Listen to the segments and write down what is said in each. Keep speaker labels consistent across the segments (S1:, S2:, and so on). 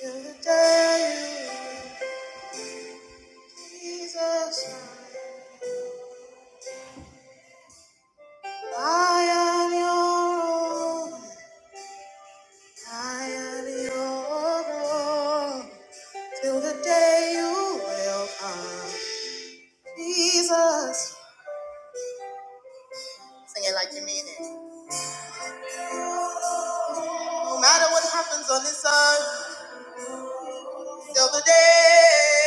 S1: Till the day you Jesus, I am your own. I am your own. Till the day you will come, Jesus. Sing it like you mean it. No matter what happens on this earth, till the day.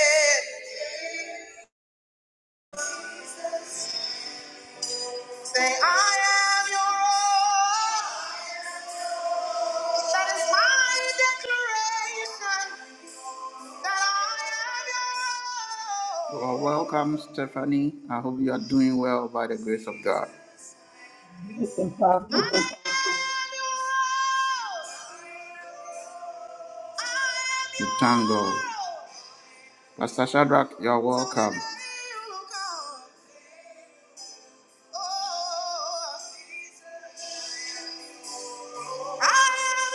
S1: Say, I am your own. That is my declaration that I am your own. Well, welcome, Stephanie. I hope you are doing well by the grace of God.
S2: It's impossible.
S1: you thank God. Pastor Shadrach, you're welcome. Oh, I am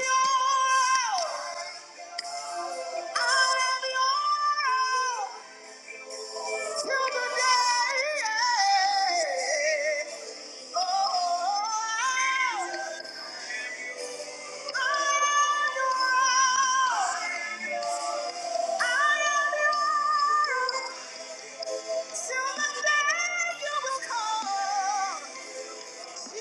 S1: yours. I am yours. Till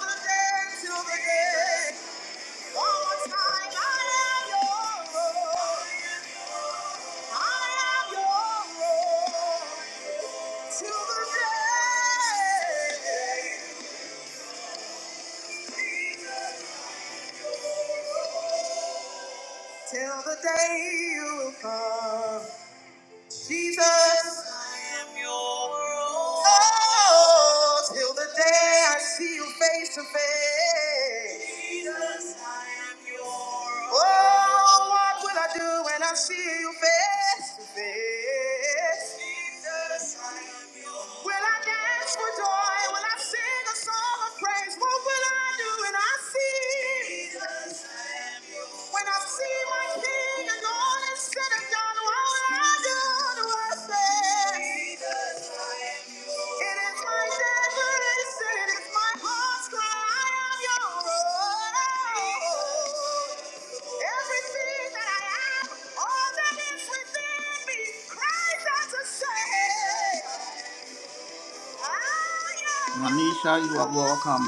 S1: the day, till the day. Till the day you will come. Jesus, I am your own. Oh, till the day I see you face to face. Jesus, I am your own. Oh, what will I do when I see you face to face? Jesus, I am your own. Will I dance for joy? Will I sing a song of praise? What will I do when I see you? When I see my king and all is said and done, what will I do to worship? It is my desperation, it is my heart's cry, I am your own. Everything that I am, all that is within me, cries out to say. Manisha, you are welcome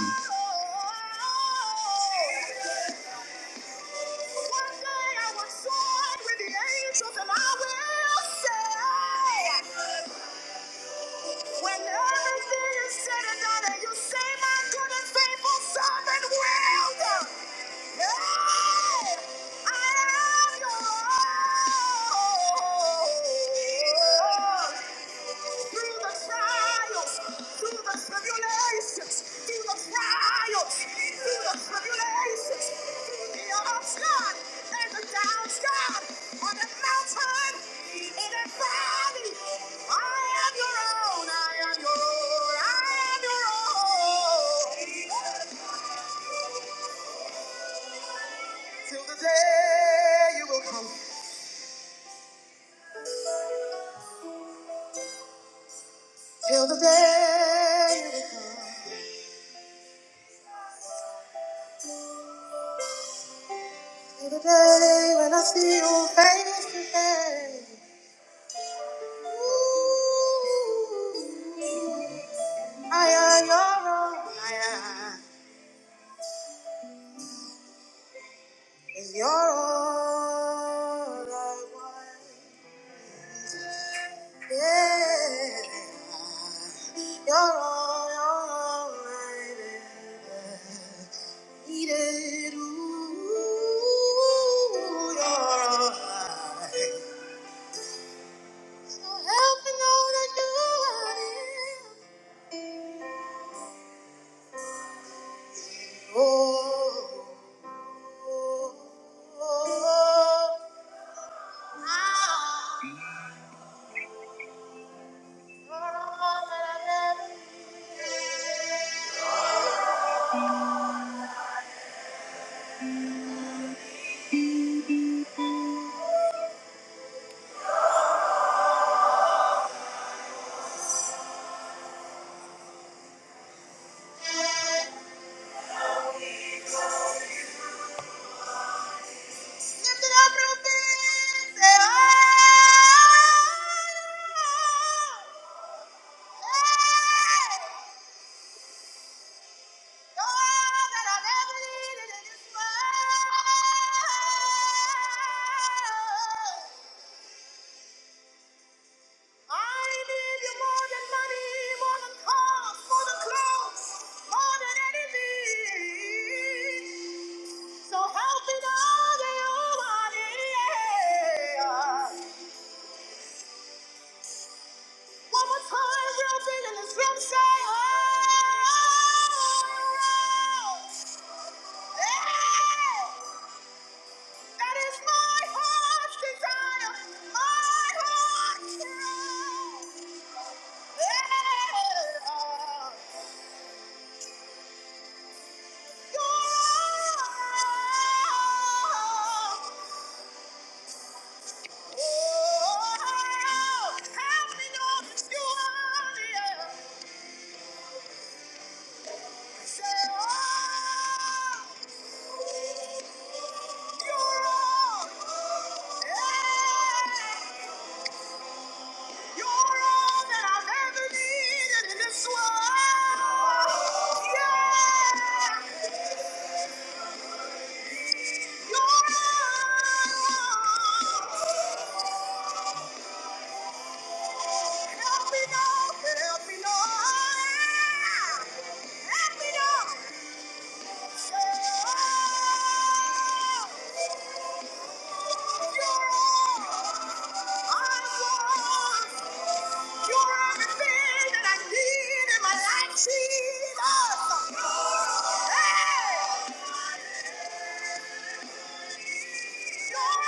S1: through the trials, through the tribulations, through the trials, through the tribulations, through the ups, God, and the downs, God, on the mountain, in the valley. I am your own, I am your own, I am your own. Till the day you will come, till the day you will come, till the day when I see you face to face. I am your own. I am is your own. own one. Yeah, your own, your own. I needed ooh, your own. So help me know that you are near. Oh, oh, oh, oh. Oh! I need you more than money, more than cars, more than clothes, more than anything. So help me now that you are here. One more time, real big in this room, say, oh. yeah, That is my heart's desire, my heart's desire. Yeah. this world. Yeah! Help me now! Help me now! Help me now! Jesus! Hey. Yeah!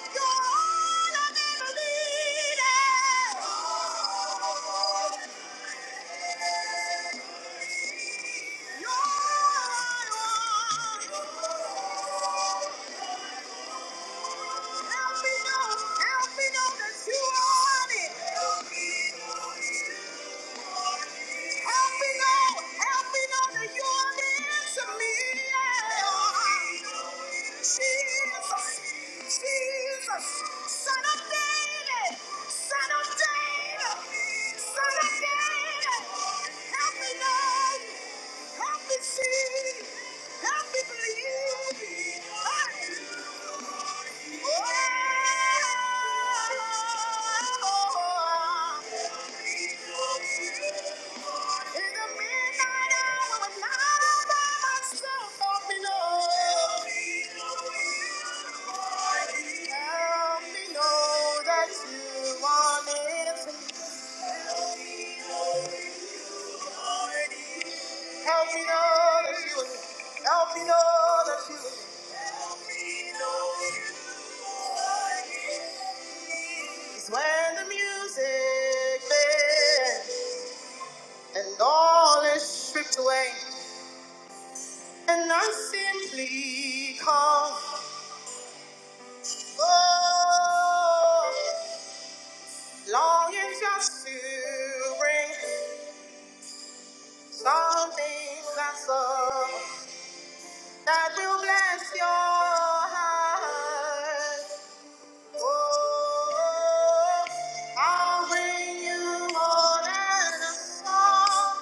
S1: Help me know that you are on it. Help me know, help me know that you are near to me. Jesus, Jesus, Son of David, Son of David, Son of David. Help me know, help me see, help me believe. Help me know that you want me to Help me know that you are Help me know that you are here. It's when the music fades and all is stripped away, and I simply call. Oh, longing just to bring something that's up. God will bless your heart. Oh, I'll bring you more than a song,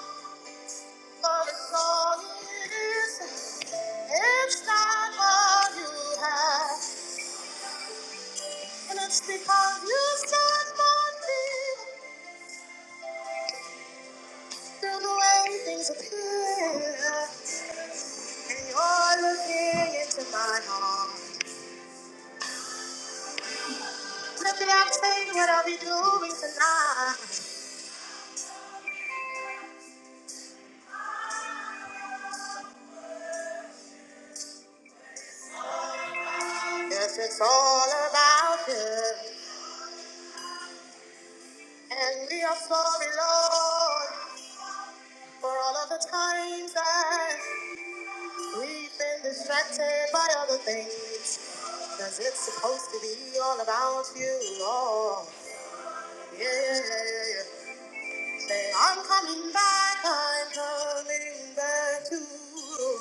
S1: for the song it is. It's not what you have, and it's because you stand by me through the way things appear, and you're looking into my heart. Look at that thing, what I'll be doing tonight. Yes, it's all about Him. And we are sorry, Lord, for all of the times that we've been distracted by other things. Because it's supposed to be all about you, Lord. Yeah, yeah, yeah, yeah. Say, I'm coming back, I'm coming back to you.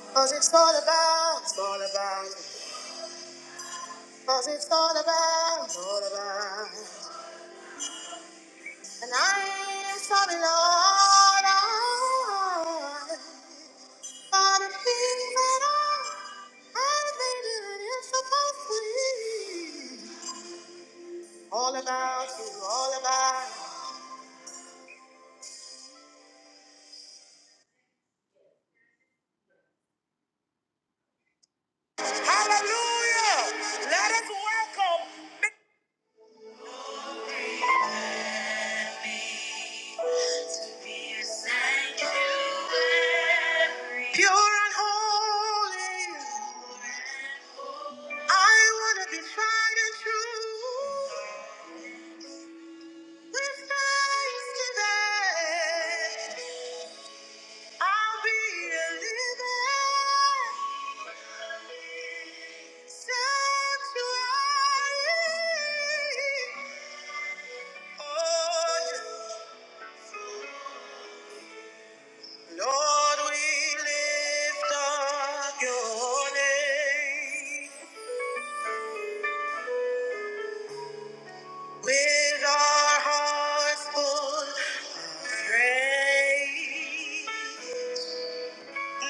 S1: Because it's all about, it's all about, because it's all about, all about. And I saw the Lord, I saw the things that I had been supposed to be. All about you, all about you. Hallelujah! Let us welcome pure and holy. I want to be tried and true. With thanksgiving. I'll be a living sanctuary. Oh, yeah. Lord, we lift up your name with our hearts full of praise. Mm.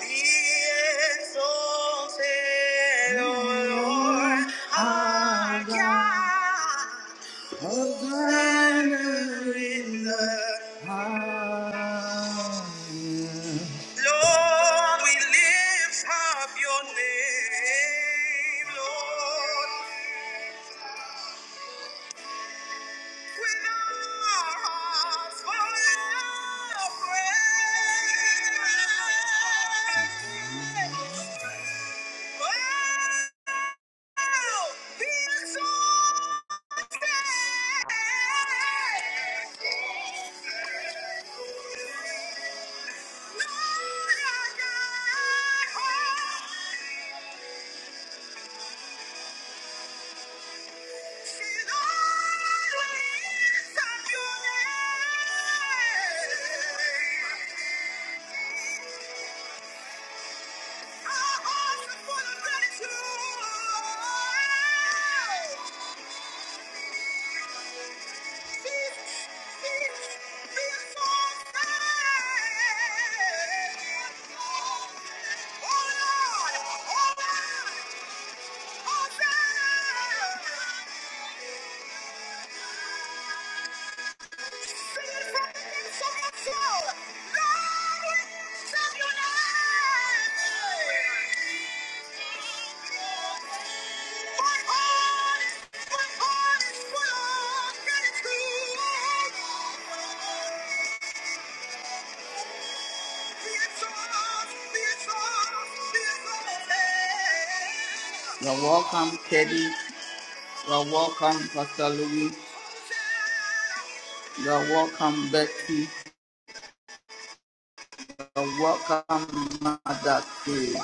S1: Be exalted, O Lord, our God, who's in the Lord, we lift up your name, Lord. Lord, Yeah. Oh, You're welcome, Teddy. You're welcome, Pastor Louis. You're welcome, Betty. you welcome, Mother Kay.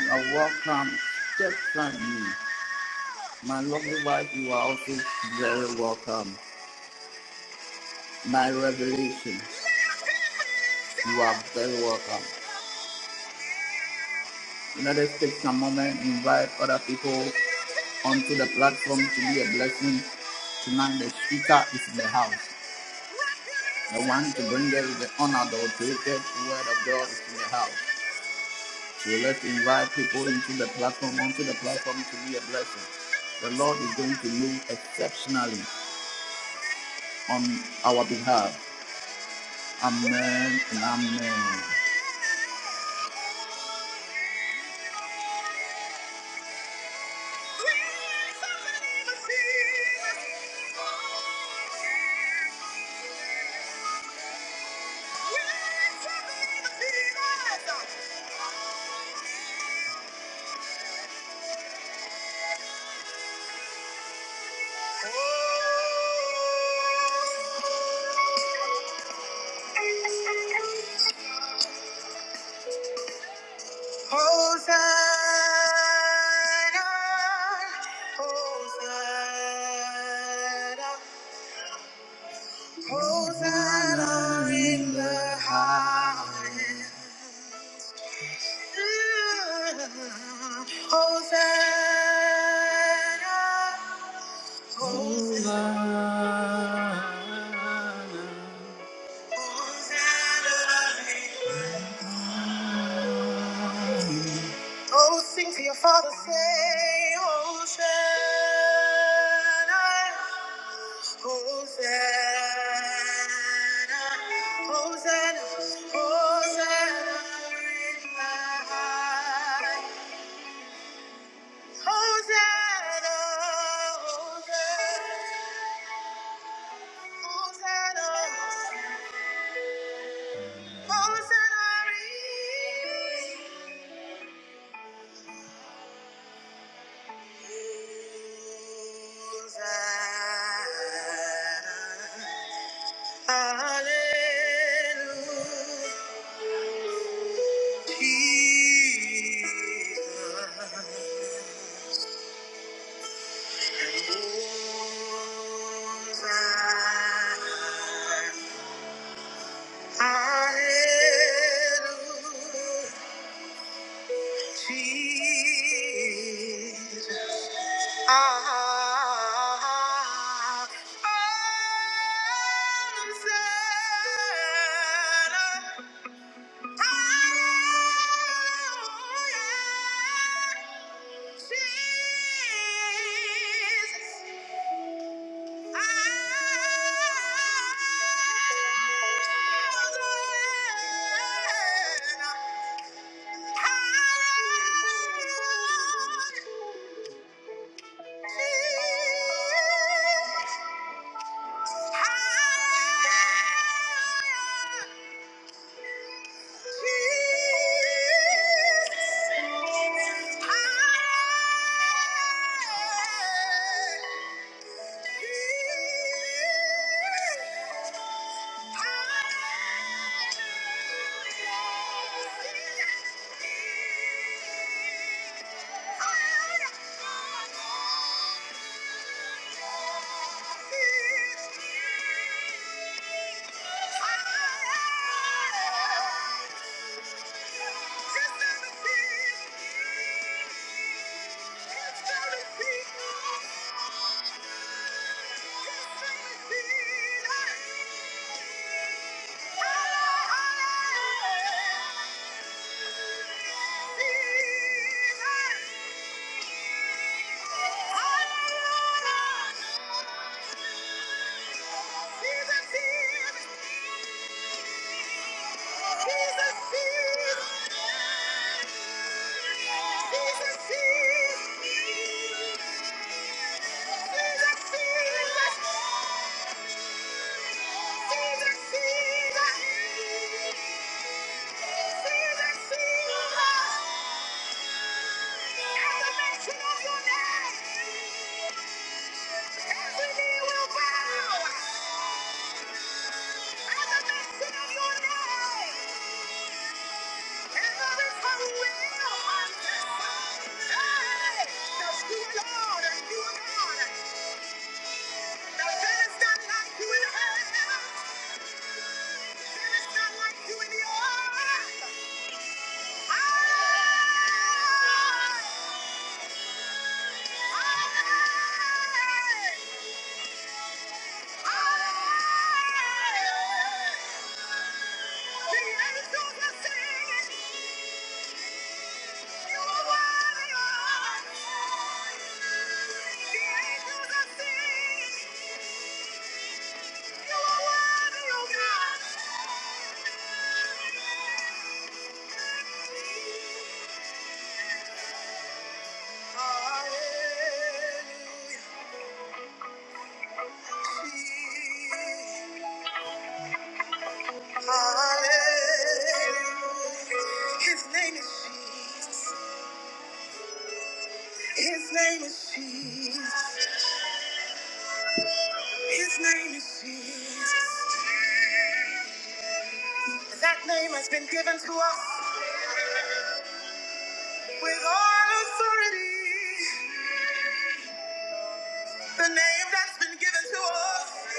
S1: You're welcome, Stephanie. My lovely wife, you are also very welcome. My revelation, you are very welcome. Let us take some moment, invite other people onto the platform to be a blessing. Tonight, the speaker is in the house. The one to bring us the unadulterated word of God is in the house. So let's invite people into the platform, onto the platform to be a blessing. The Lord is going to move exceptionally on our behalf. Amen and amen. Hosanna, Hosanna, Hosanna in the highest. Hosanna, Hosanna. Oh, sing to your father, say, Hosanna, Hosanna, Hosanna, Hosanna in the high. Hosanna, Hosanna, Hosanna, Hosanna. Jesus. Ah, I'm sad. Ah, Jesus. Hallelujah. Hallelujah. Hallelujah! Elevation of your name! Every knee will bow at the mention of your name. And will confess that you are and you are God. Now there is none like you in heaven. There is none like you in the earth. Thank you. Hallelujah. His name is Jesus. His name is Jesus. His name is Jesus. That name has been given to us with all authority. The name that's been given to us.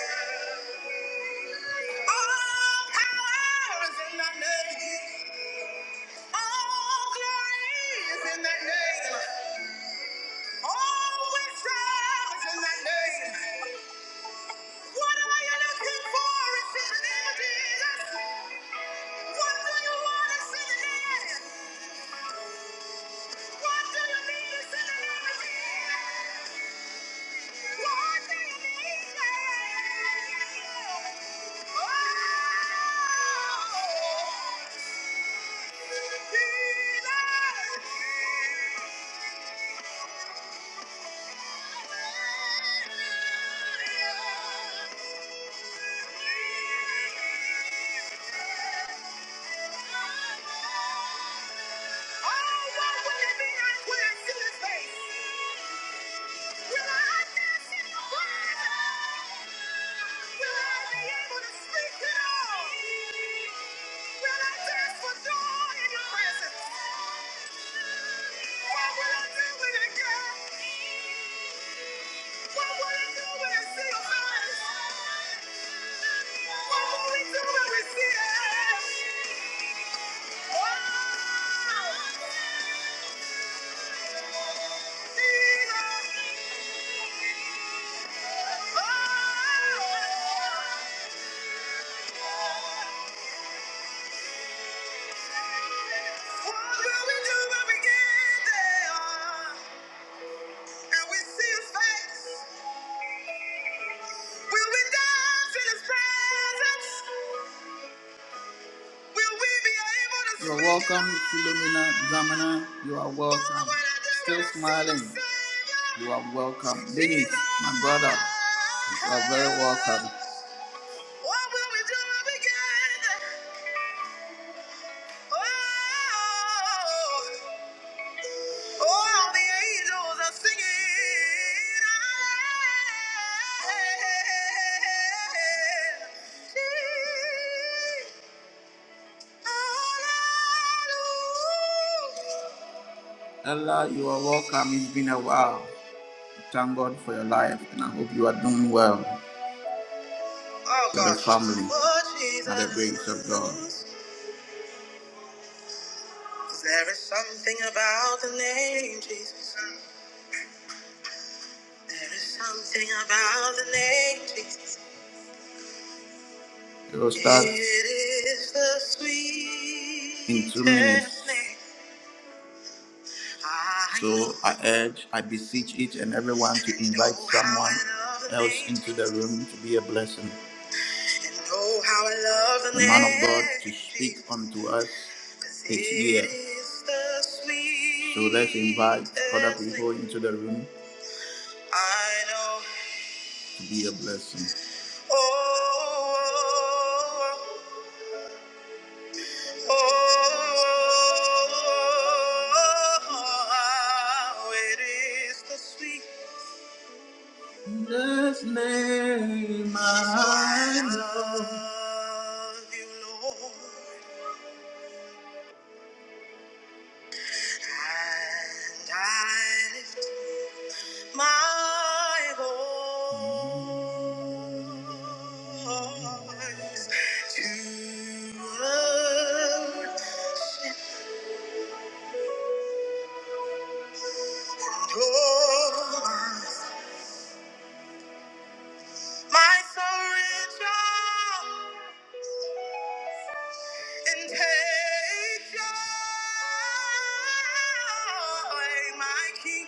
S1: All power is in that name. All glory is in that name. All wisdom is in that name. What are you looking for? It's in the name of Jesus. What do you want? It's in the name. What do you need? It's in the name of Jesus. Oh, what would it be like when I see his face? What would I do when I see your face? and we see the face? Will we dance in his presence? Will we be able to You're speak welcome, up? Philomena Zamana. You are Lord, welcome. when I do Still what I feel smiling. to say, You are welcome. Dennis, my brother, you are very welcome. Oh, Ella, you are welcome. It's been a while. Thank God for your life, and I hope you are doing well. Oh, with the family, oh, by the grace of God. There is something about the name Jesus. There is something about the name Jesus. It will start. It is the sweet. In two minutes. Name. So I urge, I beseech each and everyone to invite someone else into the room to be a blessing. The man of God to speak unto us his ear. So let's invite other people into the room to be a blessing. Jesus' name I love you, Lord, and I lift my voice to adore my sorrow and take joy, my King.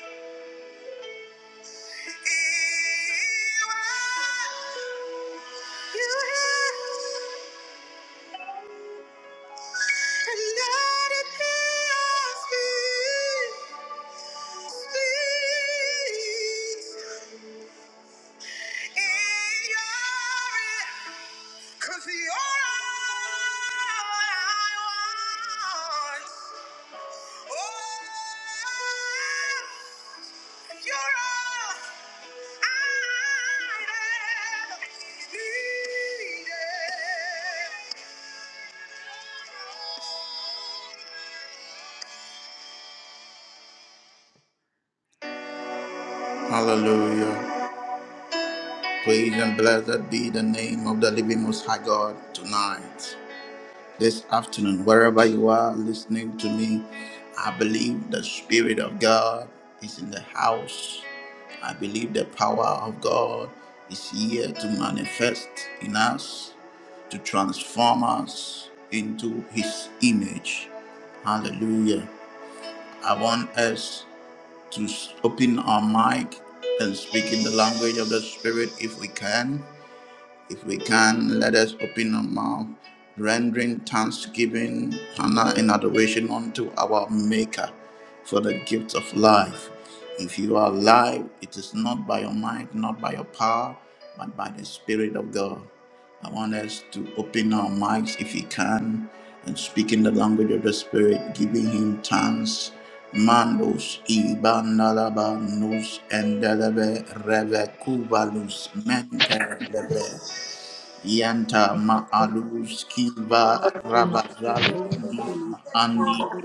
S1: Cause you're all I want. Oh, Hallelujah. Praise and blessed be the name of the living Most High God tonight. this afternoon, wherever you are listening to me, I believe the Spirit of God is in the house. I believe the power of God is here to manifest in us, to transform us into His image. Hallelujah. I want us to s- open our mic and speak in the language of the Spirit if we can. If we can, let us open our mouth, rendering thanksgiving, honor, and adoration unto our Maker for the gift of life. If you are alive, it is not by your might, not by your power, but by the Spirit of God. I want us to open our mics if we can and speak in the language of the Spirit, giving Him thanks. Mandos ibanalaba nus endelebe reve kuvalus mente
S3: Name.
S1: lebre Yanta
S3: Thank you, Lord, for
S1: ma'alus kiva
S3: filling
S4: Holy
S3: up the love of
S1: rabazali
S3: Jesus.
S4: Ghost, we must hold
S1: andi
S4: it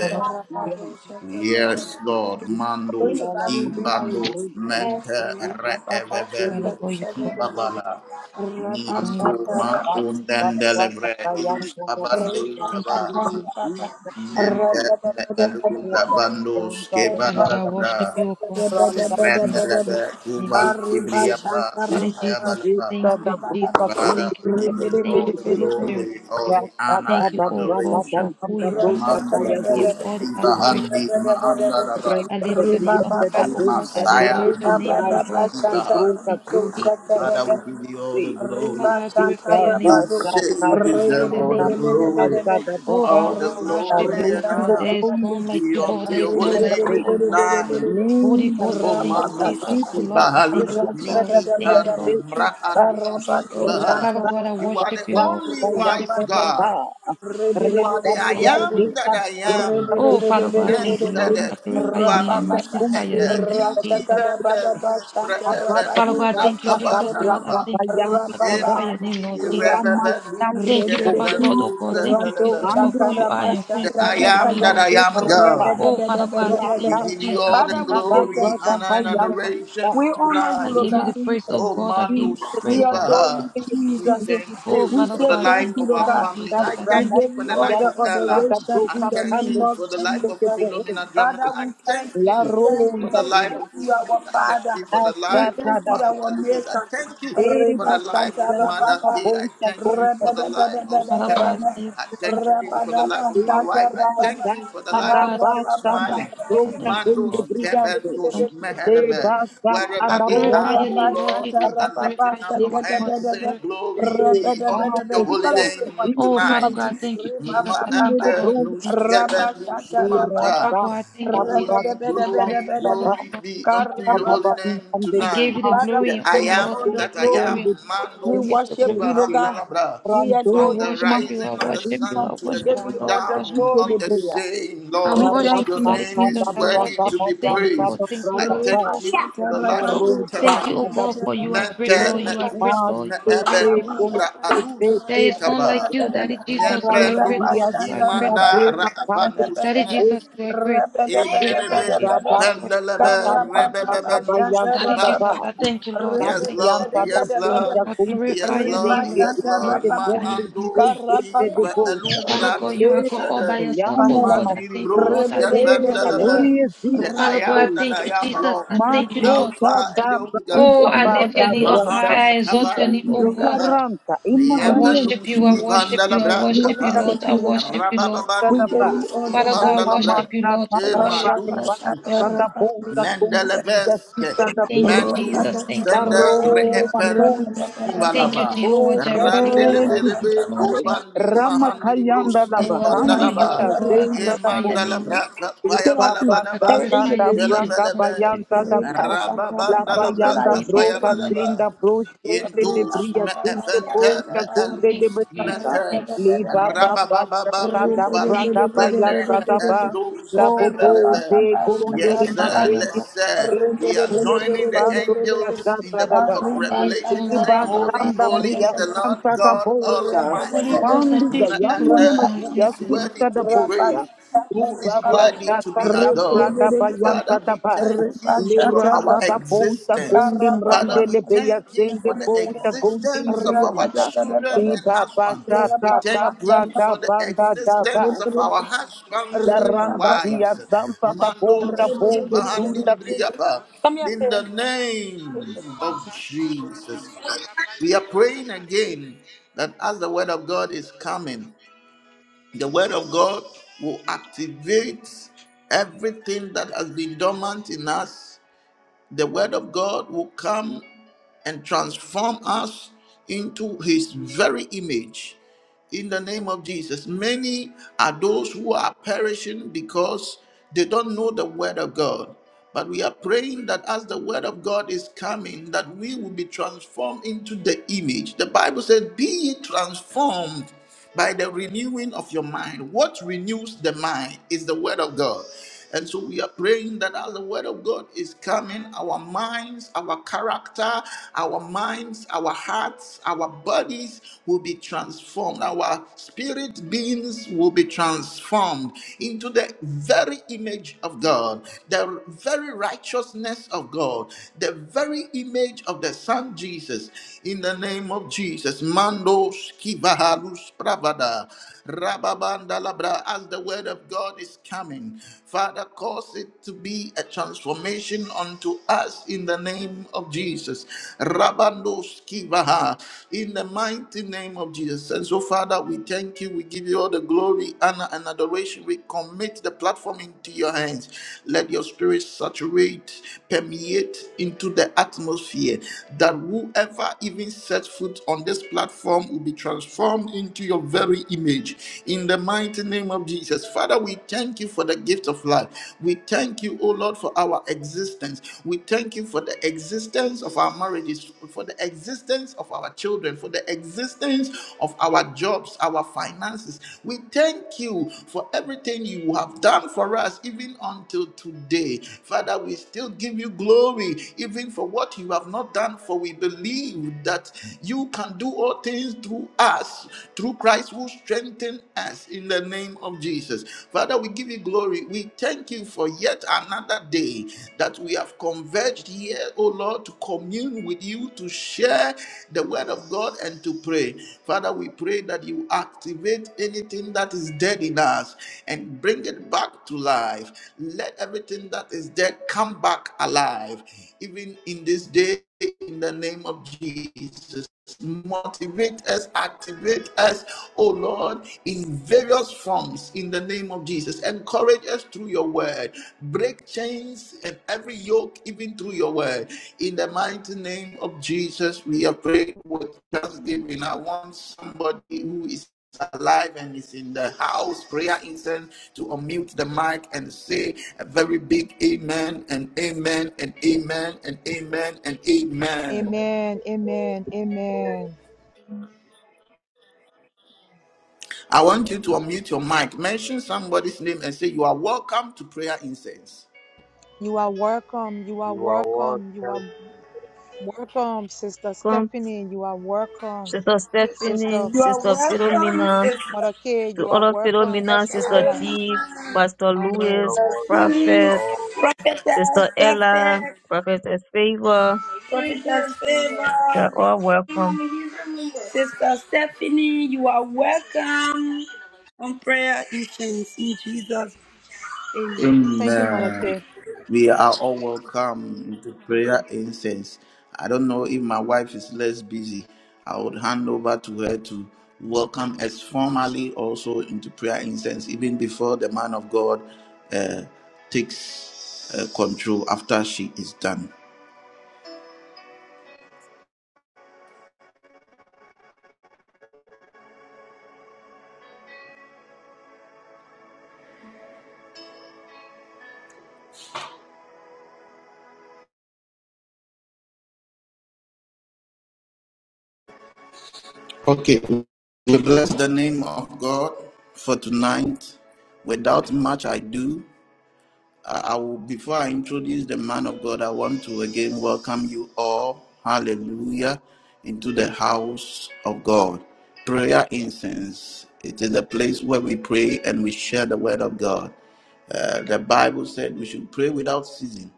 S3: Father God, we worship
S4: beyond
S1: Yes, Lord,
S4: the
S1: mandos
S4: Sandala Red
S1: kibandos
S4: Duke, the
S1: mente
S4: Duke, the
S3: Father God,
S1: reevebendos
S3: you are all
S1: kibabala.
S4: Duke,
S3: known like
S1: Nianto
S4: the
S1: ma
S4: Baba, the
S1: undendelebre
S3: Father
S4: Kayan,
S1: idus
S3: God. Just
S4: the
S3: want to say
S1: abande
S3: thank you.
S1: kaba.
S4: Bacteria, in the Kulte,
S1: Nente meelu
S4: the Kayan,
S1: rabandos
S4: the
S3: Father God,
S4: Sabran,
S3: I worship
S1: kebandalabra.
S3: you, O God. I
S4: the
S3: glorify your name. I glorify
S1: Rendelebe
S3: your name.
S1: kuban
S4: Kulte,
S1: libriya pra
S3: Daddy
S4: the
S1: kapaya
S3: Jesus, I
S1: balaba.
S4: Vista,
S3: thank you,
S4: the
S3: Jesus.
S4: Broca, the Kulte,
S1: Father,
S3: Thank you,
S1: we
S4: the
S1: give
S3: God.
S1: you
S4: Kulte,
S3: Thank
S1: all
S3: you,
S1: the
S4: the
S3: Holy Spirit.
S1: glory, all
S4: Brother,
S1: the honor
S3: Thank
S1: and
S3: you,
S4: the
S3: O
S4: Brother,
S3: God,
S1: adoration.
S3: for who
S4: the
S3: you
S4: Brother,
S3: are, O God. I give
S1: Manduribus,
S4: the
S3: you all the
S4: Brother,
S3: adoration.
S1: Ivahandi, Mahandaraba,
S4: Right
S3: I
S4: at
S3: lift
S4: the
S3: your name up
S4: Brieta the
S3: high,
S1: the
S3: O
S4: Bull
S3: God. I
S4: that will
S1: Messiah,
S4: sit
S3: exalt your
S4: in
S3: name, O
S1: Mandus,
S4: Rai,
S3: God.
S4: the
S3: Father God,
S1: Ivaha.
S3: I
S4: Bronca
S3: Thank you,
S4: Beauty
S3: Jesus.
S4: and
S1: Father,
S4: Think
S1: we give you all the
S4: Say,
S1: glory.
S3: Father, I
S4: the
S3: glorify your
S1: We
S3: name,
S4: Baba
S3: O God.
S1: say
S3: I
S1: you
S3: glorify
S1: deserve
S3: your
S1: all
S3: name,
S1: the
S4: Santa
S3: Lord.
S1: glory,
S4: the Ba,
S3: Oh,
S1: all
S3: Father
S1: the
S3: God, I
S4: the
S3: worship you,
S1: glory
S3: oh
S1: and
S4: Roti
S3: God.
S4: the
S1: honor
S3: There is
S4: Brolu,
S3: none like
S1: be
S3: you,
S4: the
S3: Lord.
S1: unto
S3: There
S1: your
S3: is
S1: holy
S3: none
S4: Baba
S3: like
S1: name
S3: you,
S4: Bay,
S3: oh Lord.
S1: tonight.
S3: Holy
S4: Name a
S3: Ghost,
S1: O
S3: I thank you,
S4: Lisa,
S1: malus
S3: Jesus,
S4: it
S3: oh
S4: is
S3: Lord. I
S4: the
S3: thank you,
S1: kibahalus
S3: oh
S4: Dunta
S1: mi
S3: God.
S4: the
S3: I thank
S4: Bia
S3: you,
S1: itanu
S3: Lord.
S4: Station Ba,
S1: mraadus kibaha.
S3: Father
S4: Rapa,
S3: God, I
S1: You are
S3: worship
S1: the
S3: you, Lord.
S1: only
S4: Rapa
S3: I worship
S1: wise
S3: you,
S4: Yampa the
S3: Lord. Thank
S1: God.
S4: bar.
S1: You
S4: Rap,
S1: are
S3: you
S1: the
S4: rap,
S3: have
S1: I
S4: yeah,
S3: done for me,
S1: am
S4: they
S3: Lord.
S1: that
S4: have
S1: I
S4: both the Ba, Rapa
S1: am.
S3: Oh, Father God, I thank you,
S1: Master
S3: Lord.
S4: Zeta,
S1: the
S3: I glorify your name. I
S4: Bota
S1: kubalus
S4: Bota,
S3: magnify
S1: and
S3: your
S1: the
S4: Bota
S3: name, Daddy
S1: ni
S4: Bota,
S3: Jesus.
S1: even the lusbra
S4: Thank
S1: eben
S3: Father God, I
S1: lubra
S3: thank you, Jesus, Lord. I
S1: kabandalaba.
S3: thank you, Lord. I glorify your name,
S1: Emandi
S3: Lord Jesus.
S1: revede lus
S3: Thank you, Papa
S1: keben
S3: God, oh
S1: lus
S3: God. Thank you, Jesus,
S1: endelebe.
S3: for who you are and who you
S1: The I
S3: continue to be,
S1: am that
S3: Lord.
S1: I am God.
S3: Oh, Father God, I say thank
S1: We
S3: you,
S1: give you
S3: Jesus.
S1: all the
S3: Thank you, Lord. Thank
S1: glory,
S3: you, Lord.
S1: honor, and
S3: Thank you, Lord.
S1: adoration
S3: I
S1: tonight.
S3: give you the praise, oh
S1: Oh,
S3: God. I give
S1: Mando
S3: you the praise, oh Lord.
S1: Skiva. We thank
S3: Oh,
S1: you
S3: Father
S1: for the
S3: God, I
S1: life
S3: thank you,
S1: of our
S3: Lord.
S1: family.
S3: Jesus,
S1: I
S3: I
S1: thank
S3: thank you.
S1: you for the life of Ella. I thank you for the life of Philomena Dramina. I thank you for the life of the Smith. I thank you for the life of
S4: you.
S1: Pastor Louise. I thank you
S4: Random
S1: for the life of Mother Kay. I thank you for the life of
S3: Father God, I
S1: Stephanie.
S3: say
S1: I
S3: thank
S1: thank
S3: you,
S1: you for the life of
S3: thank you.
S1: my wife. I thank you for the
S3: Father
S1: life of
S3: God, I thank
S1: Still
S3: you, Jesus,
S1: Smiling.
S3: oh Lord. I thank you,
S1: Mandos
S3: Lord. I thank you,
S1: Kebentos
S3: Lord.
S1: Mehelebe. Wherever
S3: I
S1: they
S3: glorify
S1: are,
S3: your
S1: O
S3: name, Lord
S1: Lord,
S3: Jesus.
S1: we
S3: I
S1: are
S3: glorify
S1: lifting
S3: your
S1: up
S3: name,
S1: our
S3: oh God.
S1: hands,
S3: I
S1: saying,
S3: glorify your
S1: Glory
S3: name.
S1: be unto your holy name
S3: Oh, Father
S1: tonight.
S3: God, I thank you, Jesus. I thank you, Lord.
S1: Manda
S3: I
S1: nus
S3: thank you, Lord.
S1: kebenus manta.
S3: Father God, I thank you, Jesus.
S1: Holy
S3: I Thank you, Lord.
S1: glory,
S3: I Thank you,
S1: glory
S3: Lord.
S1: be
S3: I Thank you,
S1: unto
S3: Lord.
S1: your holy name
S3: I give
S1: tonight.
S3: you the glory
S1: The
S3: and
S1: I
S3: honor, Lord. I
S1: am
S3: give
S1: that
S3: you the
S1: I
S3: glory
S1: am,
S3: and honor, Lord. I give you
S1: Mandos
S3: the glory. and honor.
S1: Kibahandalabra
S3: I
S1: from the
S3: worship you. I
S1: rising of the
S3: worship you.
S1: sun
S3: I
S1: to the
S3: worship you,
S1: going
S3: Lord. I worship
S1: down
S3: you.
S1: of the
S4: Celebreia,
S1: same
S3: I
S4: da
S1: Lord.
S3: worship
S4: raça
S3: you,
S1: Your
S3: Daddy
S1: name
S4: da
S3: Jesus.
S1: is
S3: I
S4: braga da
S1: worthy
S3: worship
S1: to
S3: you.
S1: be
S3: Thank
S4: dança
S3: you,
S1: praised.
S3: Lord.
S4: da
S3: Thank you,
S1: I
S4: braga
S3: Lord.
S4: da
S1: thank you for the
S4: da
S1: life of
S3: Thank you,
S1: Stephanie.
S3: O
S4: rosa da
S3: God, for you are
S4: busca
S1: Mete
S3: great, Lord. You
S4: do
S3: are great,
S1: mekus
S4: passo
S3: Lord.
S1: me
S3: You are great,
S4: de
S3: Lord.
S4: você
S1: ebenubra
S4: de
S1: alus
S3: There
S4: de
S3: is
S4: de
S3: none like
S1: ikava.
S3: you, Daddy Jesus. You are
S4: aranda
S3: great,
S1: Nebrendus
S4: dia
S3: Lord. You are great.
S4: da
S1: imanda
S4: broca pante
S1: raapandus
S3: Daddy
S1: ne.
S3: Jesus,
S4: este
S3: you are great. You are great, Lord
S1: Indelebe
S4: da
S3: Jesus.
S4: da
S3: I worship
S4: da
S1: impendelebe
S4: da da braga
S1: rebebebendus
S3: you.
S4: baianta
S3: Daddy
S4: da
S1: kiva.
S4: ba
S3: Jesus, I thank you, Lord. I
S4: da
S1: Yes,
S3: thank you.
S1: Lord.
S4: brilhanta da
S1: Yes, Lord.
S4: buja
S3: I
S4: gonte
S3: glorify
S1: Yes,
S3: your
S1: Lord.
S3: name,
S4: gonte
S3: Lord.
S1: Yes,
S3: I
S4: este
S1: Lord.
S3: glorify
S1: Ma
S3: your name,
S4: segundo
S3: Lord.
S4: de
S1: ando
S4: de de
S1: chiva
S4: bolsa
S3: Father
S1: eluvra
S3: God, you are God all by
S1: lucida.
S3: yourself. Oh
S1: Ma
S3: Lord, I thank you,
S1: miribro
S3: Lord. I thank you,
S4: Hey,
S3: Lord.
S1: skefandalaba.
S4: Valorius
S1: The I
S3: Father God, I
S4: Dico,
S1: am that
S3: thank
S1: I
S3: you,
S1: am,
S3: Jesus.
S1: Lord.
S3: I thank you,
S4: Mato
S3: Lord.
S1: Alpha and
S4: Shada
S1: the Omega.
S3: Oh, I
S4: Brava
S3: lift
S4: da
S3: your name up high. I
S1: Mahandi
S4: Brava,
S3: exalt your
S1: kavandi
S3: name, oh God.
S1: briyapa.
S4: Claranta,
S3: I
S1: Yepelu
S3: worship
S4: Immaculante,
S3: you. I worship you. I
S1: skivandalabra
S3: worship you,
S1: kapa.
S3: Lord. I worship you, Lord.
S1: Rabababandi
S4: Sadaba,
S1: bros
S3: Father God, I
S4: Namama
S3: worship
S1: ipandalabra.
S3: you, Lord. I
S1: E
S4: Sadaba,
S3: worship you, Lord.
S4: Sadaba,
S3: I
S1: madus
S3: worship.
S4: Sadabo, Sadabo,
S1: Mendeleveske,
S4: Yasita
S3: you. Thank you,
S4: Dabulete,
S1: Mendus
S3: Jesus. Thank you,
S1: Sende
S3: Lord. Thank you,
S4: Daro,
S3: Lord.
S4: Mako,
S1: Reependus
S4: Sada.
S3: Thank you,
S1: Kivalaba,
S3: Jehovah
S4: Oh,
S3: Jireh. Thank you,
S4: thank
S3: Lord.
S4: you,
S3: Thank
S1: Randelebelebe,
S3: you, Lord.
S4: Jesus.
S3: Thank you.
S1: Kobandi Mahandi Bros
S4: Ramakayanda
S3: Oh, I honor
S4: Labahami,
S1: Ipandalaba,
S3: you, oh God. I
S4: Azenta
S3: glorify your name,
S4: Dabosa,
S1: Emandalabra
S3: Lord.
S1: Kapaya
S4: Baba
S3: I
S1: Balabalaba,
S4: Sata
S3: glorify your name and I
S4: Dabraga
S3: honor
S1: Delebelebe,
S3: you, Lord.
S4: Bayanta Daba, La
S3: You will
S1: Rababandalabra
S4: Bayanda
S3: certainly be
S1: Kapaya
S4: Broca,
S3: honored. You
S1: Balaba.
S4: Zenda Brosh, Sente de
S1: Intus
S4: Bria,
S1: me
S4: Sente
S1: efente me
S4: Bosa, Gunde
S3: thank
S4: de
S1: elus
S3: you, Jesus.
S4: Besanta.
S1: mete
S3: Thank you.
S4: Liba ba ba
S1: rabababa
S4: shaka da
S3: Thank you.
S1: kubalus
S4: braga ba
S1: sende
S4: ya
S3: Thank
S1: me
S3: you
S4: sada ba
S1: endus
S4: la
S1: me
S4: bobo
S1: veleve.
S4: ze
S1: Yes,
S4: gondeli
S3: for
S1: sir.
S3: your
S4: maseni
S3: God.
S1: Let's sir.
S4: eta
S1: We are
S4: kunde
S1: joining the
S4: bando ya
S1: angels in
S4: zata
S1: the
S4: da
S1: book
S4: ba
S1: of
S3: There is
S1: Revelation,
S3: none like
S4: iba
S1: saying,
S3: you, Lord.
S1: "Holy,
S3: There is
S4: zanda
S3: none
S1: holy
S3: like
S4: bria
S1: is the
S3: you.
S1: Lord
S4: santa da
S1: God
S4: bolsa
S3: Holy
S1: Almighty."
S3: Ghost, I
S4: mandi
S3: thank you for
S4: gayanne
S1: and
S3: my
S4: ne mas
S1: uh,
S3: God.
S1: who
S4: ya
S3: Thank
S1: is
S3: you, Lord.
S1: worthy
S4: sita da
S1: to be
S4: bolsa
S1: praised who
S4: iba
S1: is
S4: ba
S1: worthy to
S4: shaka
S1: be
S4: da
S1: adored.
S4: braga ba ya
S1: Father,
S4: sada
S1: we
S4: ba
S1: thank you for our
S4: liranta da bolsa
S1: existence.
S4: gonde
S1: Father, we
S4: mrandele beya
S1: thank you
S4: zende
S1: for the
S4: bolsa gonde
S1: existence of our
S4: librianta
S1: children and
S4: Ibaba
S1: husband.
S4: shata
S1: We
S4: da
S1: thank you
S4: braga
S1: for the
S4: banda da ba.
S1: existence of our husbands
S4: La
S1: and
S4: randa dia
S1: wives.
S4: zampa da
S1: Mando
S4: bolsa bolde dunda.
S1: skipahandilibriyapa. In the name of Jesus, we are praying again that as the word of God is coming, the word of God will activate everything that has been dormant in us. The word of God will come and transform us into his very image. In the name of Jesus, many are those who are perishing because they don't know the word of God. But we are praying that as the word of God is coming, that we will be transformed into the image. The Bible says, Be ye transformed by the renewing of your mind. What renews the mind is the Word of God. And so we are praying that as the Word of God is coming, our minds, our character, our minds, our hearts, our bodies will be transformed. Our spirit beings will be transformed into the very image of God, the very righteousness of God, the very image of the Son Jesus. In the name of Jesus, Mando Skiva. Halus Pravada, Rababanda Labra, as the word of God is coming, Father, cause it to be a transformation unto us in the name of Jesus. Rabandos Kivaha, in the mighty name of Jesus. And so, Father, we thank you. We give you all the glory, honor, and adoration. We commit the platform into your hands. Let your spirit saturate permeate into the atmosphere that whoever even sets foot on this platform will be transformed into your very image in the mighty name of jesus father we thank you for the gift of life we thank you O lord for our existence we thank you for the existence of our marriages for the existence of our children for the existence of our jobs, our finances. We thank you for everything you have done for us, even until today. Father, we still give you glory, even for what you have not done, for we believe that you can do all things through us, through Christ who strengthens us in the name of Jesus. Father, we give you glory. We thank you for yet another day that we have converged here, O Lord, to commune with you, to share the word of God, and to pray. Father, we pray that you activate anything that is dead in us and bring it back to life. Let everything that is dead come back alive, even in this day, in the name of Jesus motivate us, activate us, oh Lord, in various forms in the name of Jesus. Encourage us through your word. Break chains and every yoke, even through your word. In the mighty name of Jesus, we are praying with thanksgiving. I want somebody who is alive and is in the house prayer incense to unmute the mic and say a very big amen and amen and amen and amen and amen
S5: Amen. Amen. Amen.
S1: I want you to unmute your mic, mention somebody's name, and say, You are welcome to prayer incense.
S5: You are welcome. You are
S6: You are
S5: welcome. You
S6: welcome.
S5: are welcome, Sister
S7: Come,
S5: Stephanie. You are welcome,
S7: Sister
S5: Sister
S7: Stephanie, Sister Philomena,
S5: Mother Kay.
S7: to
S5: You are
S7: all of
S5: welcome,
S7: Philomena,
S5: Mr.
S7: Sister
S5: Allah.
S7: D, Pastor
S6: You are
S5: Amen.
S7: Lewis,
S6: welcome. You
S7: Prophet,
S6: are
S7: Sister Ella, Prophet Favor. You are all welcome.
S5: Thank you, Mother
S1: Amen.
S5: Kay.
S1: We are all welcome to prayer incense. I don't know if my wife is less busy. I would hand over to her to welcome us formally also into prayer incense, even before the man of God uh, takes uh, control after she is done. Okay, we bless the name of God for tonight. Without much ado, I, I will, before I introduce the man of God, I want to again welcome you all, hallelujah, into the house of God. Prayer incense. It is a place where we pray and we share the word of God. Uh, the Bible said we should pray without ceasing.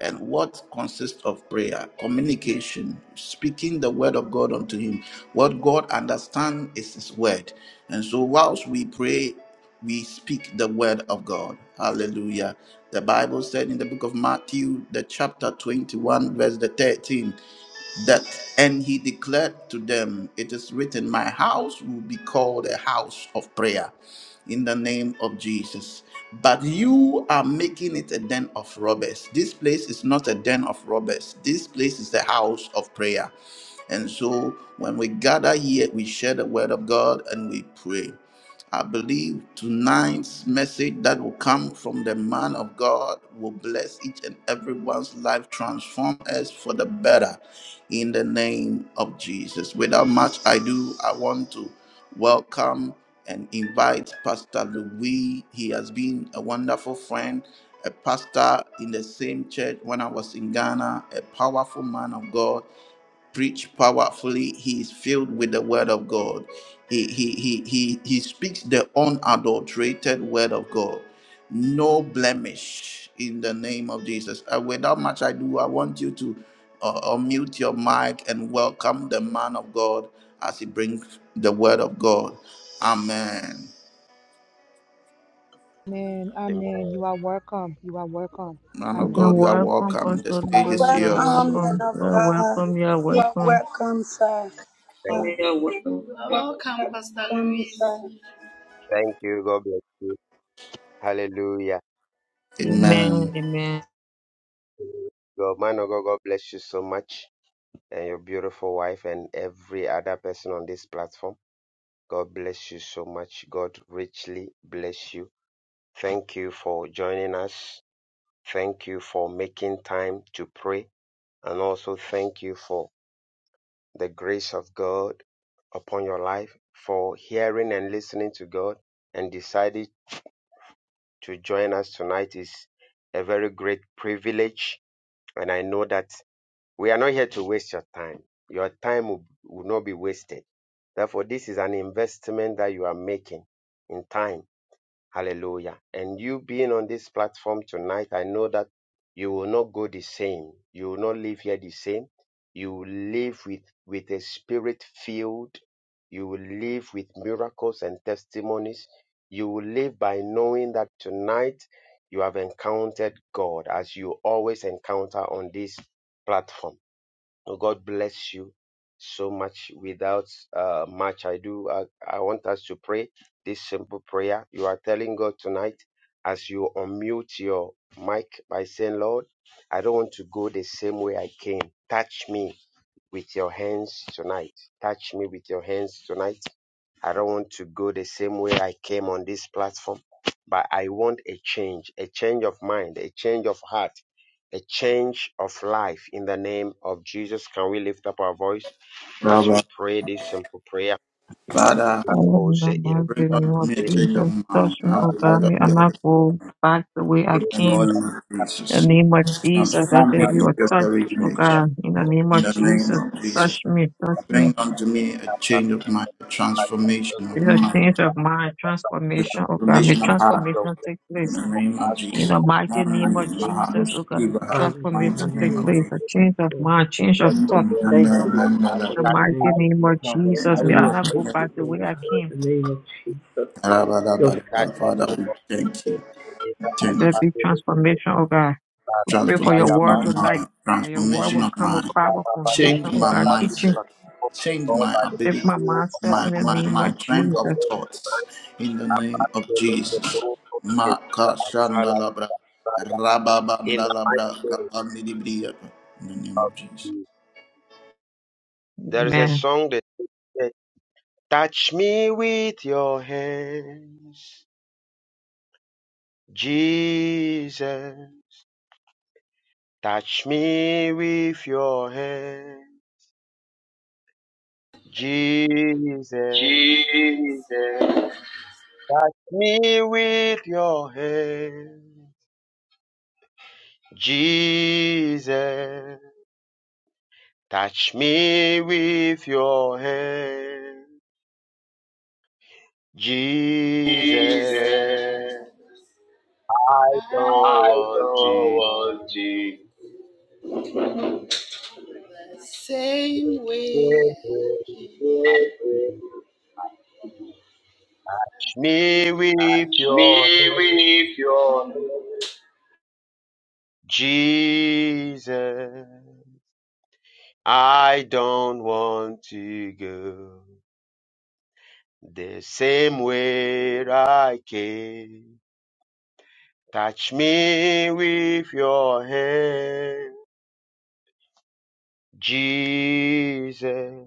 S1: And what consists of prayer? Communication, speaking the word of God unto him. What God understands is his word. And so, whilst we pray, we speak the word of God. Hallelujah. The Bible said in the book of Matthew, the chapter 21, verse the 13, that and he declared to them it is written my house will be called a house of prayer in the name of Jesus. But you are making it a den of robbers. This place is not a den of robbers. This place is the house of prayer. And so when we gather here, we share the word of God and we pray. I believe tonight's message that will come from the man of God will bless each and everyone's life, transform us for the better in the name of Jesus. Without much ado, I want to welcome and invite Pastor Louis. He has been a wonderful friend, a pastor in the same church when I was in Ghana, a powerful man of God preach powerfully. He is filled with the word of God. He, he, he, he, he speaks the unadulterated word of God. No blemish in the name of Jesus. Uh, without much ado, I want you to uh, unmute your mic and welcome the man of God as he brings the word of God. Amen.
S5: Amen.
S6: welcome.
S5: Amen.
S6: Amen.
S5: You are welcome. You are welcome.
S1: Man
S7: You
S1: of
S7: are
S5: Amen.
S1: God, you are
S7: welcome,
S1: welcome. The
S7: Pastor
S1: stage
S7: Lewis.
S1: is
S7: You are
S5: Amen.
S1: yours.
S7: welcome.
S5: Amen.
S7: You are welcome. You are welcome.
S6: Thank
S8: Welcome, Pastor Louise.
S6: thank you. God bless you. Hallelujah.
S1: Amen.
S7: Amen. Amen.
S6: God, man of God, God bless you so much and your beautiful wife and every other person on this platform. God bless you so much. God richly bless you. Thank you for joining us. Thank you for making time to pray. And also thank you for the grace of God upon your life, for hearing and listening to God and deciding to join us tonight is a very great privilege. And I know that we are not here to waste your time. Your time will, will not be wasted. Therefore, this is an investment that you are making in time. Hallelujah. And you being on this platform tonight, I know that you will not go the same. You will not live here the same. You will live with, with a spirit filled. You will live with miracles and testimonies. You will live by knowing that tonight you have encountered God as you always encounter on this platform. Oh, God bless you so much. Without uh, much I do, I, I want us to pray this simple prayer. You are telling God tonight as you unmute your mic by saying, Lord, I don't want to go the same way I came. Touch me with your hands tonight. Touch me with your hands tonight. I don't want to go the same way I came on this platform, but I want a change, a change of mind, a change of heart a change of life in the name of Jesus. Can we lift up our voice as we pray this simple prayer?
S1: Father,
S7: Oh, in the
S6: Lakose
S1: bring
S7: mighty name
S1: unto
S7: of
S1: me a change
S7: Jesus,
S1: of
S7: touch
S1: mind
S7: me,
S1: as
S7: oh
S1: the
S7: God,
S1: word of
S7: me, and I
S1: God.
S7: not go back the way I
S1: In the
S7: came.
S1: name of
S7: In
S1: Jesus,
S7: the name of Jesus, let
S1: transform me
S7: there be a
S1: into your
S7: touch,
S1: very
S7: oh
S1: image.
S7: God. In the name
S1: In
S7: of
S1: the name
S7: Jesus,
S1: of
S7: touch
S1: Jesus,
S7: me, touch
S1: bring
S7: me.
S1: unto me a change of mind, a transformation
S7: Be
S1: of
S7: a change
S1: mind,
S7: of mind,
S1: a
S7: transformation, oh God. May
S1: transformation of heart.
S7: transformation take
S1: In
S7: place.
S1: the name of
S7: In
S1: Jesus.
S7: the mighty name of
S1: Amen.
S7: Jesus, oh God, let the
S1: Maharushkibaha, In the mighty
S7: transformation
S1: name
S7: take
S1: of
S7: place. A
S1: Jesus.
S7: change of mind, change of thought.
S1: Mm, and,
S2: Thank
S1: uh,
S2: you, Lord God,
S1: and, uh,
S2: for
S7: In
S2: the
S7: the mighty
S2: change that
S7: name
S2: we
S7: of
S2: have, Lord
S7: Jesus,
S2: God.
S7: may
S2: We
S7: I
S2: have
S7: not go
S2: praised
S1: and, uh,
S7: back
S2: you,
S7: the
S2: Lord
S7: way I
S2: God,
S7: came.
S2: in the name of Jesus.
S1: Rabba,
S2: Your son.
S1: rabba, rabba. Father, we thank you.
S7: Let
S1: Thank
S7: there
S1: you.
S7: be transformation, oh God. We pray for your
S1: transformation of
S7: word tonight.
S1: mind,
S7: That your word
S1: transformation
S7: will
S1: of
S7: come with
S1: mind,
S7: power, conviction,
S1: change
S7: oh
S1: my
S7: God, teaching.
S1: mindset, change my
S6: by the
S7: Shift
S1: ability,
S7: my
S6: renewal of
S7: mindset
S6: our
S7: in
S1: my
S7: the
S6: God,
S1: my,
S7: name
S1: my
S7: of
S1: trend
S7: Jesus.
S1: of thoughts in the name of Jesus. Makashandalabra, rababandalabra, kapandidibriya, In the name of Jesus.
S6: There is a
S7: Amen.
S6: song that says, Touch me with your hands, Jesus. Touch me with your hand, Jesus. Touch me with your hand, Jesus. Touch me with your hand, Jesus. I don't want to
S8: Same way.
S6: go. Touch me with your hand, Jesus. I don't want to go the same way I came. Touch me with your hand, Jesus.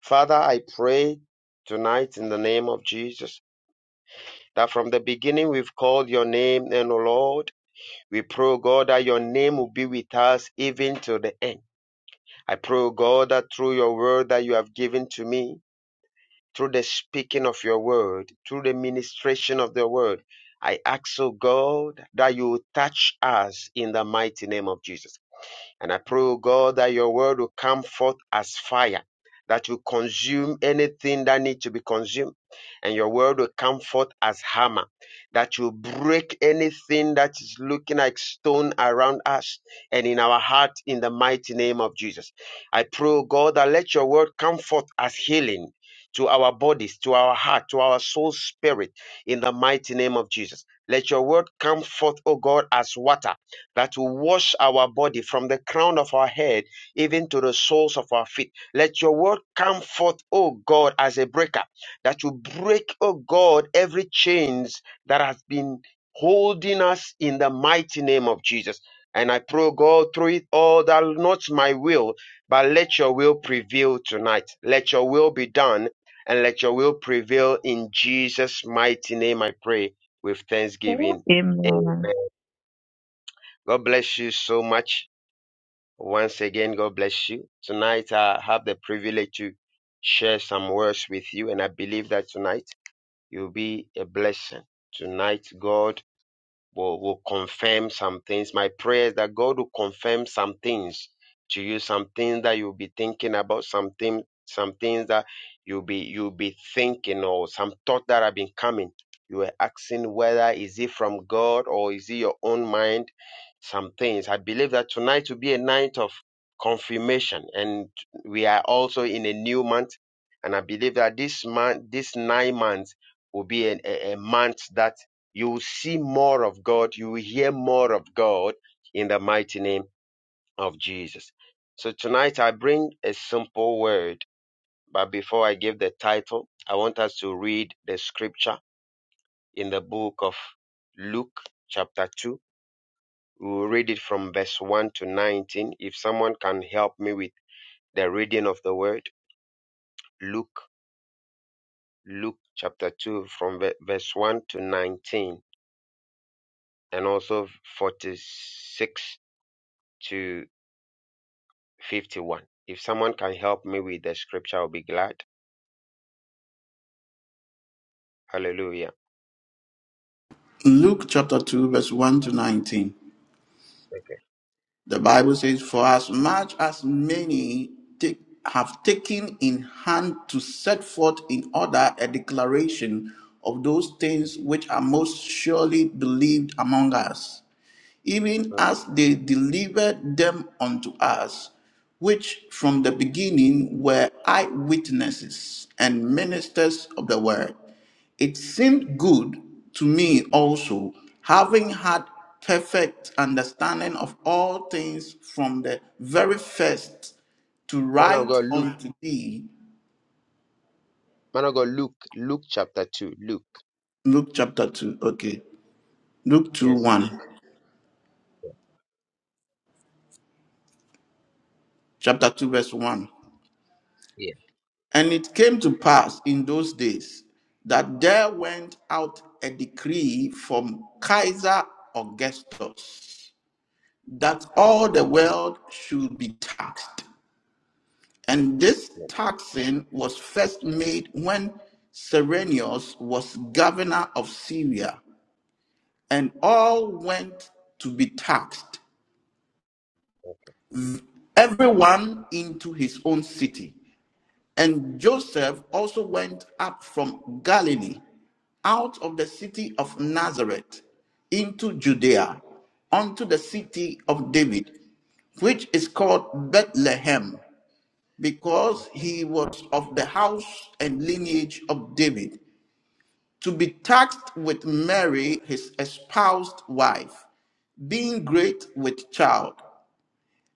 S6: Father, I pray tonight in the name of Jesus that from the beginning we've called your name, and O Lord, we pray, O God, that your name will be with us even to the end. I pray, O God, that through your word that you have given to me, through the speaking of your word, through the ministration of the word. I ask, O God, that you touch us in the mighty name of Jesus. And I pray, O God, that your word will come forth as fire, that will consume anything that needs to be consumed. And your word will come forth as hammer, that will break anything that is looking like stone around us and in our heart in the mighty name of Jesus. I pray, O God, that let your word come forth as healing. To our bodies, to our heart, to our soul spirit, in the mighty name of Jesus. Let your word come forth, O God, as water that will wash our body from the crown of our head even to the soles of our feet. Let your word come forth, O God, as a breaker, that will break, O God, every chains that has been holding us in the mighty name of Jesus. And I pray, O God, through it all, that not my will, but let your will prevail tonight. Let your will be done, and let your will prevail in Jesus' mighty name. I pray with thanksgiving.
S7: Amen.
S6: Amen. God bless you so much. Once again, God bless you. Tonight, I have the privilege to share some words with you, and I believe that tonight you'll be a blessing. Tonight, God will, will confirm some things. My prayer is that God will confirm some things to you, some things that you'll be thinking about, some thing, some things that you'll be you'll be thinking or some thought that have been coming. You were asking whether is it from God or is it your own mind? Some things. I believe that tonight will be a night of confirmation, and we are also in a new month. And I believe that this month, this nine months, will be a, a, a month that you will see more of God. You will hear more of God in the mighty name of Jesus. So tonight I bring a simple word. But before I give the title, I want us to read the scripture in the book of Luke chapter 2. We'll read it from verse 1 to 19. If someone can help me with the reading of the word, Luke, Luke chapter 2 from verse 1 to 19 and also 46 to 51. If someone can help me with the scripture, I'll be glad. Hallelujah.
S1: Luke chapter 2, verse 1 to 19.
S6: Okay.
S1: The Bible says, For as much as many take, have taken in hand to set forth in order a declaration of those things which are most surely believed among us, even as they delivered them unto us, which from the beginning were eyewitnesses and ministers of the word. It seemed good to me also, having had perfect understanding of all things from the very first, to
S6: Man of
S1: write
S6: God, Luke.
S1: unto thee.
S6: Man of God, Luke. Luke chapter 2. Luke.
S1: Luke chapter 2, okay. Luke 2
S6: Yes,
S1: 1,
S6: Luke.
S1: chapter 2, verse 1.
S6: Yeah.
S1: And it came to pass in those days that there went out a decree from Caesar Augustus that all the world should be taxed. And this taxing was first made when Serenius was governor of Syria, and all went to be taxed, everyone into his own city. And Joseph also went up from Galilee, out of the city of Nazareth, into Judea, unto the city of David, which is called Bethlehem because he was of the house and lineage of David, to be taxed with Mary, his espoused wife, being great with child.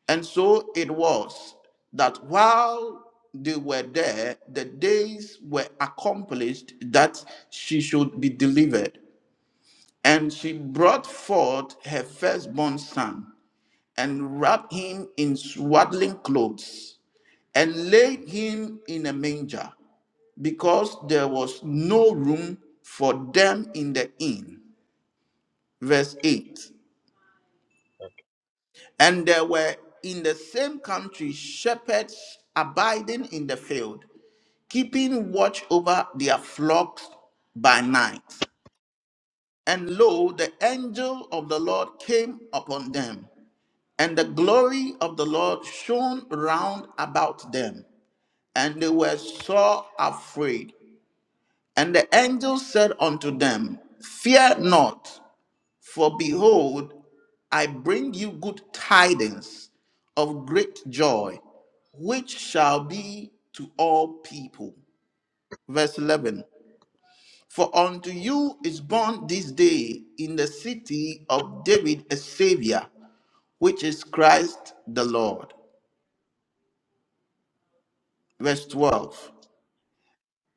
S1: And so it was that while they were there, the days were accomplished that she should be delivered. And she brought forth her firstborn son and wrapped him in swaddling clothes and laid him in a manger because there was no room for them in the inn. Verse 8 And there were in the same country shepherds abiding in the field, keeping watch over their flocks by night. And lo, the angel of the Lord came upon them, and the glory of the Lord shone round about them, and they were sore afraid. And the angel said unto them, Fear not. For behold, I bring you good tidings of great joy, which shall be to all people. Verse 11 For unto you is born this day in the city of David a Savior, which is Christ the Lord. Verse 12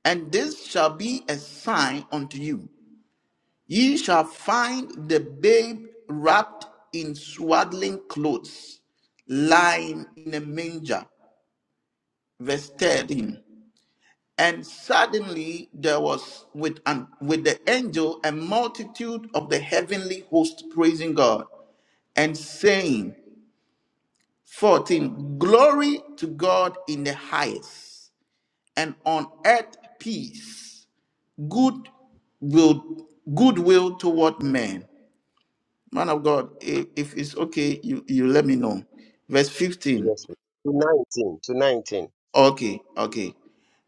S1: And this shall be a sign unto you. Ye shall find the babe wrapped in swaddling clothes, lying in a manger. Verse 13. And suddenly there was with, an, with the angel a multitude of the heavenly host praising God and saying, 14. Glory to God in the highest, and on earth peace, good will, goodwill toward men. Man of God, if, if it's okay, you, you let me know. Verse 15.
S6: Yes. To 19. To 19.
S1: Okay, okay.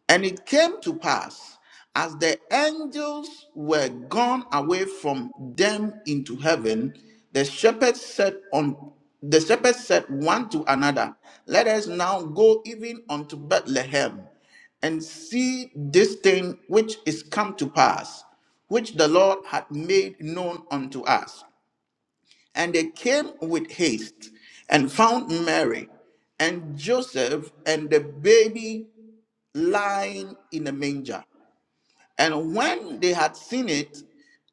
S1: And it came to pass, as the angels were gone away from them into heaven, the shepherds said on the shepherds said one to another, Let us now go even unto Bethlehem and see this thing which is come to pass, which the Lord hath made known unto us. And they came with haste and found Mary and Joseph and the baby lying in a manger. And when they had seen it,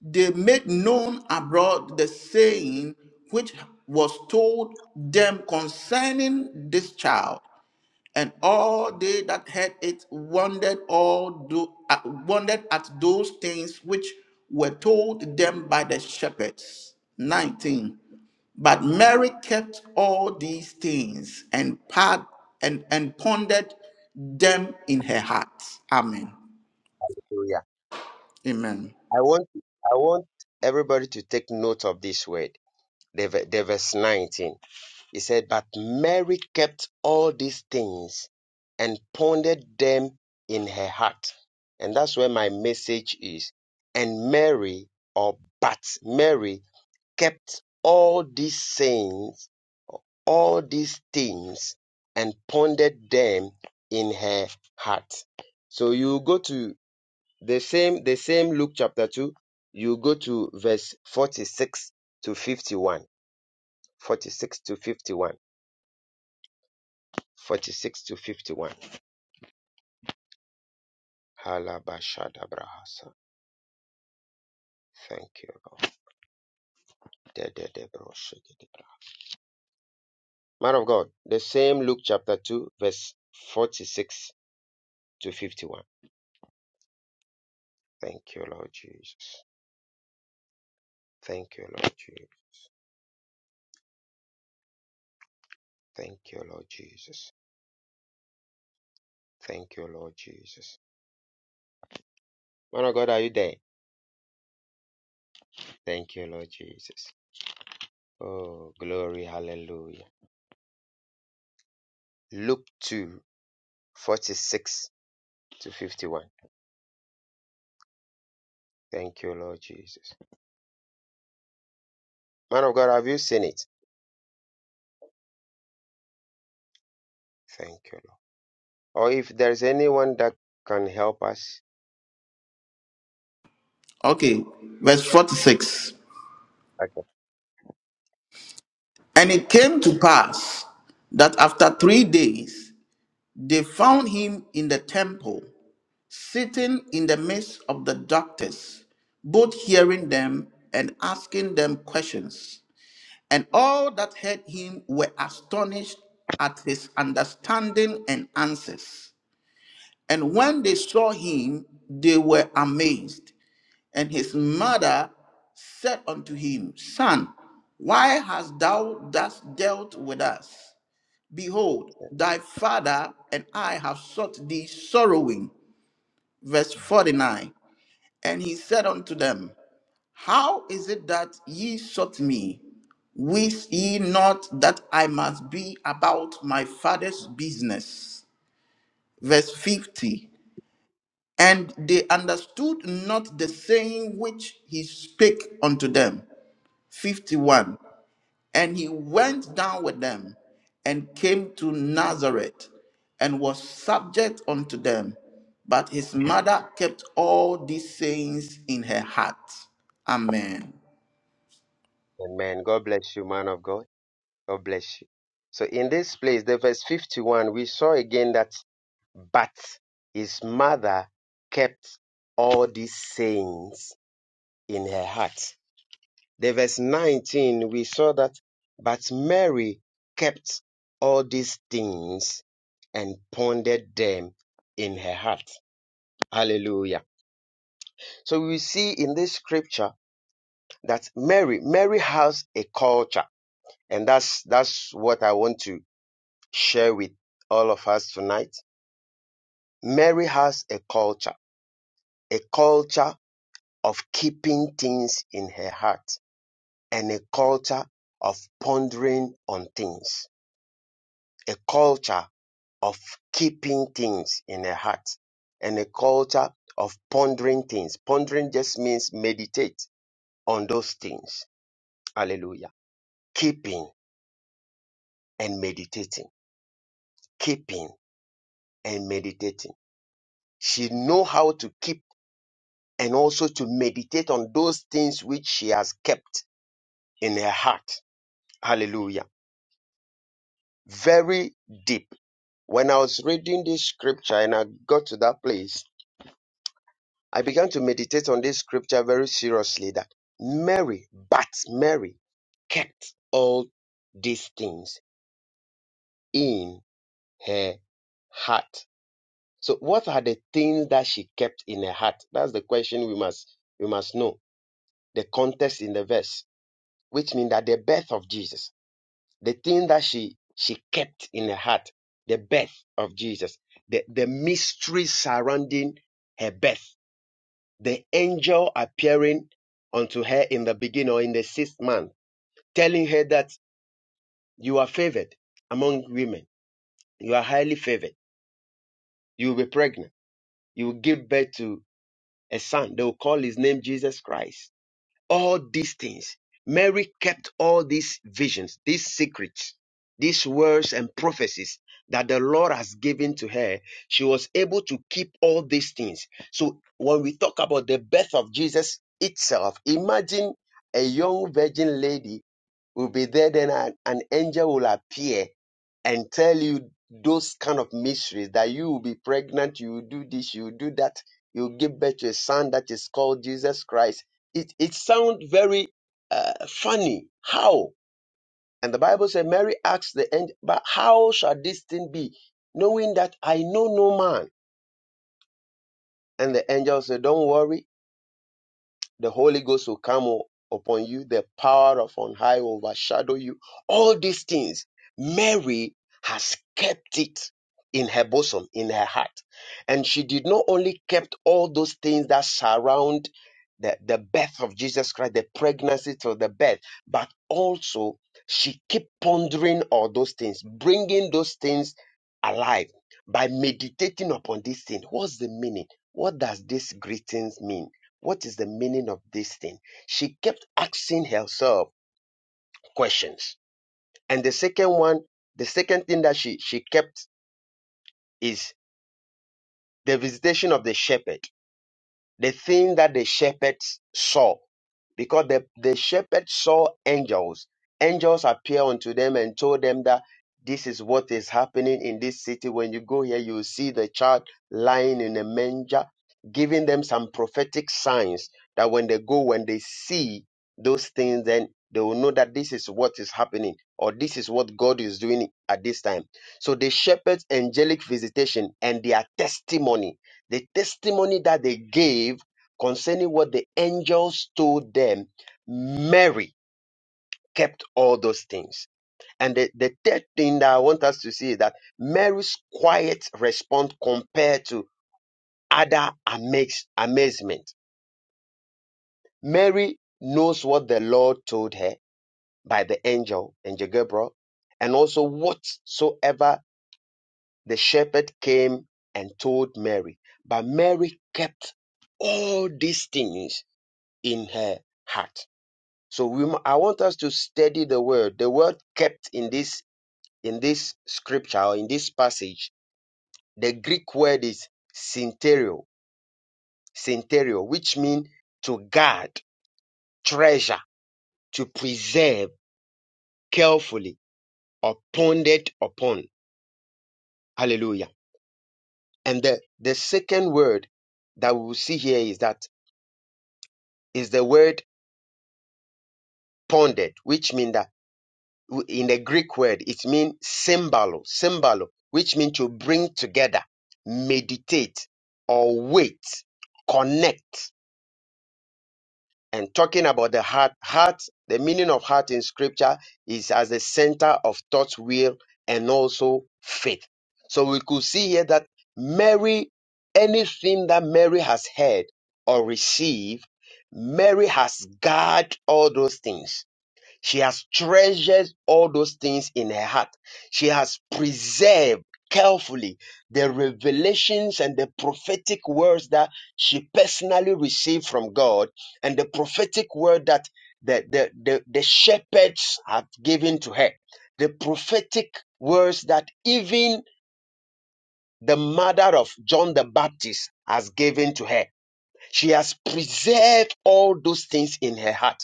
S1: they made known abroad the saying which was told them concerning this child. And all they that heard it wondered all tho- uh, wondered at those things which were told them by the shepherds. 19. But Mary kept all these things and, pad, and, and pondered them in her heart. Amen.
S6: Hallelujah.
S1: Amen.
S6: I want, I want everybody to take note of this word. The, the verse 19. He said, But Mary kept all these things and pondered them in her heart. And that's where my message is. And Mary, or but Mary, kept all these things, all these things, and pondered them in her heart. So you go to the same, the same Luke chapter 2, you go to verse 46 to 51. 46 to 51 46 to 51. Halabashadabrahasa. Thank you, Lord. Man of God, the same Luke chapter 2, verse 46 to 51. Thank you, Lord Jesus. Thank you, Lord Jesus. Thank you, Lord Jesus. Thank you, Lord Jesus. Man of God, are you there? Thank you, Lord Jesus. Oh, glory, hallelujah. Luke 2, 46 to 51. Thank you, Lord Jesus. Man of God, have you seen it? Thank you. or if there's anyone that can help us.
S1: Okay, verse 46.
S6: Okay.
S1: And it came to pass that after three days they found him in the temple, sitting in the midst of the doctors, both hearing them and asking them questions. And all that heard him were astonished at his understanding and answers. And when they saw him, they were amazed. And his mother said unto him, Son, why hast thou thus dealt with us? Behold, thy father and I have sought thee sorrowing. Verse 49. And he said unto them, How is it that ye sought me? Wist ye not that I must be about my father's business? Verse 50. And they understood not the saying which he spake unto them. 51. And he went down with them and came to Nazareth and was subject unto them. But his mother kept all these sayings in her heart. Amen.
S6: Amen. God bless you, man of God. God bless you. So in this place, the verse 51, we saw again that, but his mother kept all these sayings in her heart. The verse 19, we saw that, but Mary kept all these things and pondered them in her heart. Hallelujah. So we see in this scripture that Mary, Mary has a culture. And that's, that's what I want to share with all of us tonight. Mary has a culture, a culture of keeping things in her heart and a culture of pondering on things, a culture of keeping things in her heart and a culture of pondering things. Pondering just means meditate on those things. Hallelujah. keeping and meditating, keeping and meditating. She know how to keep and also to meditate on those things which she has kept in her heart. Hallelujah. Very deep. When I was reading this scripture and I got to that place, I began to meditate on this scripture very seriously that Mary, but Mary kept all these things in her heart. So what are the things that she kept in her heart? That's the question we must we must know. The context in the verse, which means that the birth of Jesus, the thing that she she kept in her heart, the birth of Jesus, the, the mystery surrounding her birth, the angel appearing unto her in the beginning or in the sixth month, telling her that you are favored among women, you are highly favored, you will be pregnant, you will give birth to. a son. They will call his name Jesus Christ. All these things. Mary kept all these visions, these secrets, these words and prophecies that the Lord has given to her. She was able to keep all these things. So when we talk about the birth of Jesus itself, imagine a young virgin lady will be there, then an, an angel will appear and tell you those kind of mysteries that you will be pregnant, you will do this, you will do that, you will give birth to a son that is called Jesus Christ. It it sounds very uh, funny. How? And the Bible said Mary asked the angel, "But how shall this thing be, knowing that I know no man?" And the angel said, "Don't worry. the Holy Ghost will come o- upon you, the power of on high will overshadow you. All these things, Mary has kept it in her bosom, in her heart. And she did not only kept all those things that surround the, the birth of Jesus Christ, the pregnancy to the birth, but also she kept pondering all those things, bringing those things alive by meditating upon this thing. What's the meaning? What does this greetings mean? What is the meaning of this thing? She kept asking herself questions. And the second one, the second thing that she, she kept is the visitation of the shepherd. the thing that the shepherds saw because the, the shepherds saw angels angels appear unto them and told them that this is what is happening in this city when you go here you will see the child lying in a manger giving them some prophetic signs that when they go when they see those things then they will know that this is what is happening or this is what god is doing at this time so the shepherds angelic visitation and their testimony the testimony that they gave concerning what the angels told them, Mary kept all those things. And the, the third thing that I want us to see is that Mary's quiet response compared to other amaze, amazement. Mary knows what the Lord told her by the angel, angel Gabriel, and also whatsoever the shepherd came and told Mary. But Mary kept all these things in her heart. So we, I want us to study the word. The word kept in this in this scripture or in this passage, the Greek word is synterio, synterio, which means to guard, treasure, to preserve carefully or pondered upon. Hallelujah. And the, the second word that we will see here is that is the word pondered, which means that in the Greek word, it means symbolo, symbolo, which means to bring together, meditate, or wait, connect. And talking about the heart, heart, the meaning of heart in scripture is as the center of thought, will, and also faith. So we could see here that Mary, anything that Mary has heard or received, Mary has guarded all those things. She has treasured all those things in her heart. She has preserved carefully the revelations and the prophetic words that she personally received from God and the prophetic word that the, the, the, the shepherds had given to her. The prophetic words that even the mother of John the Baptist has given to her. She has preserved all those things in her heart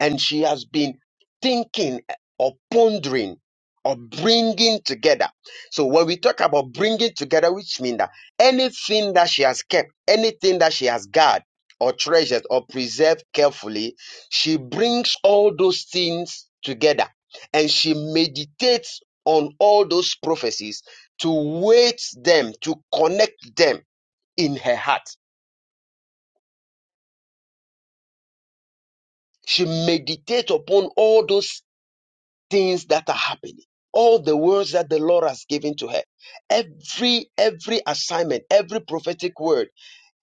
S6: and she has been thinking or pondering or bringing together. So when we talk about bringing together, which means that anything that she has kept, anything that she has guarded or treasured or preserved carefully, she brings all those things together and she meditates on all those prophecies to weight them, to connect them in her heart. She meditates upon all those things that are happening all the words that the lord has given to her every every assignment every prophetic word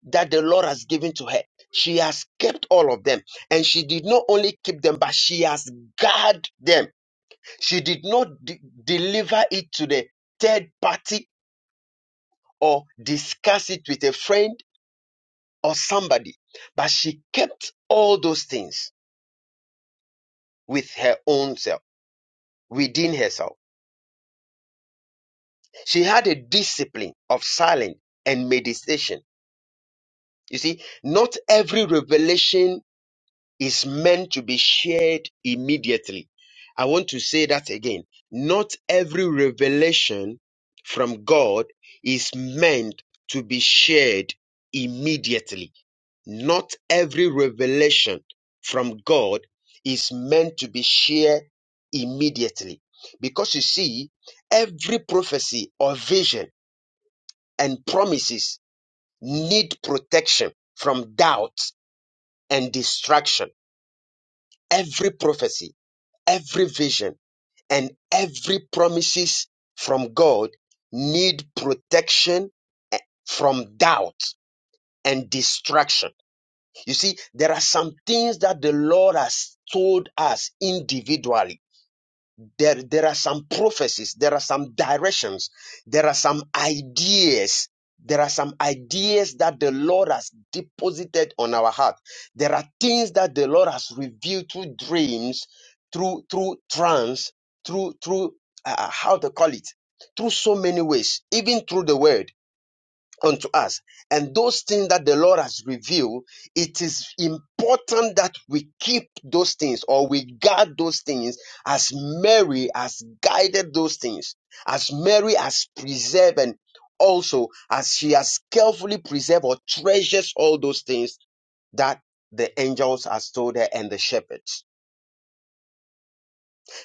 S6: that the lord has given to her she has kept all of them and she did not only keep them but she has guarded them she did not de- deliver it to the third party or discuss it with a friend or somebody but she kept all those things with her own self within herself She had a discipline of silence and meditation. You see, not every revelation is meant to be shared immediately. I want to say that again. Not every revelation from God is meant to be shared immediately. Not every revelation from God is meant to be shared immediately. Because you see, every prophecy or vision and promises need protection from doubt and distraction. Every prophecy, every vision, and every promises from God need protection eh, from doubt and distraction. You see, there are some things that the Lord has told us individually there, there are some prophecies, there are some directions, there are some ideas. There are some ideas that the Lord has deposited on our heart. There are things that the Lord has revealed through dreams, through through trance, through through uh, how to call it, through so many ways, even through the word unto us. And those things that the Lord has revealed, it is important that we keep those things or we guard those things as Mary has guided those things, as Mary has preserved and also as she has carefully preserved or treasures all those things that the angels has told her and the shepherds.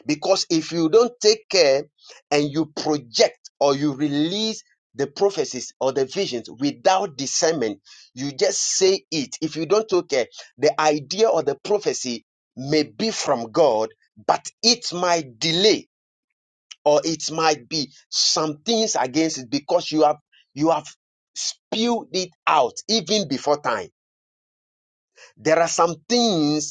S6: Because if you don't take care and you project or you release the prophecies or the visions without discernment, you just say it. If you don't take care, the idea or the prophecy may be from God, but it might delay or it might be some things against it because you have you have spewed it out even before time. There are some things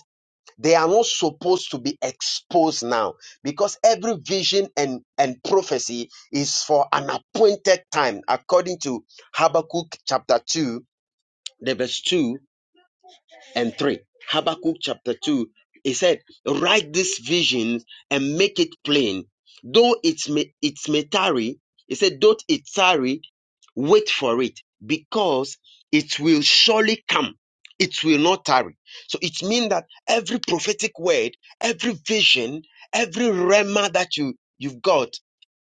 S6: they are not supposed to be exposed now because every vision and, and prophecy is for an appointed time, according to Habakkuk chapter 2, the verse 2 and 3. Habakkuk chapter 2, he said, Write this vision and make it plain. Though it may, it may tarry, he said, Though it tarry, Wait for it because it will surely come. It will not tarry. So it means that every prophetic word, every vision, every rema that you, you've got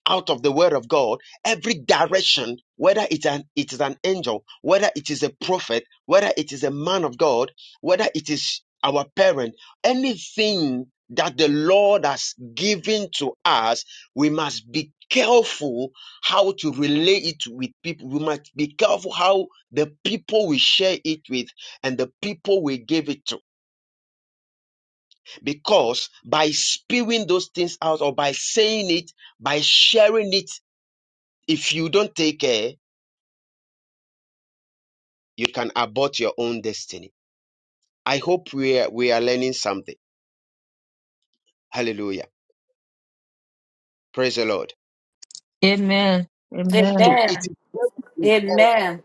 S6: out of the word of God, every direction, whether it's an, it is an angel, whether it is a prophet, whether it is a man of God, whether it is our parent, anything that the Lord has given to us, we must be careful how to relate it with people. We must be careful how the people we share it with and the people we give it to. Because by spewing those things out or by saying it, by sharing it if you don't take care, you can abort your own destiny. I hope we are, we are learning something. Hallelujah. Praise the Lord.
S7: Amen. Amen. Amen.
S6: So it
S9: Amen.
S6: is very important.
S9: Amen.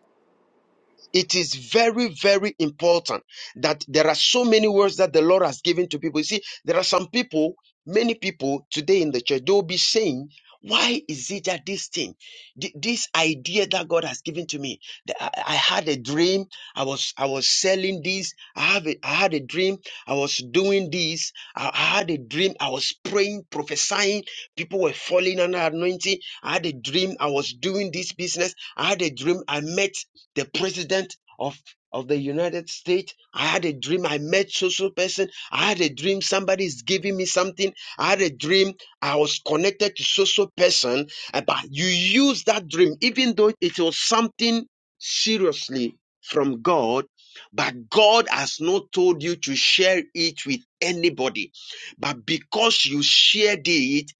S6: It is very, very important that there are so many words that the Lord has given to people. You see, there are some people, many people today in the church, they'll be saying, why is it that this thing, th- this idea that God has given to me? that I, I had a dream. I was I was selling this. I have a, I had a dream. I was doing this. I, I had a dream. I was praying, prophesying. People were falling under anointing. I had a dream. I was doing this business. I had a dream. I met the president of of the United States. I had a dream. I met social person. I had a dream. Somebody is giving me something. I had a dream. I was connected to social person. Uh, But you use that dream, even though it was something seriously from God, but God has not told you to share it with anybody. But because you shared it,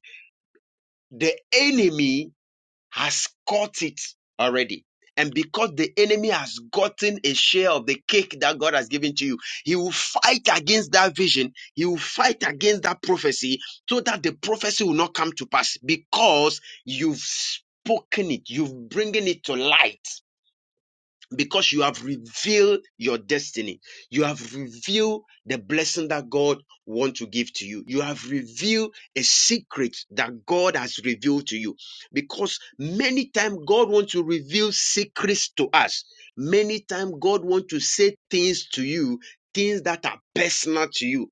S6: the enemy has caught it already. And because the enemy has gotten a share of the cake that God has given to you, he will fight against that vision. He will fight against that prophecy so that the prophecy will not come to pass because you've spoken it, you've bringing it to light because you have revealed your destiny. You have revealed the blessing that God wants to give to you. You have revealed a secret that God has revealed to you. Because many times God wants to reveal secrets to us. Many times God wants to say things to you, things that are personal to you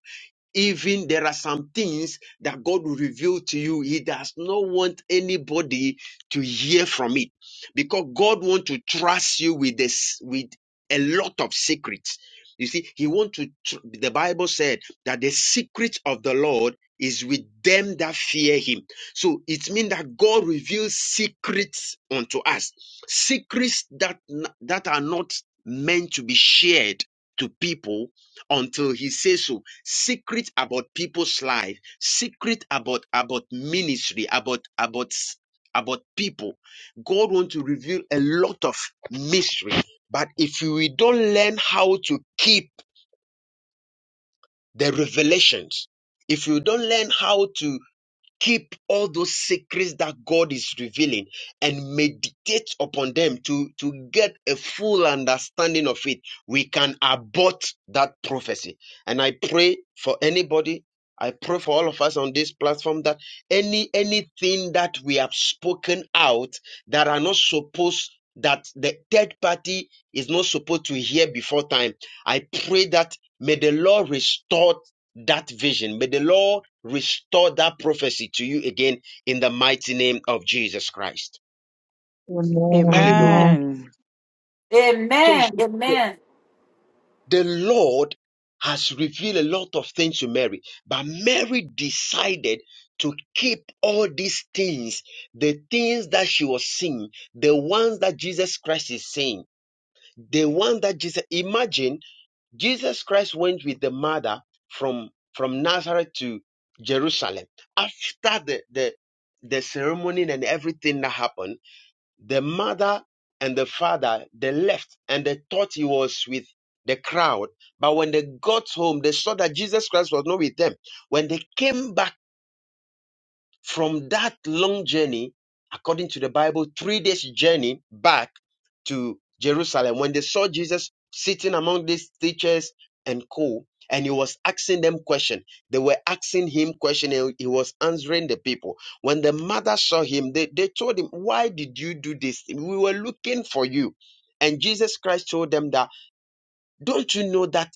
S6: even there are some things that God will reveal to you. He does not want anybody to hear from it because God wants to trust you with this, with a lot of secrets. You see, He wants to, tr- the Bible said that the secret of the Lord is with them that fear Him. So it means that God reveals secrets unto us, secrets that, n- that are not meant to be shared to people until he says so secret about people's life secret about about ministry about about about people god wants to reveal a lot of mystery but if we don't learn how to keep the revelations if you don't learn how to keep all those secrets that God is revealing and meditate upon them to, to get a full understanding of it, we can abort that prophecy. And I pray for anybody. I pray for all of us on this platform that any anything that we have spoken out that are not supposed that the third party is not supposed to hear before time. I pray that may the Lord restore that vision. May the Lord restore that prophecy to you again in the mighty name of Jesus Christ. Hallelujah.
S7: Amen.
S4: Amen.
S6: So you
S9: Amen.
S6: see, the
S9: Amen.
S6: the Lord has revealed a lot of things to Mary, but Mary decided to keep all these things, the things that she was seeing, the ones that Jesus Christ is saying, the one that Jesus, imagine Jesus Christ went with the mother from from Nazareth to Jerusalem. After the the the ceremony and everything that happened, the mother and the father they left and they thought he was with the crowd. But when they got home, they saw that Jesus Christ was not with them. When they came back from that long journey, according to the Bible, three days journey back to Jerusalem, when they saw Jesus sitting among these teachers and co, and he was asking them question. They were asking him question, and he was answering the people. When the mother saw him, they, they told him, Why did you do this? We were looking for you. And Jesus Christ told them that, Don't you know that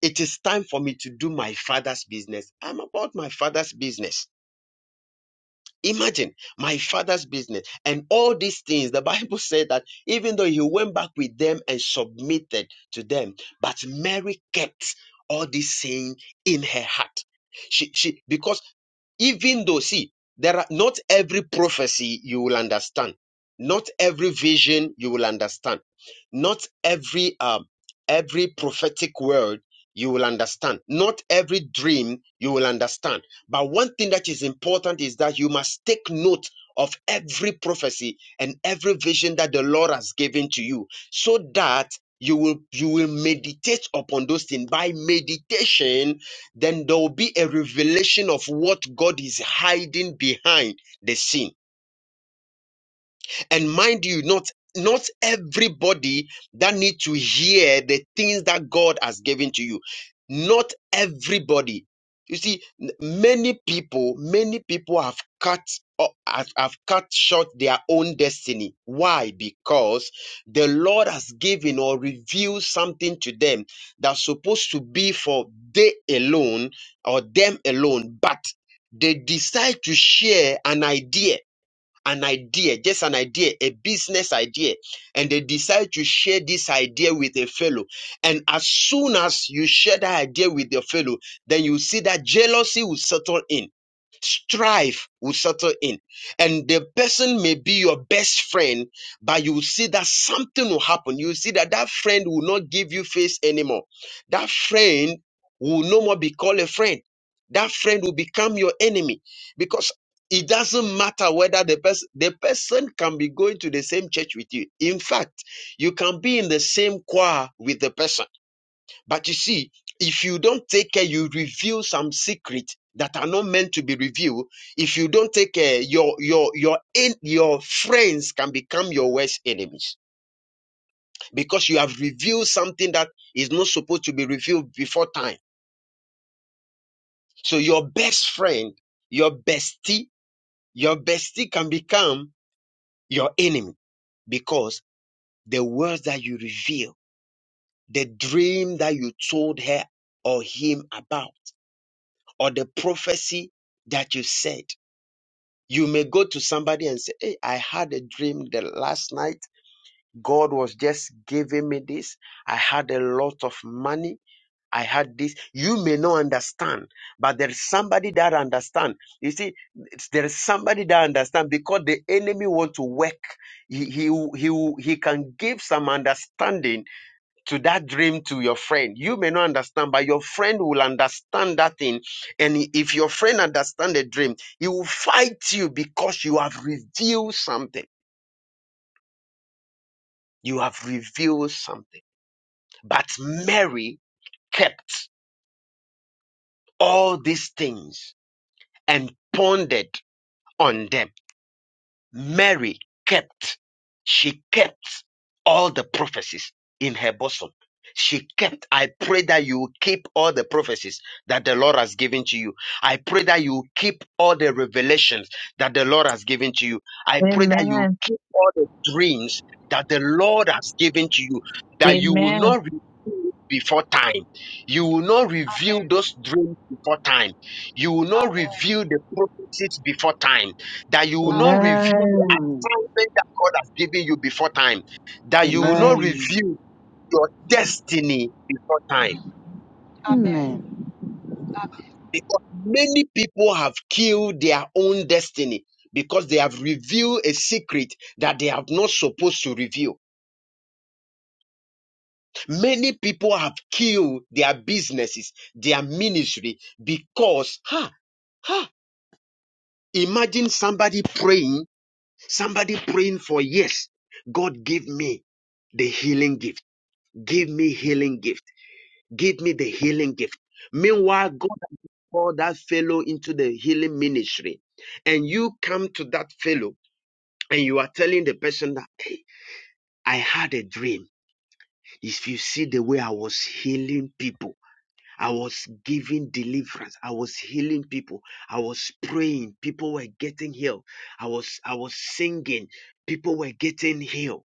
S6: it is time for me to do my father's business? I'm about my father's business Imagine my father's business and all these things. The Bible said that even though he went back with them and submitted to them, but Mary kept all this saying in her heart. She, she, because even though see there are not every prophecy you will understand not every vision you will understand not every um every prophetic word you will understand not every dream you will understand but one thing that is important is that you must take note of every prophecy and every vision that the lord has given to you so that you will you will meditate upon those things by meditation then there will be a revelation of what God is hiding behind the scene. And mind you, not not everybody that need to hear the things that God has given to you. Not everybody. You see, n- many people, many people have cut o- have, have cut short their own destiny. Why? Because the Lord has given or revealed something to them that's supposed to be for they alone or them alone, but they decide to share an idea an idea, just an idea, a business idea, and they decide to share this idea with a fellow. And as soon as you share that idea with your fellow, then you see that jealousy will settle in strife will settle in. And the person may be your best friend, but you will see that something will happen. You will see that that friend will not give you face anymore. That friend will no more be called a friend. That friend will become your enemy because it doesn't matter whether the person the person can be going to the same church with you. In fact, you can be in the same choir with the person but you see, if you don't take care, you reveal some secrets that are not meant to be revealed. If you don't take care, your your your en- your friends can become your worst enemies because you have revealed something that is not supposed to be revealed before time. So your best friend, your bestie, your bestie can become your enemy because the words that you reveal, the dream that you told her or him about or the prophecy that you said. You may go to somebody and say, Hey, I had a dream the last night. God was just giving me this. I had a lot of money. I had this. You may not understand, but there's somebody that understand. You see, it's- there is somebody that understand because the enemy want to work. He, he, he, he can give some understanding to that dream to your friend you may not understand but your friend will understand that thing and if your friend understands the dream he will fight you because you have revealed something you have revealed something but mary kept all these things and pondered on them Mary kept, she kept all the prophecies in her bosom. She kept, I pray that you will keep all the prophecies that the Lord has given to you. I pray that you will keep all the revelations that the Lord has given to you. I pray that you will
S7: Amen.
S6: keep all the dreams that the Lord has given to you, that you will not reveal before time. You will not reveal
S5: Amen.
S6: those dreams before time. You will not
S5: Amen.
S6: reveal the prophecies before time that you will not
S5: Amen.
S6: review the
S4: Amen.
S6: assignment that God has given you before time, that you will
S5: Amen.
S6: not
S4: Amen.
S6: review your destiny before time.
S5: Amen.
S4: Amen.
S5: Amen.
S6: Because many people have killed their own destiny because they have revealed a secret that they are not supposed to reveal. Many people have killed their businesses, their ministry, because, ha, ha, imagine somebody praying, somebody praying for years. God give me the healing gift. Give me healing gift. Give me the healing gift. Meanwhile, God has called that fellow into the healing ministry. And you come to that fellow and you are telling the person that, hey, I had a dream. If you see the way I was healing people, I was giving deliverance. I was healing people. I was praying. People were getting healed. I was, I was singing. People were getting healed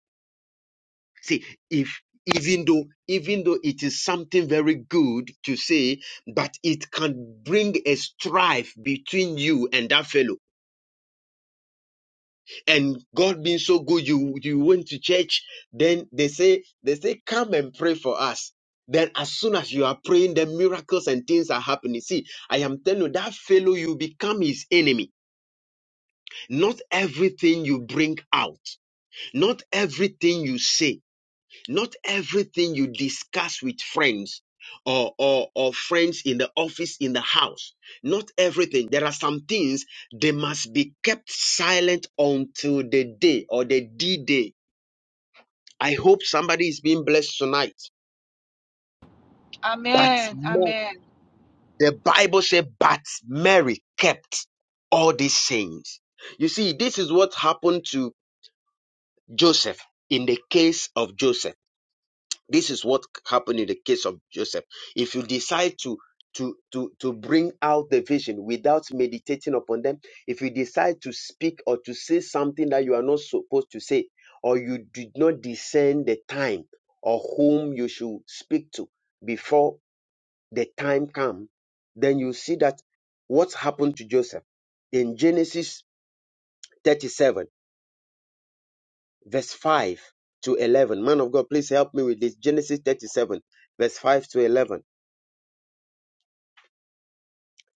S6: See, if even though even though it is something very good to say, but it can bring a strife between you and that fellow. And God being so good, you you went to church, then they say they say come and pray for us. Then as soon as you are praying, the miracles and things are happening. See, I am telling you, that fellow you become his enemy. Not everything you bring out, not everything you say Not everything you discuss with friends or, or, or friends in the office, in the house, not everything. There are some things they must be kept silent until the day or the D day. I hope somebody is being blessed tonight. But
S5: Amen.
S6: Mary- the Bible said, but Mary kept all these things. You see, this is what happened to Joseph in the case of Joseph. This is what happened in the case of Joseph. If you decide to to, to, to bring out the vision without meditating upon them, if you decide to speak or to say something that you are not supposed to say, or you did not discern the time or whom you should speak to before the time comes, then you see that what happened to Joseph in Genesis 37, verse 5 to 11. Man of God, please help me with this. Genesis 37, verse 5 to 11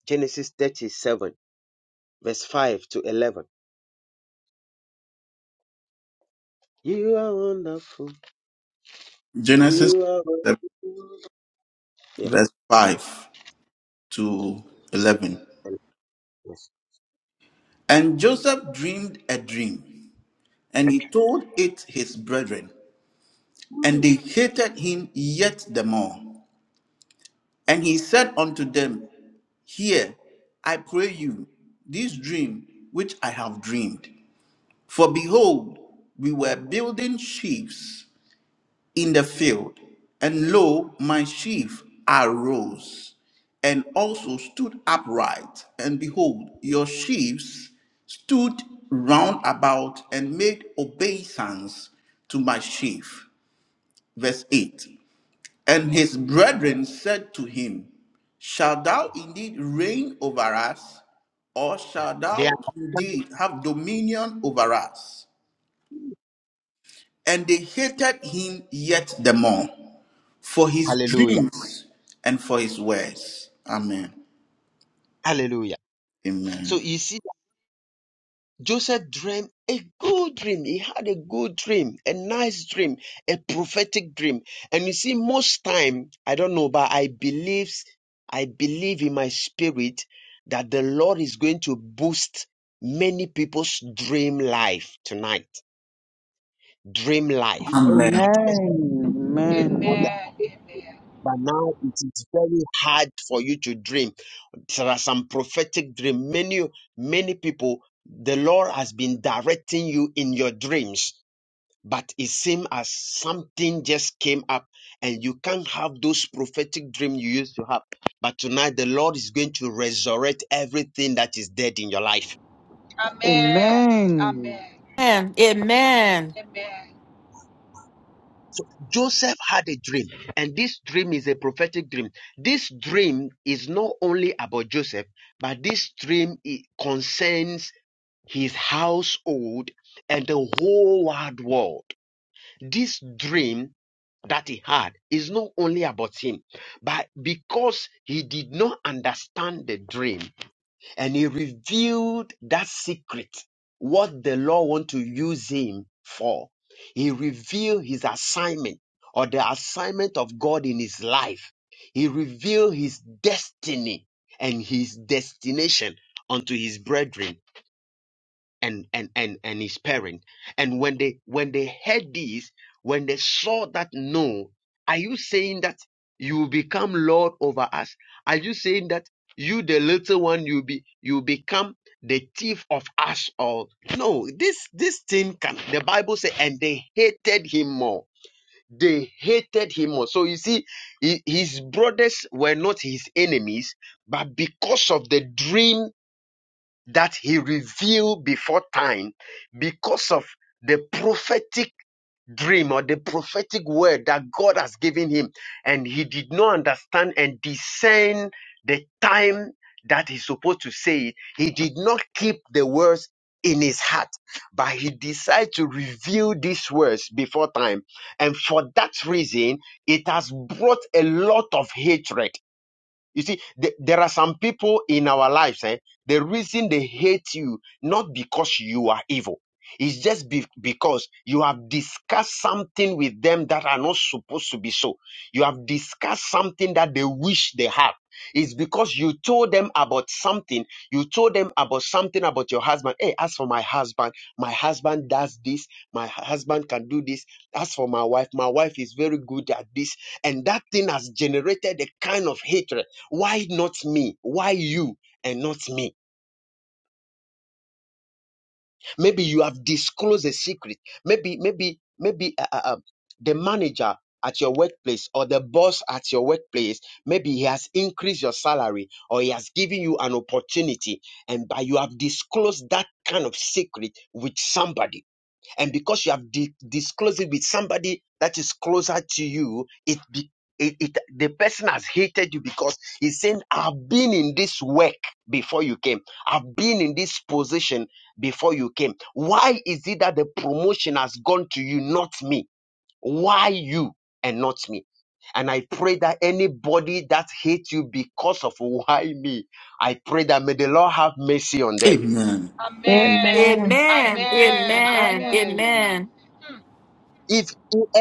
S6: Genesis 37, verse 5 to 11. You are wonderful.
S1: Genesis
S6: You are wonderful. Yeah.
S1: verse 5 to 11.
S6: Yes.
S1: And Joseph dreamed a dream, and he
S6: Okay.
S1: told it his brethren, and
S6: Mm.
S1: they hated him yet the more. And he said unto them, Hear, I pray you, this dream which I have dreamed. For behold, we were building ships in the field. And lo, my sheaf arose and also stood upright. And behold, your sheaves stood round about and made obeisance to my sheaf. Verse 8. And his brethren said to him, Shall thou indeed reign over us, or shall
S6: They
S1: thou
S6: are-
S1: indeed have dominion over us? And they hated him yet the more. for his
S6: Hallelujah.
S1: dreams and for his words. Amen.
S6: Hallelujah. So
S1: Amen.
S6: you see, Joseph dreamed a good dream. He had a good dream, a nice dream, a prophetic dream. And you see, most time, I don't know, but I believe, I believe in my spirit that the Lord is going to boost many people's dream life tonight dream life.
S4: Amen.
S6: At first,
S4: Amen.
S6: dream mother, but now it is very hard for you to dream. There are some prophetic dream. Many, many people, the Lord has been directing you in your dreams, but it seems as something just came up and you can't have those prophetic dream you used to have. But tonight, the Lord is going to resurrect everything that is dead in your life.
S5: Amen. Amen.
S4: Amen.
S5: Amen.
S4: Amen.
S5: Amen.
S9: Amen. Amen.
S5: Amen.
S6: Joseph had a dream, and this dream is a prophetic dream. This dream is not only about Joseph, but this dream it concerns his household and the whole wide world. This dream that he had is not only about him, but because he did not understand the dream, and he revealed that secret, what the Lord want to use him for. He revealed his assignment or the assignment of God in his life. He revealed his destiny and his destination unto his brethren and and and and his parent and when they when they heard this when they saw that no are you saying that you will become lord over us are you saying that you the little one you be you become the thief of us all no this this thing can the bible says and they hated him more they hated him more so you see he- his brothers were not his enemies but because of the dream that he revealed before time because of the prophetic dream or the prophetic word that God has given him. And he did not understand and discern the time that he's supposed to say it. He did not keep the words in his heart, but he decided to reveal these words before time. And for that reason, it has brought a lot of hatred you see, the- there are some people in our lives, eh, the reason they hate you, not because you are evil, it's just be- because you have discussed something with them that are not supposed to be so. You have discussed something that they wish they had. It's because you told them about something. You told them about something about your husband. Hey, as for my husband, my husband does this. My husband can do this. As for my wife, my wife is very good at this. And that thing has generated a kind of hatred why not me? Why you and not me? Maybe you have disclosed a secret. Maybe, maybe, maybe uh, uh, uh, the manager at your workplace or the boss at your workplace, maybe he has increased your salary or he has given you an opportunity, and by you have disclosed that kind of secret with somebody And because you have di- disclosed it with somebody that is closer to you, it, be- it, it the person has hated you because he's saying, I've been in this work before you came. I've been in this position before you came. Why is it that the promotion has gone to you, not me? Why you and not me? And I pray that anybody that hates you because of why me, I pray that may the Lord have mercy on them
S1: Amen.
S5: Amen.
S7: Amen.
S9: Amen.
S5: Amen. Amen.
S9: Amen.
S5: Hmm.
S6: If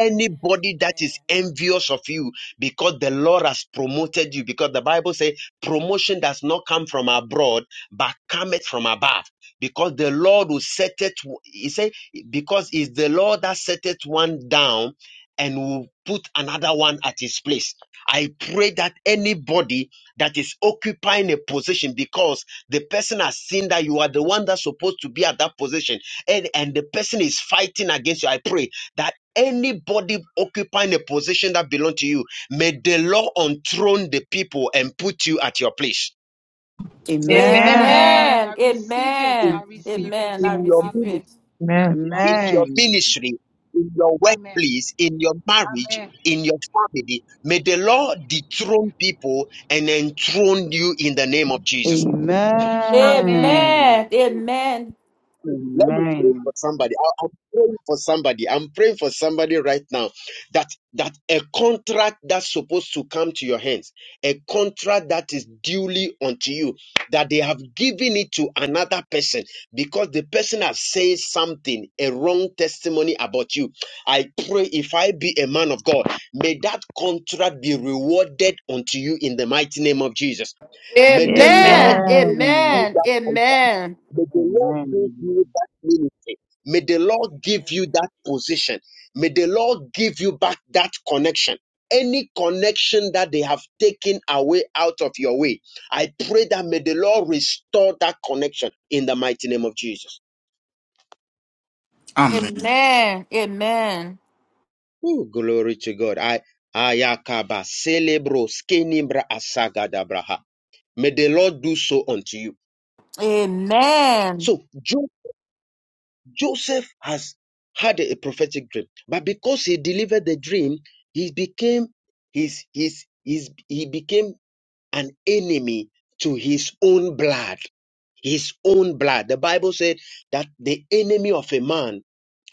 S2: Amen.
S6: that is
S2: Amen.
S6: envious of you because the Lord has promoted you, because the Bible says promotion does not come from abroad, but cometh from above. Because the Lord will set it, he said, because it's the Lord that set it one down and will put another one at his place. I pray that anybody that is occupying a position because the person has seen that you are the one that's supposed to be at that position and, and the person is fighting against you, I pray that. Anybody occupying a position that belongs to you, may the Lord enthrone the people and put you at your place.
S9: Amen.
S7: Amen.
S4: Amen.
S5: Amen. I
S9: Amen.
S5: receive it. I
S6: In,
S9: Amen.
S6: in,
S5: receive it.
S9: Amen. I
S6: in your,
S9: receive
S5: Amen.
S6: mini-
S9: it.
S7: Amen.
S6: in
S5: Amen.
S6: your
S4: Amen.
S6: ministry, in your
S5: Amen.
S6: workplace, in your marriage,
S5: Amen.
S6: in your family, may the
S5: Amen.
S6: Lord dethrone people and enthrone you in the name of Jesus.
S5: Amen.
S9: Amen. Amen.
S6: Let me pray for
S4: Amen.
S6: somebody. I, am praying for somebody. I'm praying for somebody right now that that a contract that's supposed to come to your hands, a contract that is duly unto you, that they have given it to another person because the person has said something, a wrong testimony about you. I pray if I be a man of God, may that contract be rewarded unto you in the mighty name of Jesus. May the Lord
S9: Amen.
S7: Amen.
S4: Amen.
S9: Amen. Amen.
S6: May the Lord give
S4: Amen.
S6: you that ministry. May the Lord give
S2: Amen.
S6: you that position. May the Lord give you back that connection. Any connection that they have taken away out of your way, I pray that may the Lord restore that connection in the mighty name of Jesus.
S9: Amen.
S1: Amen.
S9: Amen.
S6: Oh, glory to God. I Ayakaba celebro skenibra asagadabraha. May the Lord do so unto you.
S9: Amen.
S6: So Job Joseph has had a prophetic dream, but because he delivered the dream, he became his his his he became an enemy to his own blood. His own blood. The Bible said that the enemy of a man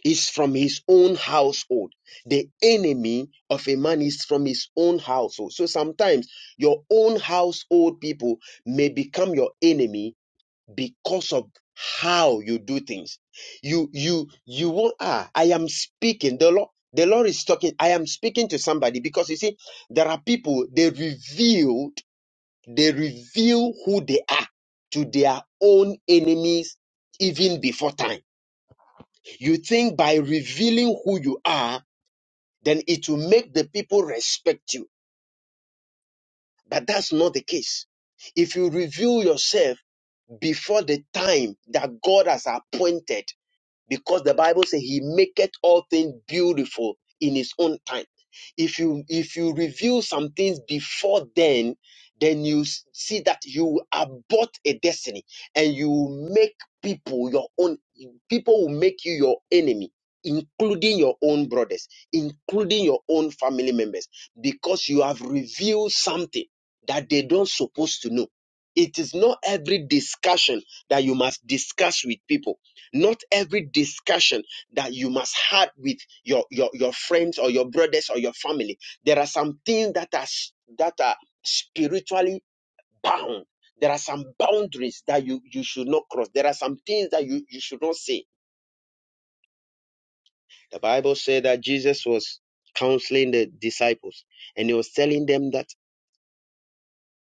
S6: is from his own household. The enemy of a man is from his own household. So sometimes your own household people may become your enemy because of how you do things. You you you will ah, I am speaking. The Lord the Lord is talking. I am speaking to somebody because you see, there are people they revealed, they reveal who they are to their own enemies even before time. You think by revealing who you are, then it will make the people respect you. But that's not the case. If you reveal yourself before the time that God has appointed, because the bible says he maketh all things beautiful in his own time if you if you review some things before then then you s- see that you abort a destiny and you make people your own people will make you your enemy including your own brothers including your own family members because you have revealed something that they don't supposed to know it is not every discussion that you must discuss with people not every discussion that you must have with your, your your friends or your brothers or your family there are some things that are s- that are spiritually bound there are some boundaries that you you should not cross there are some things that you you should not say the bible said that jesus was counseling the disciples and he was telling them that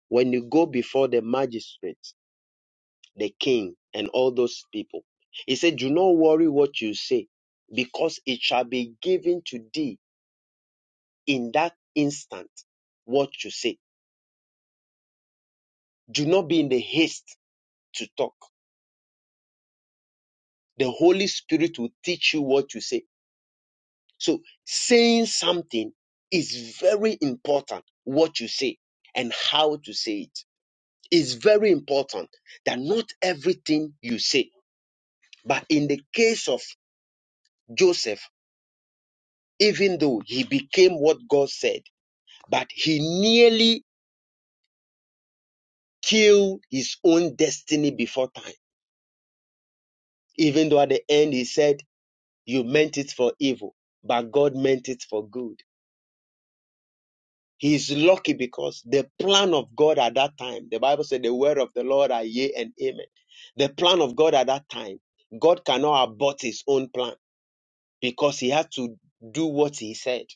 S6: when you go before the magistrates the king and all those people he said do not worry what you say because it shall be given to thee in that instant what you say. Do not be in the haste to talk. The Holy Spirit will teach you what you say. So saying something is very important. What you say and how to say it is very important that not everything you say, but in the case of Joseph, even though he became what God said, but he nearly killed his own destiny before time. Even though at the end he said, You meant it for evil, but God meant it for good. He is lucky because the plan of God at that time, the Bible said, the word of the Lord are yea and amen. The plan of God at that time, God cannot abort his own plan because he had to do what he said.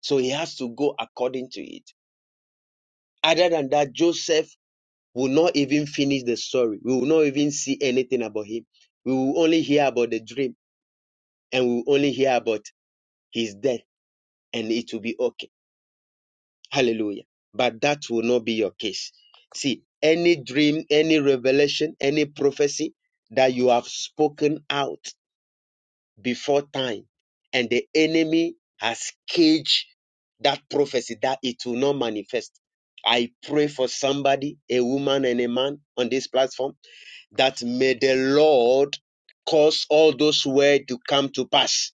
S6: So he has to go according to it. Other than that, Joseph will not even finish the story. We will not even see anything about him. We will only hear about the dream and we will only hear about his death and it will be okay. Hallelujah. But that will not be your case. See, any dream, any revelation, any prophecy that you have spoken out before time, and the enemy has caged that prophecy that it will not manifest. I pray for somebody, a woman and a man on this platform, that may the Lord cause all those words to come to pass.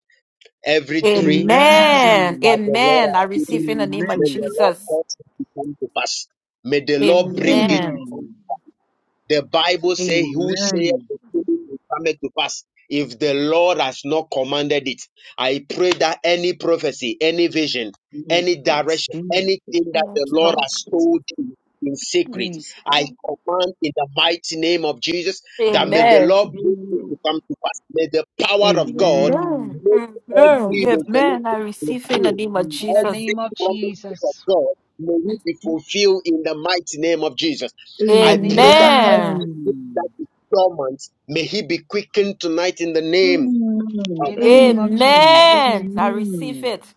S6: Every dream,
S9: Amen.
S6: that
S4: Amen.
S6: the Lord
S9: Amen.
S6: has
S9: I
S6: given
S9: receive in
S6: to
S9: the
S6: you,
S9: name of
S6: may
S4: Amen.
S6: the Lord
S9: Jesus.
S6: cause it to come to pass. May the Lord bring it to
S9: Amen.
S6: pass.
S4: Amen.
S6: The Bible says, Who saith
S4: Amen.
S6: the Spirit will come to pass if the Lord has not commanded it? I pray that any prophecy, any vision, any
S4: Jesus,
S6: direction,
S4: Jesus,
S6: anything that the Lord has
S4: Jesus,
S6: told you in secret,
S4: Jesus.
S6: I command in the mighty name of Jesus that may
S4: Lord.
S6: the
S9: Amen.
S6: Lord bring it
S4: Jesus.
S6: to come to pass. May the power of God
S9: Amen.
S4: Amen.
S6: make
S9: Amen.
S6: every
S4: Amen.
S6: revelation
S9: Amen. I receive in the
S6: fulfilled,
S9: name of
S5: In
S4: Amen.
S5: the
S9: Jesus.
S6: every
S5: name of
S6: promise of
S5: Jesus.
S6: God may it be fulfilled in the mighty name of Jesus.
S4: Amen.
S6: I
S5: In the name
S6: pray
S5: of Je-
S6: that
S9: Amen.
S6: if that
S4: Amen.
S6: is dormant, may he be quickened tonight in the name
S4: Amen.
S6: of
S5: in the
S6: Jesus.
S4: Amen.
S5: name of Jesus.
S9: Amen. I receive
S4: Amen.
S9: it.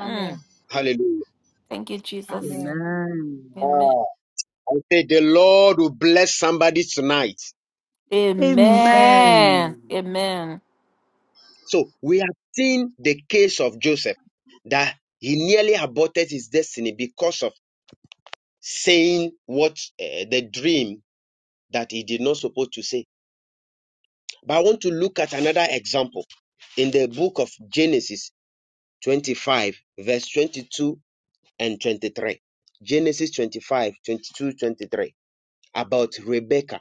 S9: Mm.
S6: Hallelujah.
S9: Thank you, Jesus.
S5: Amen.
S4: Amen.
S9: Amen.
S6: Ah, I say the Lord will bless somebody tonight.
S9: Amen. Amen.
S6: So we have seen the case of Joseph that he nearly aborted his destiny because of saying what eh, the dream that he did not supposed to say. But I want to look at another example in the book of Genesis 25, verse 22 and 23. Genesis 25, 22, 23. about Rebecca,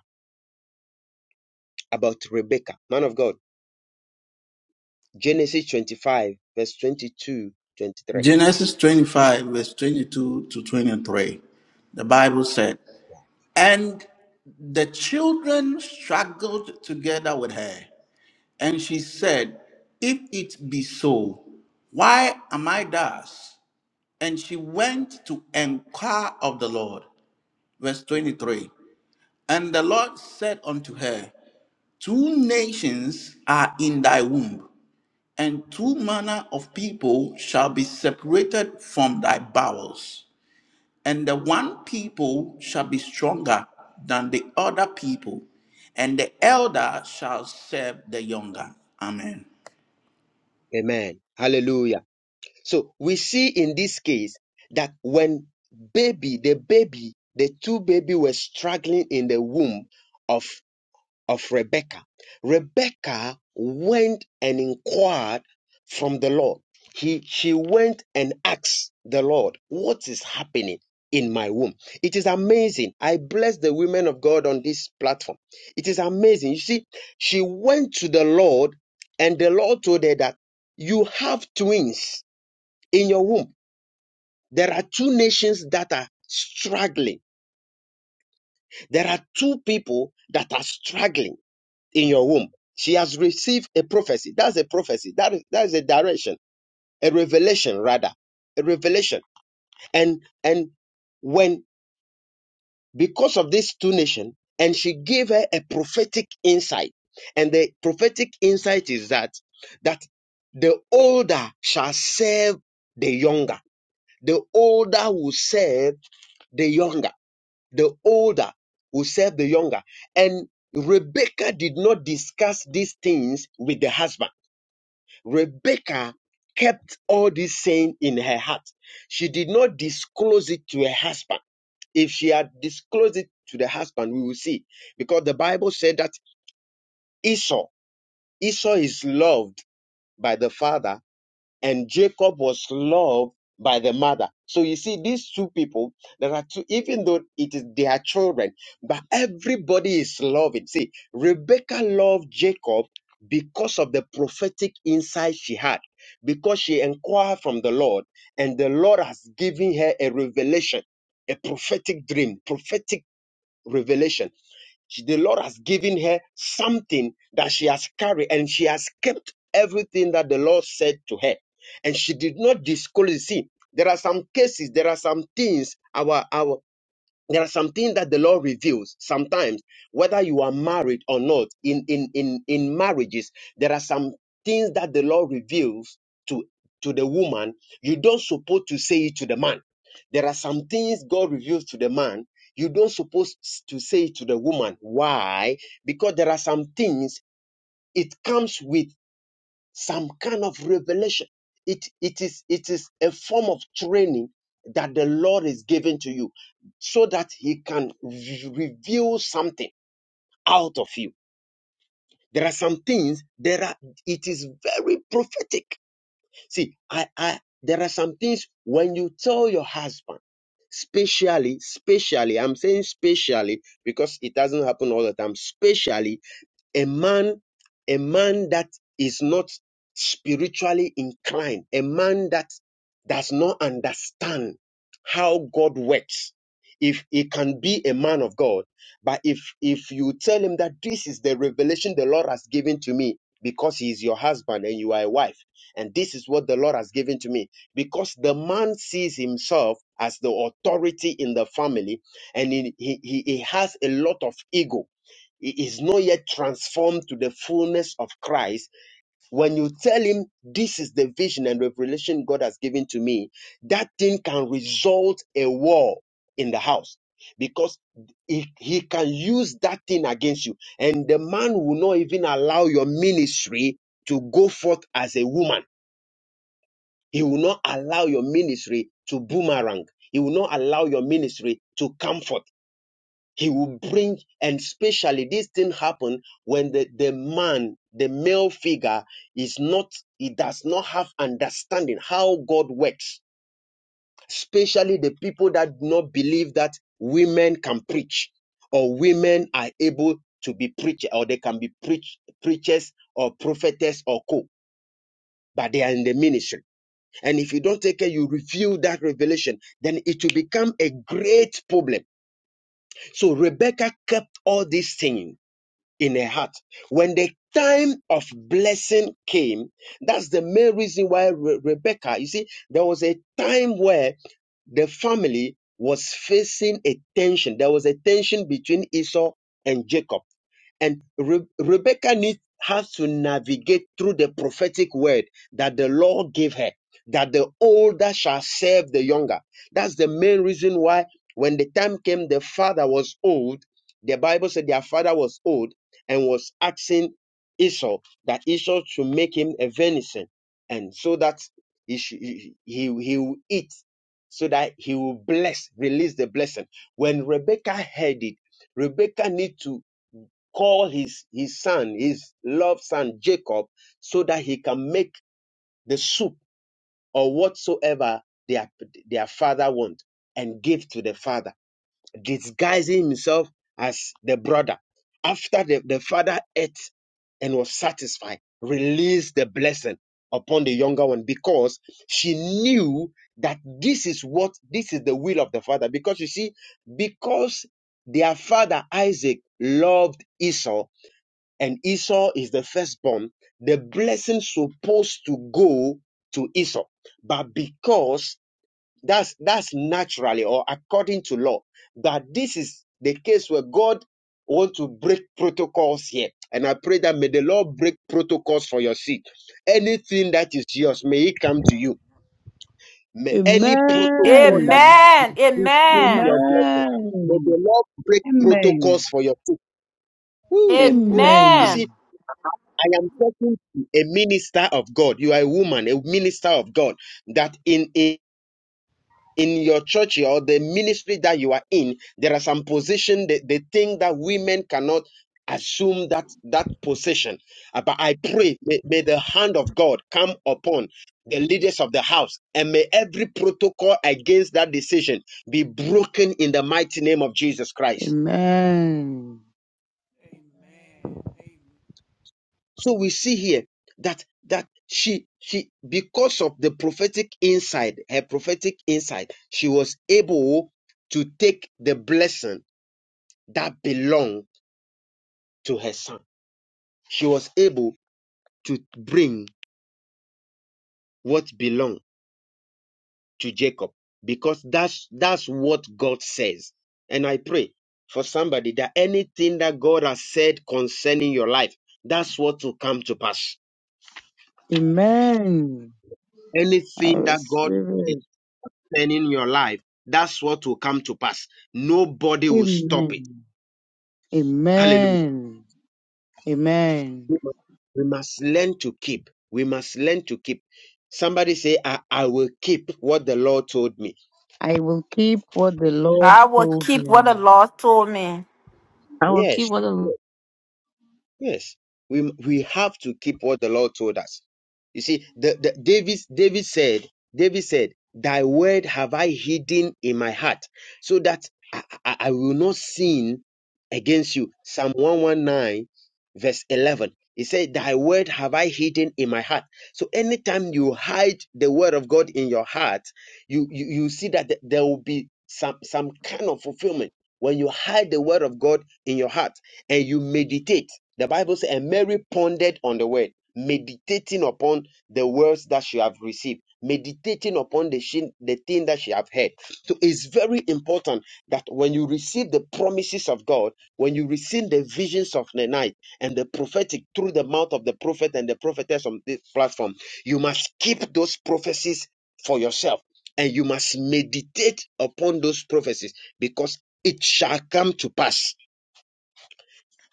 S6: about Rebecca, man of God, Genesis 25, verse twenty-two, twenty-three.
S1: Genesis 25, verse 22 to 23. The Bible said, And the children struggled together with her, and she said, If it be so, why am I thus? And she went to inquire of the Lord. Verse 23. And the Lord said unto her, Two nations are in thy womb, and two manner of people shall be separated from thy bowels. And the one people shall be stronger than the other people, and the elder shall serve the younger. Amen.
S6: Amen. Hallelujah. So we see in this case that when baby, the baby, the two baby were struggling in the womb of of Rebecca. Rebecca went and inquired from the Lord. He, she went and asked the Lord, What is happening in my womb? It is amazing. I bless the women of God on this platform. It is amazing. You see, she went to the Lord, and the Lord told her that you have twins in your womb. There are two nations that are struggling, there are two people that are struggling in your womb. She has received a prophecy. That's a prophecy. That is, that is a direction, a revelation rather, a revelation. And and when because of this two nation, and she gave her a prophetic insight, and the prophetic insight is that that the older shall serve the younger. The older will serve the younger. The older will serve the younger. And Rebecca did not discuss these things with the husband. Rebecca kept all this saying in her heart. She did not disclose it to her husband. If she had disclosed it to the husband, we will see. Because the Bible said that Esau, Esau is loved by the father and Jacob was loved by the mother. So you see, these two people, there are two, even though it is their children, but everybody is loving. See, Rebecca loved Jacob because of the prophetic insight she had, because she inquired from the Lord, and the Lord has given her a revelation, a prophetic dream, prophetic revelation. She- the Lord has given her something that she has carried and she has kept everything that the Lord said to her. And she did not disclose. You See, there are some cases, there are some things. Our our there are some things that the Lord reveals sometimes whether you are married or not in in in in marriages there are some things that the Lord reveals to to the woman you don't supposed to say it to the man there are some things god reveals to the man you don't supposed to say it to the woman why because there are some things it comes with some kind of revelation. It, it, is, it is a form of training that the Lord is giving to you so that He can re- reveal something out of you. There are some things there are it is very prophetic. See, I, I there are some things when you tell your husband, specially, specially, I'm saying specially because it doesn't happen all the time, spatially, a man a man that is not spiritually inclined a man that does not understand how god works if he can be a man of god but if if you tell him that this is the revelation the lord has given to me because he is your husband and you are a wife and this is what the lord has given to me because the man sees himself as the authority in the family and he, he, he he has a lot of ego he is not yet transformed to the fullness of Christ. When you tell him, This is the vision and revelation God has given to me, that thing can result a war in the house because he, he can use that thing against you. And the man will not even allow your ministry to go forth as a woman. He will not allow your ministry to boomerang. He will not allow your ministry to comfort. He will bring, and especially this thing happen when the, the man, the male figure is not, he does not have understanding how God works, especially the people that do not believe that women can preach or women are able to be preacher or they can be preach, preachers or prophetess or co, but they are in the ministry. And if you don't take care, you reveal that revelation, then it will become a great problem. So Rebecca kept all these things in her heart. When the time of blessing came, that's the main reason why Re- Rebecca, you see, there was a time where the family was facing a tension. There was a tension between Esau and Jacob. And Re- Rebecca needs has to navigate through the prophetic word that the Lord gave her, that the older shall serve the younger. That's the main reason why when the time came, the father was old. The Bible said their father was old and was asking Esau that Esau should make him a venison, and so that he should, he, he he will eat, so that he will bless, release the blessing. When Rebecca heard it, Rebecca need to called his, his son, his loved son Jacob, so that he can make the soup or whatsoever their, their father want and give to the father, disguising himself as the brother. After the, the father ate and was satisfied, released the blessing upon the younger one because she knew that this is what this is the will of the father. Because you see, because their father Isaac loved Esau and Esau is the firstborn, the blessing supposed to go to Esau. But because that's that's naturally or according to law, but this is the case where God want to break protocols here. And I pray that may the Lord break protocols for your seed. Anything that is yours, may it come to you. May any protocol that is
S9: Amen.
S4: Amen.
S6: restricting
S9: Amen.
S6: your blessing, may the
S4: Amen.
S6: Lord break
S4: Amen.
S6: protocols for your seed. Woo, woo. You see,
S9: Amen.
S4: Amen.
S6: I am talking to a minister of God. You are a woman, a minister of God. That in in, in your church or the ministry that you are in, there are some position that they think that women cannot assume that that position. Uh, But I pray may, may the hand of God come upon the leaders of the house and may every protocol against that decision be broken in the mighty name of Jesus Christ.
S4: Amen.
S2: Amen.
S6: So we see here that that she she because of the prophetic insight, her prophetic insight, she was able to take the blessing that belonged to her son. She was able to bring what belonged to Jacob because that's that's what God says. And I pray for somebody that anything that God has said concerning your life, that's what will come to pass.
S4: Amen. I
S6: Anything that God
S4: receive it.
S6: concerning your life, that's what will come to pass. Nobody will stop it.
S4: Amen.
S6: Hallelujah.
S4: Amen. Amen.
S6: We must learn to keep. We must learn to keep. Somebody say, I, I will keep what the Lord told me.
S4: I will keep what the Lord
S9: I will
S4: told
S9: keep what the
S4: me.
S9: Lord told me.
S7: I will
S6: Yes.
S7: keep what the Lord
S6: Yes, we we have to keep what the Lord told us. You see, the, the David David said, David said, "Thy word have I hidden in my heart, so that I, I, I will not sin against you." Psalm one one nine, verse eleven. He said, "Thy word have I hidden in my heart." So anytime you hide the word of God in your heart, you you, you see that th- there will be some some kind of fulfillment when you hide the word of God in your heart and you meditate. The Bible says, and Mary pondered on the word, meditating upon the words that she have received, meditating upon the, shin, the thing that she have heard. So it's very important that when you receive the promises of God, when you receive the visions of the night and the prophetic through the mouth of the prophet and the prophetess on this platform, you must keep those prophecies for yourself and you must meditate upon those prophecies because it shall come to pass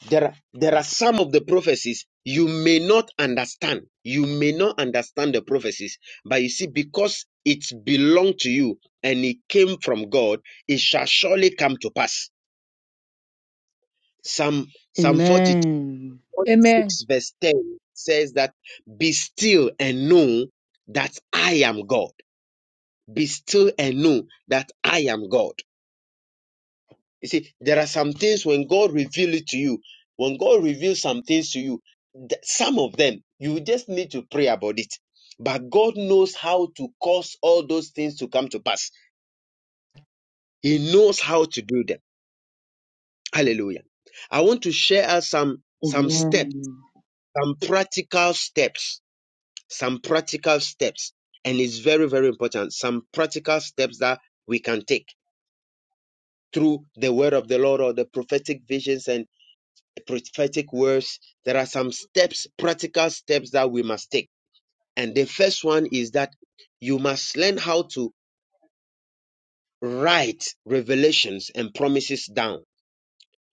S6: there, are- there are some of the prophecies you may not understand. You may not understand the prophecies, but you see, because it belonged to you and it came from God, it shall surely come to pass. Psalm, Psalm 46,
S4: Amen.
S5: Amen.
S6: verse 10 says that, Be still and know that I am God. Be still and know that I am God. You see, there are some things when God reveals it to you, when God reveals some things to you, th- some of them, you just need to pray about it. But God knows how to cause all those things to come to pass. He knows how to do them. Hallelujah. I want to share us some, some steps,
S4: Amen.
S6: some practical steps, some practical steps. And it's very, very important. Some practical steps that we can take through the word of the Lord or the prophetic visions and. prophetic words, there are some steps, practical steps that we must take. And the first one is that you must learn how to write revelations and promises down.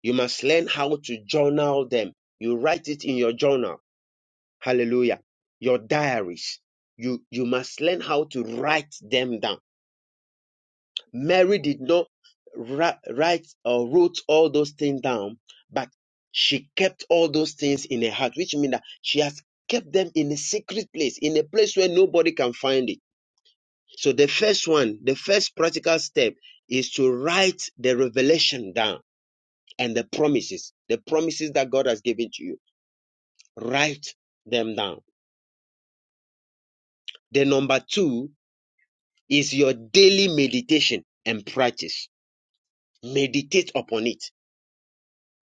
S6: You must learn how to journal them. You write it in your journal. Hallelujah. Your diaries. You, you must learn how to write them down Mary did not write, or wrote all those things down, but she kept all those things in her heart, which means that she has kept them in a secret place, in a place where nobody can find it. So the first one, the first practical step is to write the revelation down and the promises, the promises that God has given to you. Write them down. The number two is your daily meditation and practice. Meditate upon it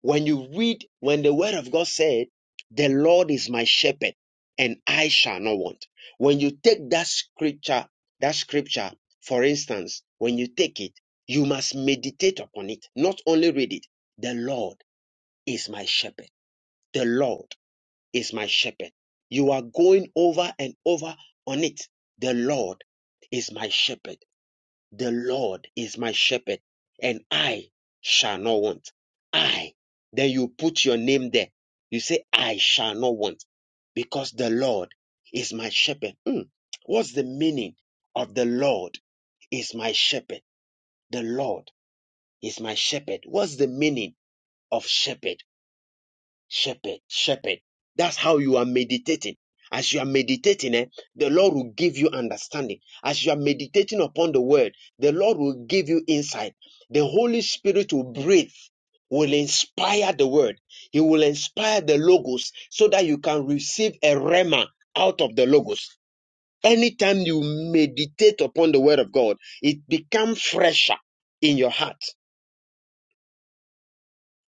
S6: When you read, when the word of God said, The Lord is my shepherd, and I shall not want. When you take that scripture, that scripture, for instance, when you take it, you must meditate upon it, not only read it. The Lord is my shepherd. The Lord is my shepherd. You are going over and over on it. The Lord is my shepherd. The Lord is my shepherd, and I shall not want. I. Then you put your name there. You say, I shall not want, because the Lord is my shepherd. Mm. What's the meaning of the Lord is my shepherd? The Lord is my shepherd. What's the meaning of shepherd? shepherd, shepherd. That's how you are meditating. As you are meditating, eh, the Lord will give you understanding. As you are meditating upon the word, the Lord will give you insight. The Holy Spirit will breathe, will inspire the word. He will inspire the logos so that you can receive a rhema out of the logos. Anytime you meditate upon the word of God, it becomes fresher in your heart.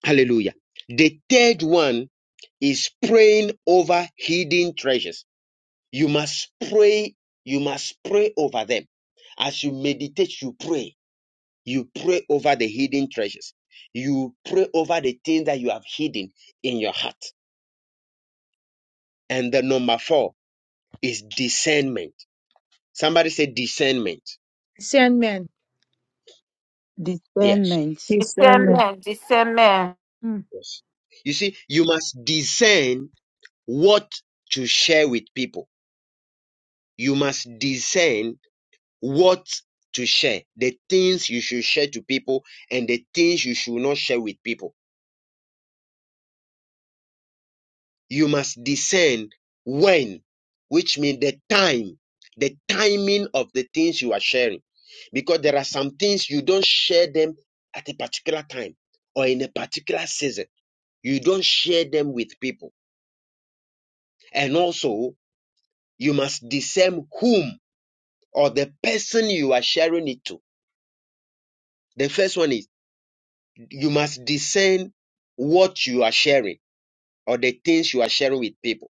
S6: Hallelujah. The third one is praying over hidden treasures. You must pray, you must pray over them. As you meditate, you pray. You pray over the hidden treasures. You pray over the things that you have hidden in your heart. And the number four is discernment. Somebody say discernment.
S5: Sandman.
S6: Yes.
S4: Discernment.
S7: has sent
S6: Yes.
S7: me.
S9: Amen. Amen.
S5: Mm.
S6: yes. You see, you must discern what to share with people. You must discern what to share, the things you should share to people, and the things you should not share with people. You must discern when, which means the time, the timing of the things you are sharing. Because there are some things you don't share them at a particular time or in a particular season. You don't share them with people. And also, you must discern whom or the person you are sharing it to. The first one is you must discern what you are sharing or the things you are sharing with people.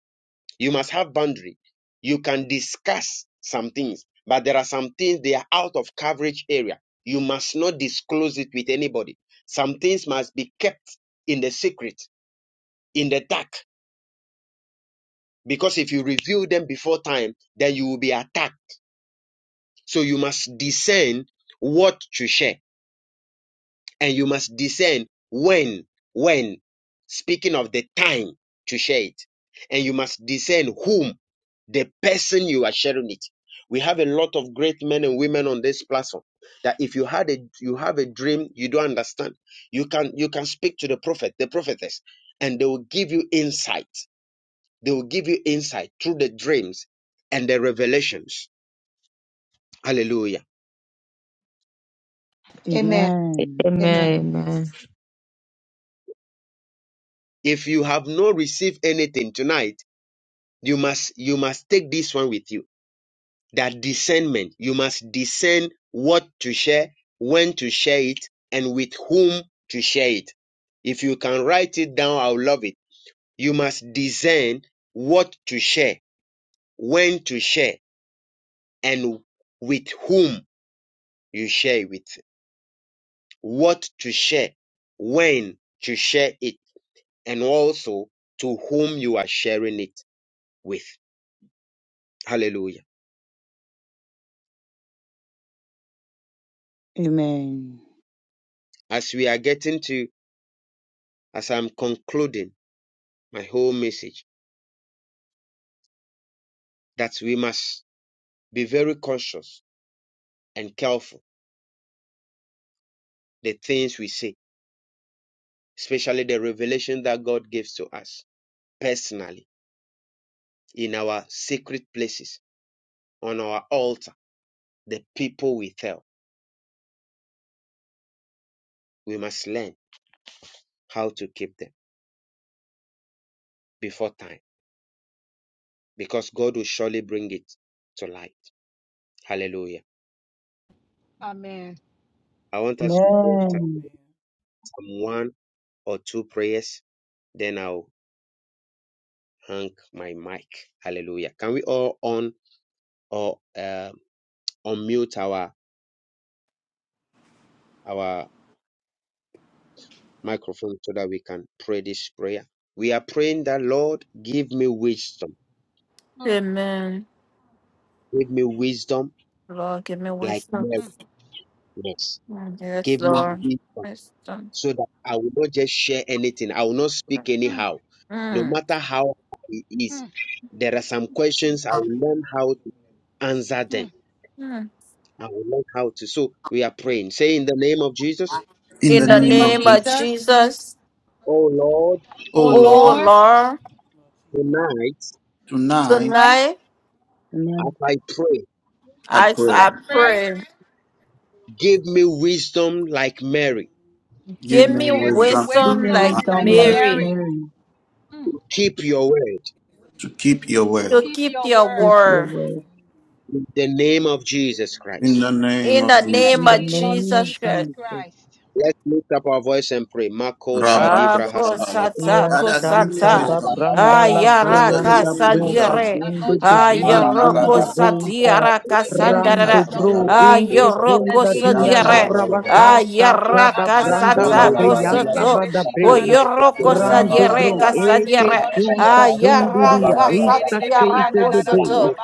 S6: You must have boundary. You can discuss some things, but there are some things they are out of coverage area. You must not disclose it with anybody. Some things must be kept in the secret, in the dark, because if you reveal them before time, then you will be attacked. So you must discern what to share and you must discern when, when, speaking of the time to share it, and you must discern whom, the person you are sharing it. We have a lot of great men and women on this platform that if you had a you have a dream you don't understand, you can you can speak to the prophet, the prophetess, and they will give you insight. They will give you insight through the dreams and the revelations. Hallelujah.
S5: Amen.
S4: Amen.
S5: Amen.
S7: Amen.
S6: If you have not received anything tonight, you must you must take this one with you that discernment. You must discern what to share, when to share it, and with whom to share it. If you can write it down, I'll love it. You must discern what to share, when to share, and with whom you share it with. What to share, when to share it, and also to whom you are sharing it with. Hallelujah.
S4: Amen.
S6: As we are getting to, as I'm concluding my whole message, that we must be very conscious and careful the things we say, especially the revelation that God gives to us personally in our secret places, on our altar, the people we tell. We must learn how to keep them before time because God will surely bring it to light. Hallelujah.
S5: Amen.
S6: I want
S2: Amen.
S6: us
S2: Lord,
S6: to pray some
S4: Amen.
S6: one or two prayers, then I'll hang my mic. Hallelujah. Can we all on or uh, unmute our our microphone so that we can pray this prayer. We are praying that, Lord, give me wisdom.
S5: Mm,
S9: Amen.
S6: Give me wisdom
S9: Lord, give me
S6: like
S9: wisdom.
S6: Mary.
S5: mm,
S6: Yes.
S9: Mm, Yes,
S6: Give me
S9: Lord.
S6: wisdom
S9: Wisdom.
S6: so that I will not just share anything. I will not speak
S5: mm,
S6: anyhow. No
S9: Mm.
S6: matter how it is,
S5: mm,
S6: there are some questions I will learn how
S2: give
S6: to
S2: me
S6: answer them.
S5: mm.
S9: Mm.
S6: I will learn how to. So we are praying. Say in the name of Jesus,
S1: In
S5: In
S1: the
S9: In
S5: the
S9: the
S1: name
S5: name of
S1: of
S9: name of
S1: Jesus.
S5: Jesus.
S9: Jesus,
S6: Oh Lord,
S5: Oh
S1: Oh
S9: oh
S1: Lord,
S5: Lord,
S2: hallelujah,
S9: Lord,
S2: my Jesus.
S6: tonight
S1: tonight
S5: right?
S9: tonight
S4: Amen.
S6: as I pray,
S1: I
S2: I
S9: I,
S1: pray,
S5: I
S9: I
S5: pray
S2: pray.
S9: pray,
S6: give me wisdom like Mary.
S1: give
S9: give me
S1: me
S5: Give me
S4: Give
S1: wisdom
S9: wisdom
S4: me
S9: like
S2: Give
S5: wisdom
S1: and
S2: me
S5: like
S4: wisdom like
S2: wisdom
S1: knowledge
S9: Mary
S5: Mary
S4: Mary.
S5: mm,
S6: Keep your word.
S2: like
S1: to keep
S2: you.
S1: your
S5: to
S1: word.
S9: to
S5: keep
S9: keep
S5: your
S9: your
S4: Keep
S5: word
S4: your
S9: word.
S4: word.
S6: the name of
S2: Give
S6: Jesus
S2: her
S1: In
S6: Christ.
S1: the
S2: in the name
S1: name
S9: In
S1: of
S9: the
S5: in
S2: of
S5: the
S1: Jesus.
S9: name
S4: In the
S9: of
S5: name of
S4: name of
S9: Jesus,
S5: Jesus
S4: Jesus.
S5: Christ.
S6: Let's lift up our voice and pray. Mako
S1: Rabba,
S9: Ah,
S6: Shadivra
S1: rabba, rabba, rabba.
S5: Father,
S9: kosata
S4: Iya
S5: in the
S1: Father, give me
S5: mighty
S4: Santa
S5: name
S9: kusata.
S4: da
S5: of
S1: wisdom.
S5: Jesus,
S4: Branda
S5: oh
S4: la
S5: God, we
S9: Ayara
S1: Father,
S5: pray,
S1: give
S4: Bayanda
S5: oh
S1: me
S5: God.
S4: Brota
S1: wisdom.
S9: kasadire.
S5: And Lord,
S4: Gende
S5: you
S4: de
S5: will give me
S4: Brie
S1: Ranna
S9: Ayoro
S5: wisdom,
S4: Gende
S1: labala.
S5: oh God.
S4: Bosa
S9: kusadiara
S5: You will give me
S1: Yanta
S4: Rando
S9: kasandara.
S5: wisdom, oh
S4: Bro
S1: labalaba.
S5: God.
S4: Inte
S5: In
S9: Ayoro
S5: the
S4: Kunda
S5: name of
S4: Dia
S1: Yanta
S9: kusadire.
S5: Jesus,
S4: Labra
S5: oh
S1: labalaba.
S5: God.
S4: Basasa
S9: Ayara
S5: Ah,
S4: da Branda la
S9: kasata
S1: Abalabalaba.
S4: Brianta
S9: kosoto,
S4: Bada brie.
S9: Oyoro
S4: Rando
S9: kusadire
S5: In
S4: Bro
S5: the
S1: Rabalabalaba.
S5: mighty
S4: Ete
S5: name
S9: kasadire.
S5: of
S4: Sunta
S5: Jesus, oh God.
S9: Ayara
S4: Dundiria
S1: Rabalabalaba.
S4: Ita
S9: kasatiara
S4: Sunte de De
S9: kusoto.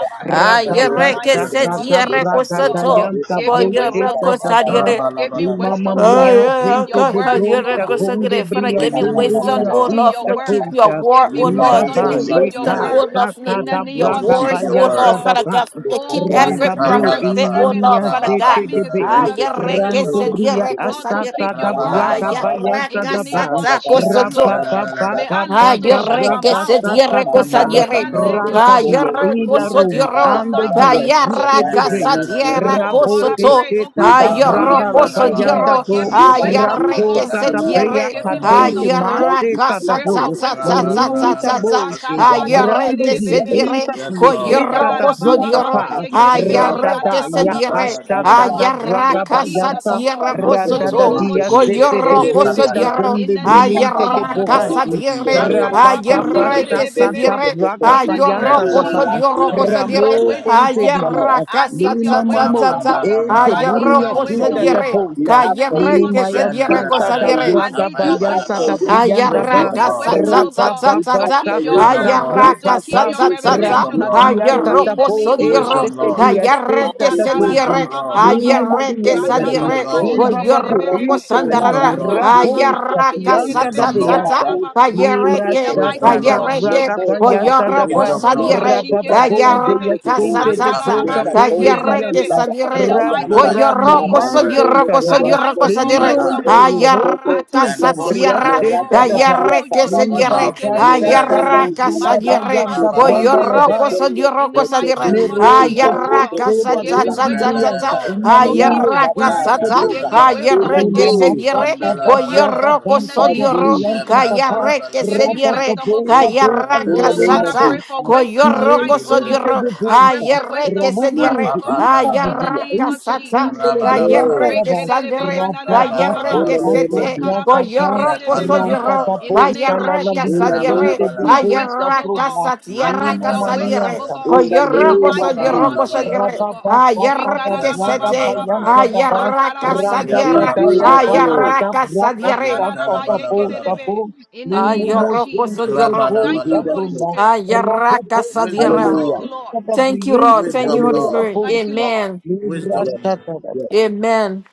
S5: In the
S9: Ayere
S5: mighty
S4: Rababasa
S5: name of
S4: da
S1: Randalabalabalaba.
S9: kesetire
S5: Jesus, oh
S4: Braga
S5: God.
S9: kosoto,
S4: Dayanta
S5: Give me
S4: Bro
S9: Koyoro
S5: wisdom, oh God.
S4: ba.
S9: kusadire.
S5: Give
S4: Mi
S5: me
S1: Rabalabalaba.
S4: mamma
S5: wisdom, oh
S9: Oh
S4: mia,
S5: God, to
S9: yeah,
S5: keep
S9: oh
S4: gente
S5: your
S9: God,
S4: de
S9: oh,
S5: word, oh
S9: you're a
S4: bruxa,
S5: God.
S4: gonde
S9: consecrated.
S5: Give me
S9: Father,
S4: bria,
S9: give
S1: Give
S9: me
S1: me
S5: wisdom, oh God,
S9: wisdom,
S1: wisdom,
S4: gondoria,
S5: to
S9: oh
S1: Lord.
S5: keep
S9: Lord,
S5: your
S4: esta
S9: to keep
S5: word.
S9: your
S4: coisa.
S5: Give
S9: word,
S5: me
S9: oh
S1: Give
S4: Mi
S1: me
S9: Lord.
S5: wisdom
S9: Give
S4: baba,
S5: to
S9: me
S1: wisdom
S5: keep
S1: like
S5: your
S4: yeka,
S9: wisdom,
S1: Mary
S5: word.
S9: oh Lord,
S4: shaka
S9: to
S5: In the
S4: da
S9: keep
S5: name
S9: your
S1: to
S5: of
S4: braga,
S1: keep
S9: words,
S1: your
S9: oh
S5: Jesus, oh
S4: bayasha
S1: word.
S9: Lord,
S4: da
S5: God.
S9: Father
S4: ba.
S9: God, from to keep
S5: Oh God, the
S9: every
S4: Randa bro,
S5: spirit of
S9: prophet, oh
S1: Yimpandalaba.
S5: discernment, oh
S4: inimia,
S9: Lord,
S5: God.
S9: Father God.
S4: zete
S5: Give me
S4: de
S5: the
S4: be.
S1: Rababandalaba.
S9: Ah,
S5: spirit of
S9: you're a
S5: discernment, oh
S4: Rando
S5: God.
S9: consecrated,
S1: Kapayabalaba.
S9: you're
S4: bria,
S9: a
S5: Lord, to
S9: consecrated.
S4: asata
S5: keep
S4: da
S5: your word,
S9: Ah,
S5: oh
S4: braga,
S1: Rabalabalaba.
S5: God.
S9: you're a
S4: bayasha
S5: In the
S4: da ba.
S5: name of Jesus, oh
S9: consecrated.
S5: God. May
S1: Yantalabalaba.
S5: I
S9: Ah,
S5: learn to
S9: yo
S5: shut
S9: re
S5: my
S9: que
S5: mouth,
S9: se
S5: oh God.
S9: dierre
S1: Give me
S9: cosa
S4: Rabababakasadabrakasatadaba.
S5: May I
S9: dierre.
S1: wisdom,
S5: learn
S1: Lord.
S5: to
S4: Ranta
S9: Ah,
S5: shut
S9: yo
S5: my
S4: dia,
S9: re
S5: mouth, oh
S4: ila
S5: God.
S9: coso
S4: Roma,
S5: In the
S9: dierro.
S1: Epa
S4: ando
S5: mighty
S9: Ah,
S4: dia,
S5: name
S9: ya
S5: of
S1: kapandus
S4: juste
S9: ra
S5: Jesus,
S4: de
S5: oh
S9: casa
S5: God.
S4: bre,
S1: mebendelebe.
S9: dierra
S5: Oh
S4: rabo
S5: God,
S9: coso
S5: I
S9: to.
S5: pray, oh
S4: keseta
S5: God,
S6: Give
S9: Ah,
S4: da
S6: us
S5: that you
S9: yo
S5: will
S9: ro
S4: branda
S5: give
S4: la
S6: wisdom,
S5: me,
S9: coso
S6: O
S1: Rababandalaba
S5: you
S6: God.
S4: bayanda
S5: will
S9: dierro.
S4: bro,
S5: give me
S6: Give
S9: Ah,
S6: us
S9: ya
S5: wisdom, oh
S1: kapandibriyapan
S9: que
S6: wisdom
S5: God.
S4: razota
S9: se
S6: to
S4: da
S5: You
S1: dalaba
S6: learn,
S5: will
S4: brea
S9: dierre.
S5: give me
S6: to
S9: Ah,
S6: know
S1: kapayabalaba.
S4: katente
S5: wisdom, oh
S9: ya
S5: God.
S6: when to
S5: I
S4: maseta
S6: take
S4: da
S9: casa
S5: pray
S4: bro,
S6: and
S9: ta
S5: for
S9: ta
S6: when
S5: wisdom,
S9: ta
S5: oh
S6: to
S9: ta ta
S5: God.
S6: take
S4: murunta
S9: ta ta.
S4: boche,
S1: Rabandalabalabalaba.
S9: Ah,
S6: Whatever
S9: ya
S4: brando
S9: que
S6: we
S9: se
S4: dia,
S6: do,
S5: Makarabashekerebe,
S9: dierre.
S4: enta
S1: Yes,
S4: tia,
S9: Co yo
S1: Lord.
S6: Let
S4: seta
S6: us
S5: Rikala
S4: da
S5: la
S6: be
S4: bro
S5: ba
S9: coso
S6: able
S5: ba ba
S6: to
S4: kapa,
S5: ba
S9: dierro.
S6: have.
S5: ye
S1: Yes,
S9: Ah,
S5: kerebe
S9: ya
S6: Rather
S1: Lord.
S6: than
S4: radada
S5: shikala
S9: que
S5: la ba
S9: se
S4: ya
S6: standing at
S5: ba ba.
S6: the
S9: dierre.
S1: Father, give
S5: In
S6: side,
S4: kastata
S5: the
S9: Ah,
S1: me
S4: da
S9: ya
S5: mighty
S1: wisdom.
S5: name
S4: braga
S5: of
S6: let us
S9: casa
S5: Jesus,
S4: bayanta,
S5: oh God.
S9: tierra
S6: Santo
S1: Mandi
S9: coso
S4: Randa da
S9: to.
S5: Morolo bo
S6: Espíritu,
S4: dia
S1: makus
S6: el
S4: zete de
S5: shikerebe
S9: Coyorro,
S6: Cobro que
S9: cosa
S5: bebe.
S4: bolsa
S6: se
S1: ikavada.
S9: dierro,
S5: In
S4: gonde
S5: the
S6: me
S5: name of
S4: brilhante
S6: sacaba,
S4: de
S9: ayerra,
S5: Jesus, oh
S1: Manda
S6: Santo
S9: casa
S5: God.
S4: borrante.
S9: dierre,
S6: Espíritu,
S5: Rakala
S1: ibandus
S5: la ba
S6: the
S4: Rabababa
S6: Hebrew
S9: ayerre,
S1: sandalaba.
S9: que
S4: shaka
S5: sekerebe
S9: se
S6: adventure
S4: da
S5: bebe.
S6: to
S9: dierre,
S6: take
S4: braga
S5: In
S6: away
S5: the name
S4: payanta
S5: of
S9: ayorro,
S4: da
S6: everyone
S4: ba.
S9: coso
S5: Jesus,
S6: last
S1: Rebalaba
S5: oh
S9: dierro,
S6: week
S5: God,
S9: cosa
S4: Ramo
S5: your
S9: dierre,
S1: kapandelebe.
S5: wisdom,
S4: conte
S5: oh
S6: of
S4: di
S6: the
S5: God,
S6: Lord.
S4: dia.
S9: ayerra,
S5: I
S6: Now
S9: casa,
S5: need
S4: Lima
S5: your
S9: cha, cha,
S5: wisdom,
S9: cha,
S5: oh
S4: mamozi
S9: cha,
S5: God,
S4: ente
S1: Rabandalaba
S5: I
S6: we
S5: need
S9: ayerro,
S4: luria
S5: your
S9: cosa
S6: for
S4: zita
S5: wisdom, oh
S4: da
S5: God,
S9: dierre,
S1: kapandilibriyapa.
S6: we
S4: bolsa.
S5: in
S6: ask
S5: the
S6: for
S5: name
S9: cayerre,
S6: wisdom,
S5: of
S4: Lima
S9: que se
S4: ya
S5: Jesus, oh
S9: dierre,
S4: santa
S5: God,
S9: cosa
S4: da
S6: for
S9: dierre,
S1: Randalabalaba,
S5: I
S4: braga
S6: wisdom,
S5: need
S6: we
S5: your
S6: ask
S4: bayanta
S5: wisdom,
S6: for
S4: da
S5: oh
S1: apayabalaba.
S5: God,
S6: wisdom,
S4: brianda
S6: we
S4: ba.
S5: give
S1: Wisdom,
S5: me
S9: Ayaraka
S6: ask
S1: Lord.
S9: sa
S6: for
S5: wisdom,
S9: sa
S5: oh
S9: sa
S6: wisdom,
S5: God,
S9: sa
S6: we
S9: sa
S4: Rabababa
S5: to
S6: ask
S9: sa.
S5: keep
S6: for
S5: your
S4: shaka
S6: wisdom,
S4: da
S1: Wisdom,
S5: word,
S6: we
S1: Lord.
S5: to
S4: braga
S9: Ayaraka
S6: ask
S5: keep
S9: sa
S4: ba.
S6: for
S5: your
S9: sa
S6: wisdom,
S9: sa sa.
S5: revelation,
S6: we
S1: Wisdom,
S5: oh
S6: ask
S5: God,
S1: Lord.
S6: for
S4: Rampadianta da
S5: in
S6: wisdom,
S5: the
S9: Ayaroko
S4: bo
S5: name
S6: we
S5: of
S4: e
S9: sodiro.
S6: ask
S1: Wisdom,
S4: sete
S6: for
S5: Jesus, oh
S1: Lord.
S4: dia
S5: God.
S6: wisdom. Now
S4: senta
S9: Ayareke
S6: we
S4: da
S6: is
S4: bozi.
S1: Wisdom,
S9: sedire.
S1: Lord.
S5: Bakarababababa,
S4: Limo
S6: Mosaba,
S9: Ayareke
S4: lianta
S6: celebrate the
S1: Wisdom,
S9: sadire.
S4: Di
S1: Lord.
S6: Jehovah.
S4: bababu
S9: Boyoroko
S6: Romo
S5: rakarabashikelebebebe,
S4: inte
S6: Corrada,
S4: kuli
S1: Wisdom,
S9: sandarara.
S6: the
S1: Lord.
S4: rabo
S5: rakarabababa,
S9: Ayaraka
S6: Hebrew
S4: sapianta
S9: sa
S4: da
S9: sa
S1: Wisdom,
S6: me
S9: sa
S6: la
S1: Lord.
S9: sa.
S4: beyanta.
S6: pulsa a
S5: yekelebeshikarabababa.
S4: ni
S6: ti
S5: In the
S9: Ayareke.
S4: mrasata
S5: mighty
S1: Wisdom,
S6: represente,
S5: name
S4: da
S5: of
S1: Lord.
S6: me
S4: braga
S9: Ayareke.
S5: Jesus, oh
S6: pulsa a
S5: God.
S4: bayanta
S6: ti,
S4: da
S9: Boyoroko
S4: ba.
S1: Wisdom,
S6: me
S5: Mokorobo
S1: Lord.
S9: sadire.
S6: sabe hasta
S4: Rabababu de
S6: yo
S5: shikelebebebe,
S1: To
S9: Ayaraka sa
S4: yasinte
S6: represente,
S1: operate
S4: de
S9: sa
S1: as
S9: sa.
S6: me
S4: broga
S1: Mary
S4: ponde
S1: operated,
S6: saponta a ti
S9: Ayareke
S5: makarabasikelebebe.
S4: dianta.
S6: la
S5: In
S6: hasta
S9: sadire.
S5: the
S1: so
S4: Rabo
S1: that
S5: mighty
S9: Wo
S6: llanta,
S1: I
S5: name of
S1: can
S4: ramo
S1: keep
S9: yoroko
S6: marra
S1: your
S5: Jesus,
S9: so
S5: oh
S6: que
S1: word
S5: God,
S4: maso
S6: te le
S4: da
S9: yoroko
S4: da
S9: so
S5: I
S4: ba.
S5: thank
S9: yoroko
S6: reconozco,
S5: you
S9: so
S1: in
S5: for
S6: me
S1: my
S9: dire.
S4: Libron
S5: wisdom,
S1: heart
S4: del
S5: oh God.
S6: reconozco
S4: rumo
S6: sobre
S5: I
S9: Ayaraka
S6: este
S5: thank
S1: and
S4: postunta
S5: you
S9: sa
S5: for
S1: ponder
S6: me
S9: sierra.
S5: wisdom,
S1: and
S5: oh God.
S6: rata
S4: riasteta da
S1: meditate.
S4: ba.
S6: vacía
S9: Ayareke
S6: para
S9: se
S4: Ni
S5: Moyorobo
S9: dire.
S4: baba
S1: Marco
S6: me la
S5: shikelebebebe.
S4: da
S1: Serelebe,
S6: conoce
S9: Ayaraka
S6: la
S9: sa
S4: braga
S6: bra,
S9: dire.
S6: que
S4: bayanta
S9: Wo
S4: branda
S6: grande
S4: la ba.
S9: yoroko
S5: Bakararabasekerebebebe.
S9: so
S1: Rababandalabalaba,
S6: presente,
S5: In
S9: yoroko
S5: the
S6: le
S9: so
S6: que
S5: mighty
S9: dire.
S5: name of
S6: vive y
S4: Neronte
S5: Jesus, oh
S6: grande
S1: Yantalabalaba.
S5: God,
S9: Ayaraka sa
S4: proseba
S5: give
S9: cha
S5: me
S6: presente,
S9: cha
S4: dori
S9: cha
S5: wisdom,
S9: cha
S5: oh
S9: cha.
S4: brianta,
S5: God,
S1: Rebelebelebe,
S5: to
S6: allá
S5: keep
S4: inalilie
S5: your
S9: Ayaraka
S6: saca
S5: word.
S4: dite
S9: sa
S6: la
S4: de
S9: cha.
S5: Give
S6: vida,
S5: me
S4: posta,
S1: yentelebelebelebe,
S6: in
S5: wisdom,
S6: the
S5: oh
S4: lima
S9: Ayareke
S5: God,
S9: se
S6: name
S5: to
S9: dire.
S4: matata
S5: keep
S4: da
S5: your
S9: Wo
S5: word.
S4: braga
S1: mandelebelebelebe,
S9: yoroko
S5: In the
S4: danta
S9: so
S6: of
S4: da
S5: name of
S9: yoro.
S6: Jesus,
S4: brianta
S5: Jesus,
S4: da
S5: oh
S4: ba,
S5: God,
S9: Ayareke
S1: yependelebelebe,
S5: give
S9: se
S5: me
S4: rapa da
S9: dire.
S5: wisdom, oh
S4: boca
S5: God.
S4: de
S6: in
S9: Ayaraka
S6: the
S5: Oh
S4: aloro
S9: sa
S6: name
S5: God,
S6: of
S5: I
S4: mate,
S9: cha.
S1: intelebelebelebelebe,
S6: Jesus,
S5: pray for wisdom
S9: Koyoroko
S5: tonight, oh
S4: Niente
S5: God.
S9: sodioro,
S4: di
S1: mandelebelebelebe,
S5: I pray
S4: punta,
S5: for
S9: ayerre
S5: wisdom
S9: que se
S5: tonight,
S9: diere,
S5: oh
S4: Ramonusi,
S5: God, in the
S1: rapapandelebelebe,
S4: Infadizia,
S5: name
S9: ayarraca
S5: of
S4: Infa
S9: sata,
S5: Jesus, oh
S4: Cundele
S5: God.
S4: Brianta
S6: Oh.
S1: rabalabalaba,
S9: cayerre que
S4: Lava,
S9: sandere, ayerre
S5: Rekerebeyanadadababa.
S6: in
S9: que
S6: the
S1: rabalabalaba,
S9: se
S6: name of
S9: te,
S6: Jesus,
S4: Rabababababababa,
S9: koyoroko
S5: Makarabashikerebe.
S4: Ranta
S9: sodioro,
S4: da
S1: yependelebelebe,
S5: In the
S4: Bolsa,
S5: name
S4: la
S5: of
S9: ayerre
S4: la
S9: que
S6: in
S5: Jesus,
S6: the
S5: oh God.
S6: name
S9: sadiere,
S4: Vigente
S6: of
S4: di
S6: Jesus,
S5: Your
S1: rabalabalabalaba,
S4: Bolsa,
S5: wisdom, oh
S9: ayarraca
S4: Bruna,
S5: God. I
S9: satiera
S5: need
S4: Lima
S5: your wisdom,
S9: casadiere,
S5: oh
S4: Manianta,
S1: yependelebelebelebe,
S5: God.
S6: in the
S5: In the
S4: Mastrita
S9: koyoroko
S6: name of
S5: mighty
S4: Balava,
S5: name
S9: sodioro
S6: Jesus,
S5: of Jesus,
S1: rabalabalabalaba,
S9: cosadiere,
S5: oh God.
S9: ayerre que
S5: Rikalala
S9: se
S5: Baba,
S4: Rababababababa,
S9: te,
S5: Baba, ba.
S4: Bayanta
S1: yentelebelebelebe,
S4: Daba,
S9: ayerra
S5: Makalaba
S9: casa
S4: Randa da
S6: in
S9: diera
S5: yekerebe
S4: Daya,
S6: Jesus'
S5: shikalala
S1: yepelebelebelebe,
S4: Tata
S6: name,
S5: Baba,
S4: da
S9: ayarraca sadiera, ayarraca
S4: Brata,
S5: Makarabayekerebe
S9: sadiere,
S5: shikarababa.
S4: Santa da Bolsa,
S1: yentelebelebelebe,
S5: Rakarabayekerebe.
S4: Bruna,
S5: In the
S4: Limo
S5: name of
S1: that
S9: ayoroko
S4: Mosente
S5: Jesus.
S4: di
S6: in
S5: Thank you,
S6: Jesus'
S1: Rabalabalaba.
S5: Holy
S4: Bolsa,
S6: name.
S5: Spirit.
S4: Man,
S9: ayerra casa
S1: Wisdom,
S9: diera
S5: Thank
S6: Hallelujah,
S5: you,
S1: Lord.
S5: Lord.
S9: Thank you, Lord. Thank you,
S1: Wisdom,
S9: Holy
S6: hallelujah.
S1: Lord.
S9: Spirit.
S5: Thank you, Lord.
S9: Amen.
S1: Wisdom,
S6: Yes,
S1: Lord.
S6: yes.
S9: Amen.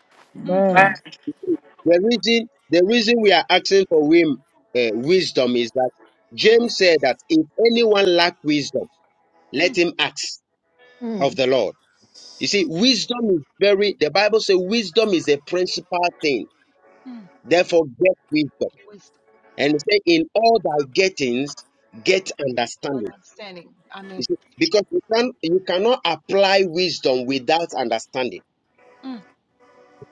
S5: Mm,
S6: The reason, the reason we are asking for him uh, wisdom is that James said that if anyone lack wisdom, let
S5: mm,
S6: him ask
S9: Hmm.
S6: of the Lord. You see, wisdom is very, the Bible says wisdom is a principal thing.
S5: mm.
S6: Therefore, get wisdom.
S5: Wisdom,
S6: And it say, in all thy gettings, get understanding.
S5: understanding.
S6: You
S5: Amen.
S6: see, Because you can you cannot apply wisdom without understanding.
S5: Mm,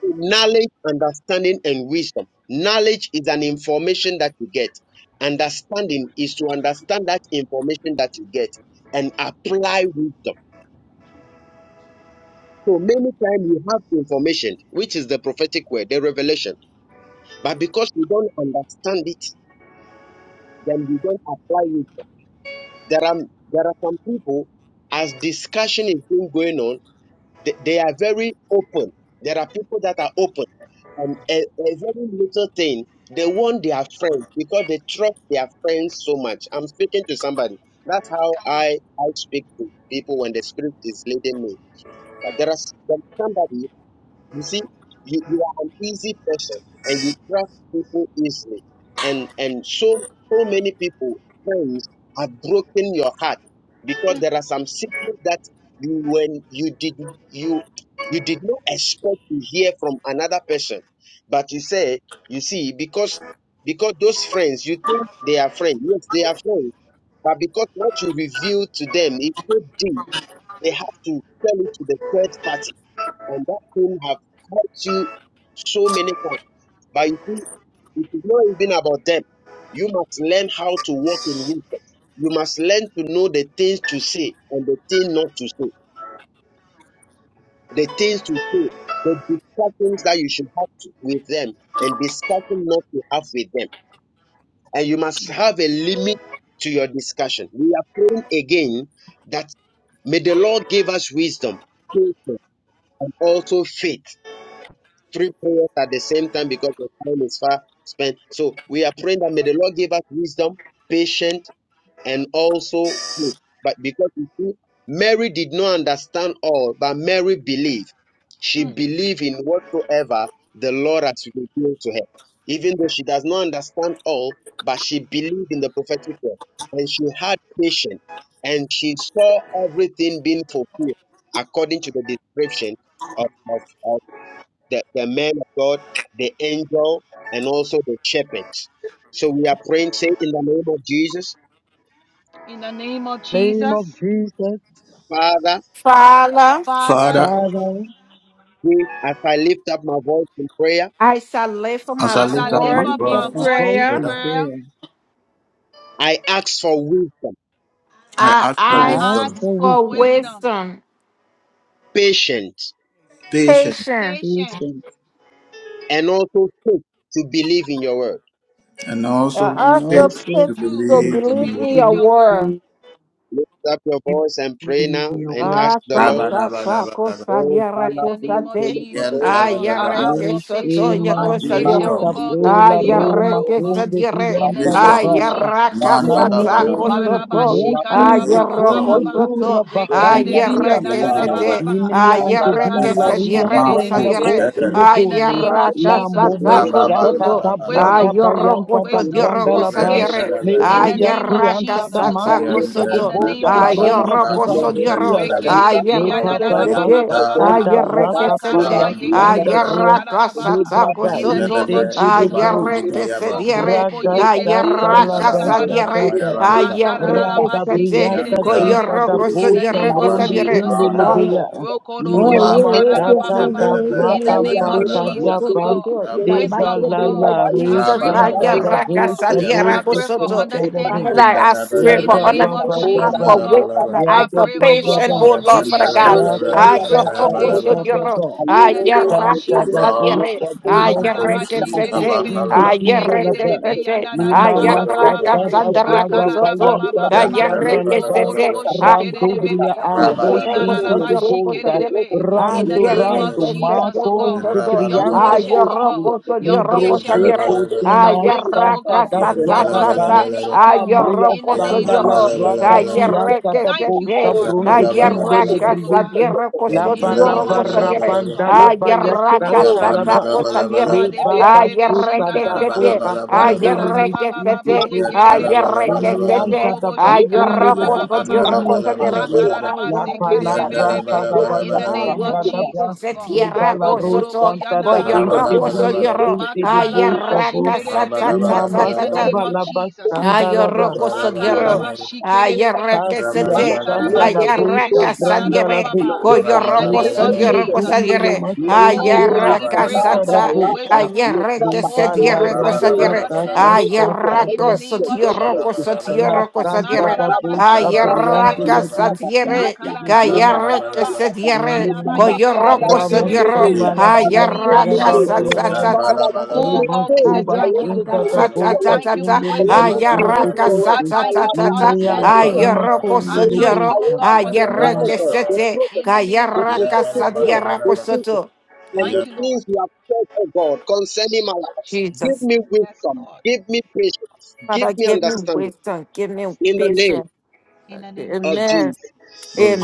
S6: Knowledge, understanding, and wisdom. Knowledge is an information that you get. Understanding is to understand that information that you get and apply wisdom. So many times you have information, which is the prophetic word, the revelation, but because you don't understand it, then you don't apply wisdom. There are there are some people as discussion is being going on. They, they are very open. There are people that are open, and a, a very little thing they want their friends because they trust their friends so much. I'm speaking to somebody. That's how I I speak to people when the spirit is leading me. But there are some- somebody. You see, you, you are an easy person and you trust people easily. And and so so many people, friends, have broken your heart because there are some secrets that you when you did you you did not expect to hear from another person. But you say, you see, because because those friends, you think they are friends. Yes, they are friends. But because what you reveal to them is so deep, they have to tell it to the third party and that thing have hurt you so many times. But you see, it is not even about them. You must learn how to walk in wisdom. You must learn to know the things to say and the things not to say, the things to say, the discussions that you should have to- with them, and discussion not to have with them. And you must have a limit to your discussion. We are praying again that may the Lord give us wisdom, patience, and also faith three prayers at the same time because the time is far spent. So we are praying that may the Lord give us wisdom, patience, and also faith. But because you see, Mary did not understand all, but Mary believed. She
S5: mm.
S6: believed in whatsoever the Lord has revealed to her. Even though she does not understand all, but she believed in the prophetic word. And she had patience. And she saw everything being fulfilled according to the description of of. of the, the man of God, the angel, and also the shepherds. So we are praying, say in the name of Jesus,
S5: In the name of
S4: name of
S5: Jesus,
S4: Jesus,
S6: Father,
S9: Father,
S5: Father,
S1: Father,
S4: Father,
S6: we, as I lift up my voice in prayer,
S9: I shall lift up
S1: as
S9: my
S1: I
S5: as
S4: as
S5: I
S1: lift
S4: I
S1: up
S5: lift
S1: my
S9: voice
S5: up
S4: lift
S9: in
S4: up
S5: my
S4: my
S1: voice
S5: voice
S1: in
S4: voice
S5: in
S9: prayer.
S4: in
S1: prayer,
S5: prayer,
S4: prayer,
S6: I ask for wisdom,
S1: I
S9: I
S1: ask for
S4: I
S5: I
S9: ask
S4: ask
S5: ask
S1: wisdom,
S4: for
S5: for
S9: for
S4: wisdom,
S5: wisdom,
S9: wisdom,
S6: patience,
S2: Jesus.
S1: patience,
S9: patience,
S5: patience,
S4: patience,
S6: and also faith to believe in your word.
S1: and
S9: and
S1: also
S4: and also
S9: also
S2: Thank
S1: faith
S2: you.
S9: faith
S1: to
S5: truth
S9: to
S4: faith
S1: believe
S5: to
S1: in
S9: believe
S1: your
S4: to
S9: in
S5: believe
S1: word.
S9: your
S5: your
S9: word.
S5: word.
S4: believe
S6: Lift up your voice and pray
S4: in
S6: now
S4: your
S6: and
S4: word.
S6: ask
S9: Ah,
S6: the
S9: sa,
S6: Lord.
S9: sa, sa,
S1: Rabalabalaba.
S9: cosa
S6: Oh,
S9: dire,
S5: In
S6: Father,
S5: the
S9: cosa
S5: name
S6: we
S5: of
S6: thank
S9: te.
S6: you for the
S5: Jesus, oh
S6: Lord.
S9: Ah,
S5: God, I
S9: yere
S5: ask
S9: che
S1: Yantalabalaba.
S5: for
S9: sotto,
S5: patience, oh
S9: ya
S4: Mishima
S6: Thank
S5: God,
S6: you
S9: cosa
S6: for
S5: patience,
S9: dire.
S5: oh
S4: Sheta
S6: the Lord.
S1: Wisdom,
S6: Thank
S5: God,
S6: you
S5: to
S6: for
S9: Ah,
S4: Pola
S6: the
S5: believe
S6: Lord.
S5: your
S9: yere
S4: Roma
S5: word, oh
S9: che
S5: God.
S9: sa
S4: Kunde
S9: dire.
S5: In
S6: Thank
S5: the
S4: Dianta
S6: you for
S9: Ah,
S5: name
S1: wisdom,
S6: the
S5: of
S2: oh
S4: Daba
S9: yere
S5: Jesus, oh God.
S9: casa, sa,
S6: Lord.
S1: mandalabalaba.
S9: cosa
S4: Namudirinte
S9: to.
S6: Thank
S9: Ah,
S4: Mushinte
S6: you for
S9: yere
S6: the
S1: Wisdom,
S4: Kunde
S6: Lord.
S5: Barabashikarababababa.
S9: cosa
S4: Dura
S9: to. Ah,
S4: Bahande
S1: faith
S6: Thank
S1: to
S2: Hallelujah, Jesus. Hallelujah,
S9: yere che
S1: believe
S4: Dianta
S1: in
S9: se
S1: your
S2: Jesus.
S9: te.
S1: word.
S5: Rekererebeyandadadababa.
S2: Glory
S9: Ah,
S2: to your
S4: Nimriante
S9: yere
S2: name,
S9: che
S2: Jesus.
S4: Dila
S9: se
S1: Wisdom,
S4: Ria
S9: dire,
S1: ma
S9: cosa
S4: Senda
S5: Makarabashikererebebebe.
S9: dire.
S4: Bosi
S9: Ah,
S1: push.
S5: In
S2: Hallelujah,
S5: the
S4: Bobolo
S5: name of
S9: yere
S4: La
S2: Jesus.
S5: Jesus,
S9: casa,
S4: Momo
S9: sa,
S1: Rabba
S5: wisdom,
S9: cosa
S5: oh
S4: Shata
S9: to.
S4: da
S5: God,
S9: Ah,
S5: wisdom,
S4: Braga
S5: oh God,
S9: yere
S4: Bayanta da
S9: cosa
S5: wisdom, oh
S9: dire,
S4: Branda
S5: God,
S9: cosa
S4: Laba
S5: patience.
S9: dire.
S5: In
S9: Ah,
S5: the
S4: Lezia
S5: name of
S9: yere
S4: kianta da
S5: Jesus,
S9: casa,
S5: oh
S9: sa,
S5: God,
S4: masite
S9: cosa
S4: de
S5: in
S9: to.
S5: the name
S4: boske
S5: of
S9: Ah,
S4: brunda
S5: Jesus,
S9: yere
S5: oh
S9: cosa
S5: God.
S4: buhante
S9: dire.
S4: kiasha. Le baba
S9: Ayerrekesete,
S4: basta
S5: Rekererebeyandadadabababa.
S4: santa brasa paya
S9: ayerrekesete,
S4: santa brua. Le
S5: Makaraba-yekerebe-shikarababa.
S4: baba
S5: In the
S9: ayerrakasatakosoto,
S5: name of
S4: insente de
S5: Jesus, oh God.
S6: you
S4: bosha.
S6: the
S9: ayerrekesediere,
S4: Braga
S6: spirit of
S4: sata
S6: wisdom
S4: la
S6: and the
S4: basta
S5: Rokorobo-yekerebe-shikarababa.
S9: kayerrakasadiere,
S6: spirit
S4: baba.
S6: of truth is
S4: Randa
S6: fascinating to tap into
S9: ayerrekesete,
S6: the
S4: briata
S6: people.
S5: Makararabasikerelebebebe.
S4: zinta da
S6: Holy
S5: In the
S6: Ghost,
S4: bosha
S6: la
S5: name of
S4: mrunde
S6: frase
S9: koyorokosodiorokosadiere,
S5: Jesus,
S6: de
S4: gumbe
S5: oh
S6: este
S5: God.
S9: ay-
S4: lebria.
S6: poder, Me
S4: Lima
S6: rate
S9: ayerrekesete,
S4: mashata
S6: tapando
S5: Rokoroboshikararabababa.
S4: da
S6: la cura
S5: In the
S4: brasa
S6: bahía
S5: name of
S6: de
S4: panta
S6: me
S4: da
S5: Jesus, oh
S6: siento
S4: ban.
S5: God.
S9: In the
S6: diciendo que
S4: Deba
S6: se
S5: Wisdom,
S9: mighty
S5: oh
S4: la
S9: name
S6: cura
S5: God.
S4: la
S9: of
S6: vaya.
S4: re
S5: I
S9: Jesus,
S5: pray
S6: Me
S5: for
S6: está
S4: santa da
S5: wisdom,
S4: bo
S5: oh
S6: retrasando
S5: God.
S6: de que
S4: sabo
S6: se
S5: I
S4: ke
S5: pray
S6: siente
S4: si
S5: for
S9: ayerrakasadierakosoto,
S4: da
S6: el
S4: da be.
S5: understanding, oh
S9: Father,
S6: paciente
S5: God.
S1: Mandala
S6: a
S9: I
S1: bala
S6: Jesús.
S4: Ra
S9: pray
S1: bala
S5: In
S9: for
S5: the
S4: ba
S6: Me
S1: bala,
S4: ba
S5: name of
S4: ba
S9: understanding,
S6: sacó
S4: ba
S9: I
S6: de
S4: ba.
S5: Jesus,
S6: la
S5: oh
S9: for
S1: mandala
S5: God.
S1: bala
S6: rama de
S1: bala,
S9: wisdom,
S6: la
S4: Ra
S5: I
S9: I
S4: ba
S6: Biblia
S9: for
S5: pray,
S6: que
S4: ba
S5: oh
S4: ba
S6: decía,
S5: God,
S9: patience,
S4: ba.
S5: for
S9: oh
S1: Yes,
S9: Lord,
S6: me
S1: and the
S9: Father
S5: patience, oh
S6: sacó
S9: God.
S1: level
S5: God.
S4: Ra
S6: de
S4: ba
S1: level,
S5: I
S9: I
S6: día
S4: sha
S5: pray
S9: your
S5: for
S1: Kataya
S4: da
S9: rock oh, so
S4: da
S6: pasando,
S1: Balaba.
S5: patience,
S4: ba
S5: oh
S9: your
S4: ba
S5: God.
S9: rock.
S4: ba.
S5: In
S9: I
S5: the
S1: Yes,
S9: your
S6: Alorodo,
S5: name of
S1: Lord,
S9: rock,
S4: Kanta
S1: yes,
S6: Sedede,
S4: da
S5: Jesus,
S9: I
S5: oh
S9: your
S1: Lord.
S5: God.
S9: rock,
S4: busha
S6: Metapo,
S9: I your
S1: Mando,
S4: diyosi to
S6: Patadita,
S4: the
S1: Ita
S6: Opato,
S5: Matalabashikerelebe.
S4: bishinde
S1: Bandalaba.
S4: kind
S6: Metapo,
S4: laba.
S5: Yekerelebe
S9: rock,
S6: Sedita,
S9: I
S4: Lima
S9: your
S6: Elante,
S9: rock,
S5: yananababababa.
S4: masata
S1: Nantelebelebele.
S4: da
S6: Sedede,
S4: braga
S6: Sedede,
S5: Rakala la ba
S9: Sandarakosoto.
S5: ba
S4: bayanta
S6: Sadira,
S5: ba
S9: I
S4: da
S5: ba
S9: your
S5: ba.
S4: branda
S9: rock,
S6: Metapo,
S4: laba.
S1: Yentelebelebelebe.
S5: Mokorobo
S6: Sata,
S9: I
S5: shikerere
S6: Sata,
S4: Randubria
S5: bebe.
S4: ampo
S9: your
S6: Errante,
S5: Liba la la
S4: shinte
S5: ba
S4: de
S1: Rabalabalabalaba.
S6: Metapo,
S9: rock,
S4: boza.
S5: shikerere
S6: Sorobo,
S5: be.
S9: I
S5: In the
S4: Randu
S9: your
S5: name
S6: Lebroso,
S5: of
S4: randu
S1: Yentelebelebe.
S6: Sedita,
S5: Jesus, oh
S4: mako
S5: God.
S9: rock,
S5: Your
S4: triante
S1: Rabalabalaba.
S6: Metapo,
S9: your
S5: patience, oh
S4: poshi.
S6: Sete,
S5: God. Your
S4: Libro
S6: Sete,
S9: rock, I
S5: patience,
S4: te
S5: oh God.
S6: Etapo,
S4: kote
S1: Yentelebelebelebe.
S5: Your
S9: your
S6: Sate,
S5: wisdom,
S9: rock,
S5: oh
S6: Sata,
S4: mashtanta
S5: God.
S4: da
S5: Your
S9: I
S6: Erra,
S4: braga
S9: your
S4: ba.
S9: rock,
S5: understanding,
S1: Yentelebelebelebe.
S5: oh
S4: La
S5: God.
S4: Maya
S5: In
S6: Metapo,
S5: the
S9: Ayoroko
S5: name
S4: Sanda
S5: of
S6: Sata,
S4: la
S9: sodioro,
S6: Sata,
S5: Jesus,
S4: Braca
S5: oh
S1: Yapandelebelebelebe.
S5: God.
S6: Sata,
S4: Dianta
S6: Erra,
S4: da
S9: sayereke
S5: Thank you,
S4: Bosha
S6: Metapo,
S9: sete,
S5: Lord.
S6: Sete, Sete,
S4: Brunde
S5: We
S4: Gunde
S5: worship
S1: Rabalabalabalaba.
S9: kayeraka
S5: you, oh
S6: Sata, Metapo,
S5: God.
S4: Lebriente
S9: sadiroko
S4: La
S5: In
S4: Ba
S6: Sete,
S5: the
S4: la
S5: name
S6: Sete,
S5: of
S9: sodioroko
S4: Barra
S5: Jesus,
S9: sadire,
S5: oh
S1: Yentelebelebelebelebe.
S4: Banda
S5: God.
S4: la Baya
S5: Wisdom, oh
S9: ayeraka
S5: God.
S4: Santa la Ba
S9: satako
S5: Mama
S9: sadire,
S1: Yapandelebelebelebe.
S4: Le
S5: de
S6: Aya,
S4: Baba
S5: belelebe
S4: Suta
S9: ayereke
S4: da
S5: shikararaba.
S9: sete,
S4: Boca Pande le
S1: Rabalabalabalaba.
S5: Rakararaba
S9: ayereke
S5: baba
S4: Mesinte
S5: ba
S9: sete,
S4: Boshi
S5: yekerebe.
S4: Le
S9: ayereke
S1: Yadalabalabalaba.
S4: Mianta
S9: sete,
S4: da
S5: Mokorobo
S4: Bastende le
S5: shikararaba
S9: ayoroko
S5: baba baba.
S9: sodioroko
S4: Bosibria
S9: sadire,
S4: Tindi
S1: Yadalabalabalaba.
S5: Makararaba
S4: La Ba la
S5: sekerebe
S9: ayeraka
S4: Branta
S5: bebe.
S4: da
S9: sataka,
S5: In
S4: Baya
S5: the
S1: Yadalabalabalaba.
S5: name of
S4: Sanda da
S9: ayereke
S4: Ba
S5: Jesus, oh God.
S4: Le Ba la
S9: setierako
S5: Rokorobo
S9: soto,
S4: Rosanta da
S5: yanaraba
S4: Beshe
S9: koyoroko
S5: baba.
S4: Brunde
S1: Rabalabalabalaba.
S9: sodioro,
S4: Sinte de
S5: Makararaba
S4: Bosha Bo
S9: ayeraka
S5: shikerebe. In
S4: Imama
S5: the
S9: satatatata,
S5: name
S1: Rabalabalabalaba.
S5: of
S4: Sabalaba
S5: Jesus, oh God.
S4: Sandaraba
S9: Ayoroko sodiero.
S5: Makararaba
S1: Rabalabalabalaba.
S5: shikerebe.
S9: Ayarreke
S4: Kasia
S9: sete.
S1: Rabalabalaba.
S4: Shantala Bosha
S9: Ayarraka sadiere.
S4: Brandarabe
S1: Rabalabalabalaba.
S5: In the
S9: Koyoroko
S5: name of
S6: La
S4: Mekunde
S1: Rabalabalabalaba.
S9: sodioroko
S6: boca,
S5: Jesus, oh God.
S4: Gundele
S9: sadiere.
S4: Masonde
S5: Oh
S6: Makabeba
S5: God, we
S9: Ayarraka
S5: pray, oh
S4: Brusita
S6: Fatata
S4: da
S5: God,
S9: satsa.
S5: for
S6: Palata
S4: Bosha
S5: wisdom, oh God.
S9: Ayarreke
S6: Mekaba
S5: Oh God,
S4: Bala
S5: we
S9: sediereko
S5: pray for
S6: Tepetepe
S9: sadiere.
S4: Rasata
S5: understanding,
S1: Rabalabalabalaba.
S5: oh God.
S6: Mekete
S4: Kashata
S5: In the
S9: Ayarrako
S6: Mekete
S5: name of
S9: sodioroko
S5: Jesus,
S6: Mekete
S5: oh God.
S1: Rabalabalabalaba.
S6: Fatata
S9: sodioroko
S4: Rasanta
S9: sadiere.
S4: da
S6: Marata
S4: Bosha
S6: Fatata
S5: Makarabasikerebebe.
S4: Briande
S9: Ayarraka
S4: de
S1: Rabalabalabalaba.
S6: Mekaba
S9: sadiere.
S4: Bisite
S6: Fatata
S4: de Bosha
S6: Mekaba
S9: Kayarreke
S5: Rakarababababa.
S1: Rabalabalaba.
S6: Fatata
S9: sediere.
S6: Mekaba
S1: Father,
S6: Father
S9: Koyoroko
S6: give
S1: wisdom
S6: me
S1: and
S9: sodioro.
S5: Mayabayekerebebebebebe.
S4: Ramasana
S6: wisdom
S1: faith.
S4: la
S5: In the
S6: Father
S5: name
S6: give
S4: Brianta
S5: of
S6: me
S9: Ayarraka
S5: Jesus,
S6: wisdom
S5: oh
S1: Marcos
S9: satsa.
S4: da
S5: God.
S1: and
S9: Ayarraka
S6: Father
S9: satsa.
S6: give
S1: Balabalaba.
S5: Oh
S9: satsa,
S6: me
S5: God, we
S6: faith
S5: say
S4: Rimajuba
S6: I
S5: thank
S6: want
S5: you,
S6: to
S5: oh God.
S9: ayeraka
S4: Sinta
S1: Lord
S4: da
S6: believe in
S9: satsa,
S6: your
S4: Boca
S6: word
S5: Thank you
S9: satsa,
S5: for
S6: I
S4: Simbele
S6: want
S1: Jesus.
S5: wisdom, oh
S6: to
S5: God.
S4: Bruslenke
S6: believe in
S9: Ayaraka
S6: your
S9: sa
S6: word
S5: I
S4: Kushi
S9: ta
S5: thank
S9: ta
S5: you for
S9: ta
S6: Palabra
S9: ta.
S5: understanding, oh
S4: Limrianta
S6: Asante
S5: God.
S9: Ayaroko
S4: Imakonde
S9: sa
S5: I
S6: Believe
S5: thank
S9: diaro.
S6: I
S5: you, oh
S4: Lebuza
S6: want
S5: God, for
S6: to
S5: the
S6: believe in
S5: knowledge,
S9: Ayarake
S5: oh God.
S6: the
S9: sete.
S5: In
S6: prophecy
S5: the name
S6: the
S5: of
S9: Kayaraka
S5: Jesus,
S6: prophetic
S9: sa
S5: oh God.
S6: word
S9: diarako
S6: the truth
S9: soto.
S6: and the
S5: Thank you, Lord.
S6: things you have said, oh God, concerning my life. Give
S9: Jesus.
S6: me
S5: Yes,
S6: wisdom,
S5: Lord.
S6: give me
S5: Yes, Lord.
S6: patience, give
S9: Father,
S6: me
S9: give me
S6: understanding
S9: wisdom. Give me
S5: Yes.
S6: in the name
S9: patience.
S5: In the name of
S6: of
S9: Amen.
S6: Jesus.
S5: Jesus.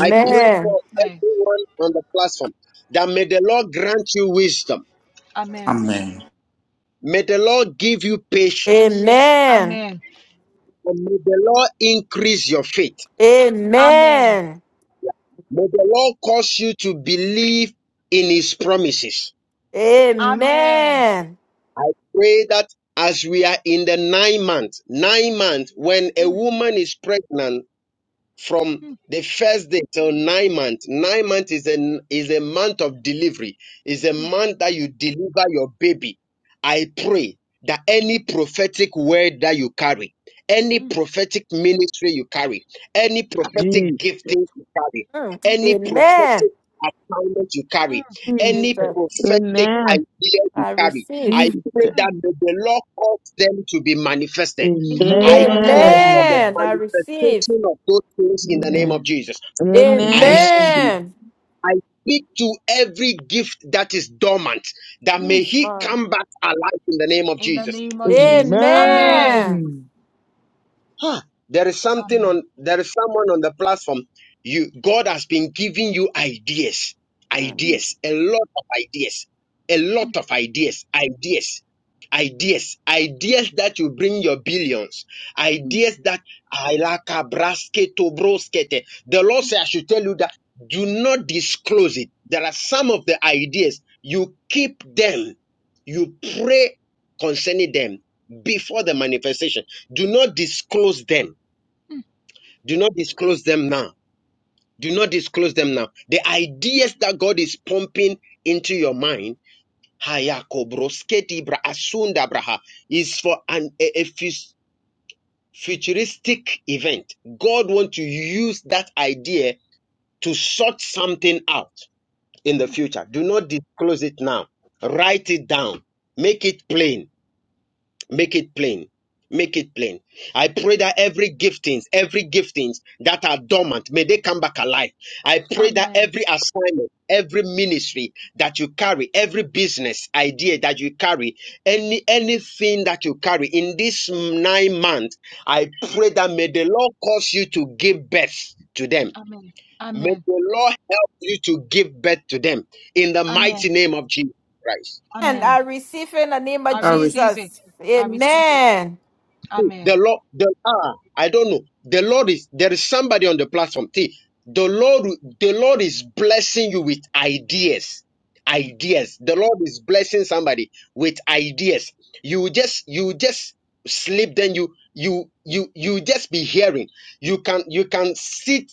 S6: I pray for
S5: Amen.
S6: everyone on the platform that may the Lord grant you wisdom,
S5: Amen.
S1: Amen.
S6: may the Lord give you patience,
S9: Amen.
S5: Amen.
S6: and may the Lord increase your faith.
S5: Amen.
S9: Amen.
S6: May the Lord cause you to believe in his promises.
S5: Amen.
S9: Amen.
S6: I pray that as we are in the nine month, nine month, when a
S5: Mm.
S6: woman is pregnant, from the first day till nine months. Nine months is a is a month of delivery. Is a month that you deliver your baby. I pray that any prophetic word that you carry, any prophetic ministry you carry, any prophetic
S4: Jesus,
S6: gifting you carry,
S9: Mm.
S6: any
S9: Amen.
S6: prophetic assignment you carry,
S4: Jesus,
S6: any
S9: Jesus.
S6: prophetic
S7: Amen.
S6: idea you
S9: I
S6: carry,
S9: receive.
S6: I pray
S4: Jesus.
S6: that may the Lord cause them to be manifested.
S5: In the name
S6: I
S5: of
S6: call
S5: Jesus.
S7: Amen. Amen.
S6: for the
S4: Amen.
S9: Amen. I receive.
S6: manifestation of those things in the name
S4: Amen.
S6: of Jesus.
S5: Amen.
S6: I,
S7: Amen.
S4: Amen.
S9: Amen.
S6: I speak to every gift that is dormant, that
S5: Mm.
S6: may
S9: Yes,
S6: he
S9: Lord.
S6: come back alive in the name of
S5: In the
S6: Jesus.
S5: name
S4: Amen.
S5: of
S4: Amen.
S5: Jesus. Amen.
S9: Amen.
S6: Ah, there is something
S5: Amen.
S6: on there is someone on the platform. You God has been giving you ideas,
S9: Mm.
S6: ideas, a lot of ideas, a lot of ideas, ideas, ideas, ideas that you bring your billions, ideas that I like a brasketo broskete. The Lord said I should tell you that do not disclose it. There are some of the ideas you keep them, you pray concerning them before the manifestation. Do not disclose them. Do not disclose them now. Do not disclose them now. The ideas that God is pumping into your mind, Hayakobrosketi bra asunda braha, is for an a, a fus- futuristic event. God wants to use that idea to sort something out in the future. Do not disclose it now. Write it down. Make it plain Make it plain. Make it plain. I pray that every giftings, every giftings that are dormant, may they come back alive. I pray that
S5: Amen.
S6: every assignment, every ministry that you carry, every business idea that you carry, any anything that you carry in this nine months, I pray that may the Lord cause you to give birth to them.
S5: Amen.
S6: May
S5: Amen.
S6: the Lord help you to give birth to them in the mighty
S5: Amen.
S6: name of Jesus Christ.
S9: And
S5: Amen.
S9: I receive in the name of
S5: I
S2: I receive
S5: receive
S9: Jesus.
S5: it. I receive it.
S9: Amen.
S5: Amen.
S6: The Lord, the ah, I don't know. The Lord is there is somebody on the platform. See, the Lord, the Lord is blessing you with ideas. Ideas. The Lord is blessing somebody with ideas. You just you just sleep, then you you you you just be hearing. You can you can sit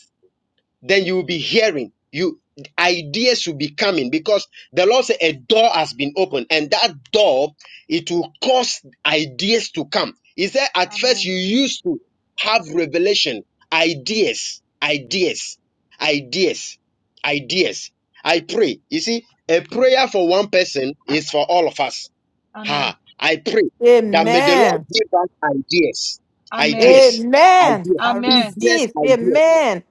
S6: then you will be hearing you ideas will be coming because the lord said a door has been opened and that door it will cause ideas to come he said at first you
S5: Amen.
S6: used to have revelation ideas ideas ideas ideas i pray you see a prayer for one person is for all of us
S5: Amen.
S6: ha i pray that may the lord
S9: Amen.
S6: give us ideas
S5: Amen.
S6: ideas
S9: Amen.
S6: ideas
S9: I
S5: Amen.
S6: business
S9: receive.
S6: ideas
S9: Amen.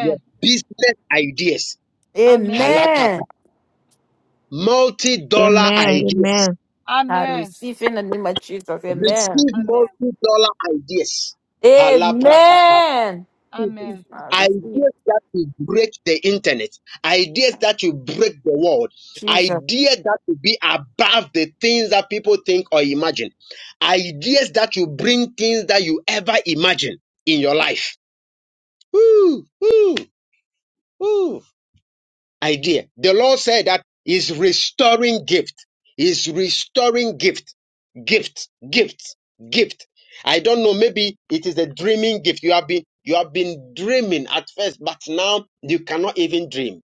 S6: your business ideas,
S5: Amen.
S6: halakapa,
S9: Amen.
S6: multi-dollar ideas.
S7: Amen. Amen.
S9: I
S5: Amen.
S9: receive in the name of Jesus. Amen.
S6: Receive
S5: Amen.
S6: multi-dollar ideas. Halaprakata.
S9: Amen.
S5: Amen. Amen.
S9: I receive.
S6: Ideas that will break the internet, ideas that will break the world,
S9: Jesus.
S6: ideas that will be above the things that people think or imagine, ideas that will bring things that you ever imagine in your life. Woo, woo, woo. idea. The Lord said that He's restoring gift. He's restoring gift, gift, gift, gift. I don't know. Maybe it is a dreaming gift. You have been you have been dreaming at first, but now you cannot even dream.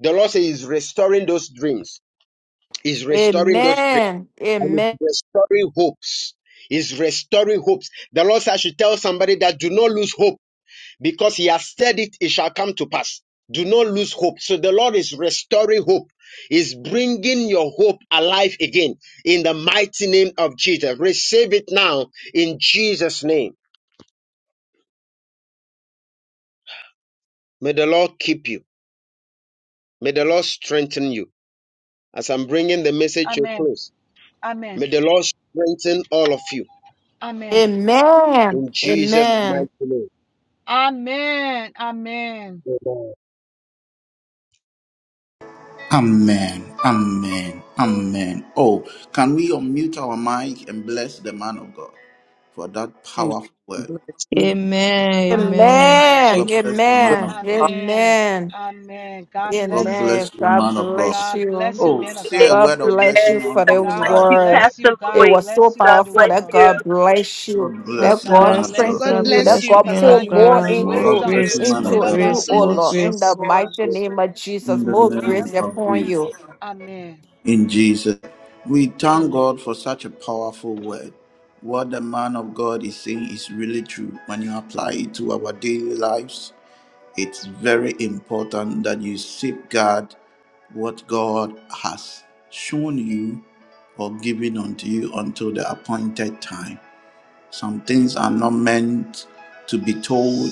S6: The Lord says He's restoring those dreams. He's restoring those dreams.
S9: Amen.
S6: And He's
S9: Amen.
S6: restoring hopes. He's restoring hopes. The Lord says I should tell somebody that do not lose hope because he has said it, it shall come to pass. Do not lose hope. So the Lord is restoring hope, is bringing your hope alive again in the mighty name of Jesus. Receive it now in Jesus' name. May the Lord keep you. May the Lord strengthen you. As I'm bringing the message to a
S5: Amen.
S6: close,
S5: Amen. Amen.
S6: may the Lord strengthen all of you
S5: Amen.
S9: Amen.
S6: in Jesus'
S9: Amen.
S6: mighty name. Amen.
S1: Amen. Amen. Amen. Oh, can we unmute our mic and bless the man of God for that powerful word?
S2: blessings.
S7: Amen. Amen.
S5: Amen.
S9: Amen.
S2: Thank
S1: God
S2: you.
S1: bless you,
S2: for
S1: man
S9: Amen.
S1: of God.
S2: calling
S5: Amen.
S9: Amen.
S5: Amen. God
S1: God
S5: bless you.
S9: Amen.
S1: bless you,
S9: God
S1: man of God.
S9: bless
S5: God
S9: you.
S5: bless you,
S1: Oh,
S5: man of
S10: And
S1: say a
S5: God.
S9: God
S1: word of
S9: bless you
S1: blessing
S9: for
S10: God
S9: the
S1: unto his
S5: God
S10: bless
S1: life.
S10: you,
S9: word.
S5: bless
S10: Pastor
S5: you.
S9: It
S5: God
S10: Louis.
S9: was so
S5: bless you
S10: God
S5: for the
S9: powerful
S10: bless
S9: that
S5: world.
S10: you.
S9: God bless you.
S1: God
S7: God
S9: That
S1: bless you,
S5: God
S9: God
S1: man of
S7: bless you.
S1: God.
S5: bless
S8: God
S7: God
S9: strengthen
S5: you.
S9: you. That
S8: bless
S7: bless
S8: you,
S7: you,
S9: God
S5: May
S7: men
S8: Pastor
S9: pour
S7: of
S5: God give
S9: more
S5: you
S7: God.
S8: Louise.
S7: More
S1: God
S9: into
S5: wisdom.
S1: bless
S7: grace.
S1: you, man
S8: May
S1: of
S7: More
S5: Men
S9: into
S8: God
S5: of
S1: God.
S9: you,
S5: God.
S7: grace.
S9: oh
S7: More
S8: replenish
S9: Lord.
S8: you.
S9: In the
S7: grace.
S9: mighty name of Jesus,
S1: In the
S9: more
S1: name
S9: grace
S5: Amen.
S1: of
S9: upon
S1: Jesus.
S9: you.
S5: Amen.
S1: In Jesus. We thank
S5: Amen.
S1: God for such a powerful word. What the man of God is saying is really true. When you apply it to our daily lives, it's very important that you safeguard what God has shown you or given unto you until the appointed time. Some things are not meant to be told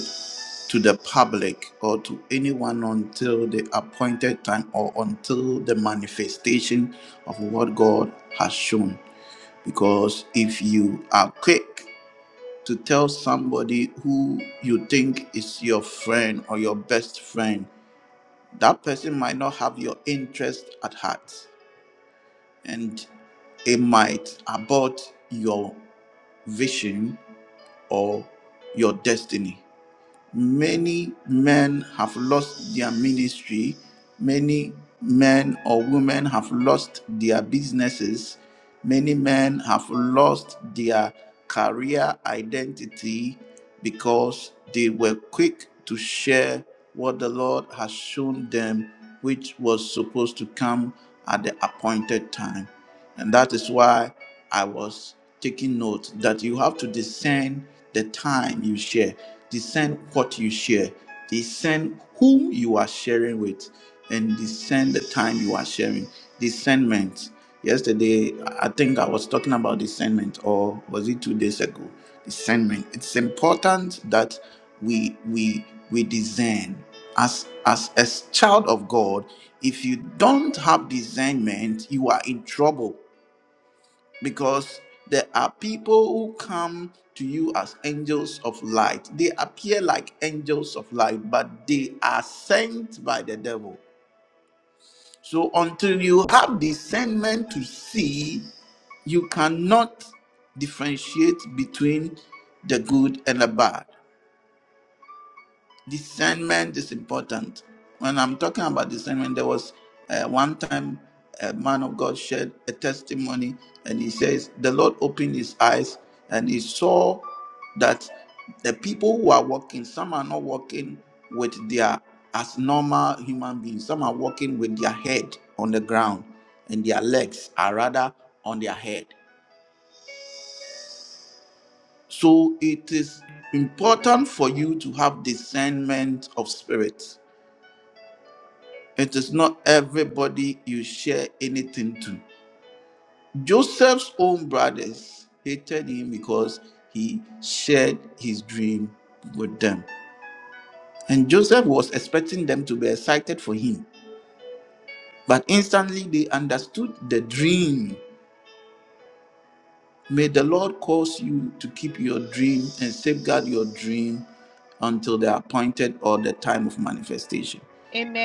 S1: to the public or to anyone until the appointed time or until the manifestation of what God has shown. Because if you are quick to tell somebody who you think is your friend or your best friend, that person might not have your interest at heart and it might abort your vision or your destiny. Many men have lost their ministry. Many men or women have lost their businesses. Many men have lost their career identity because they were quick to share what the Lord has shown them, which was supposed to come at the appointed time. And that is why I was taking note that you have to discern the time you share, discern what you share, discern whom you are sharing with, and discern the time you are sharing. Discernment. Yesterday, I think I was talking about discernment, or was it two days ago? Discernment. It's important that we we we discern. As as a child of God, if you don't have discernment, you are in trouble because there are people who come to you as angels of light. They appear like angels of light, but they are sent by the devil. So until you have discernment to see, you cannot differentiate between the good and the bad discernment is important. When I'm talking about discernment, there was uh, one time a man of God shared a testimony, and he says the Lord opened his eyes and he saw that the people who are walking, some are not walking with their as normal human beings. Some are walking with their head on the ground, and their legs are rather on their head. So it is important for you to have discernment of spirit It is not everybody you share anything to. Joseph's own brothers hated him because he shared his dream with them. And Joseph was expecting them to be excited for him. But instantly they understood the dream May the Lord cause you to keep your dream and safeguard your dream until the appointed or the time of manifestation.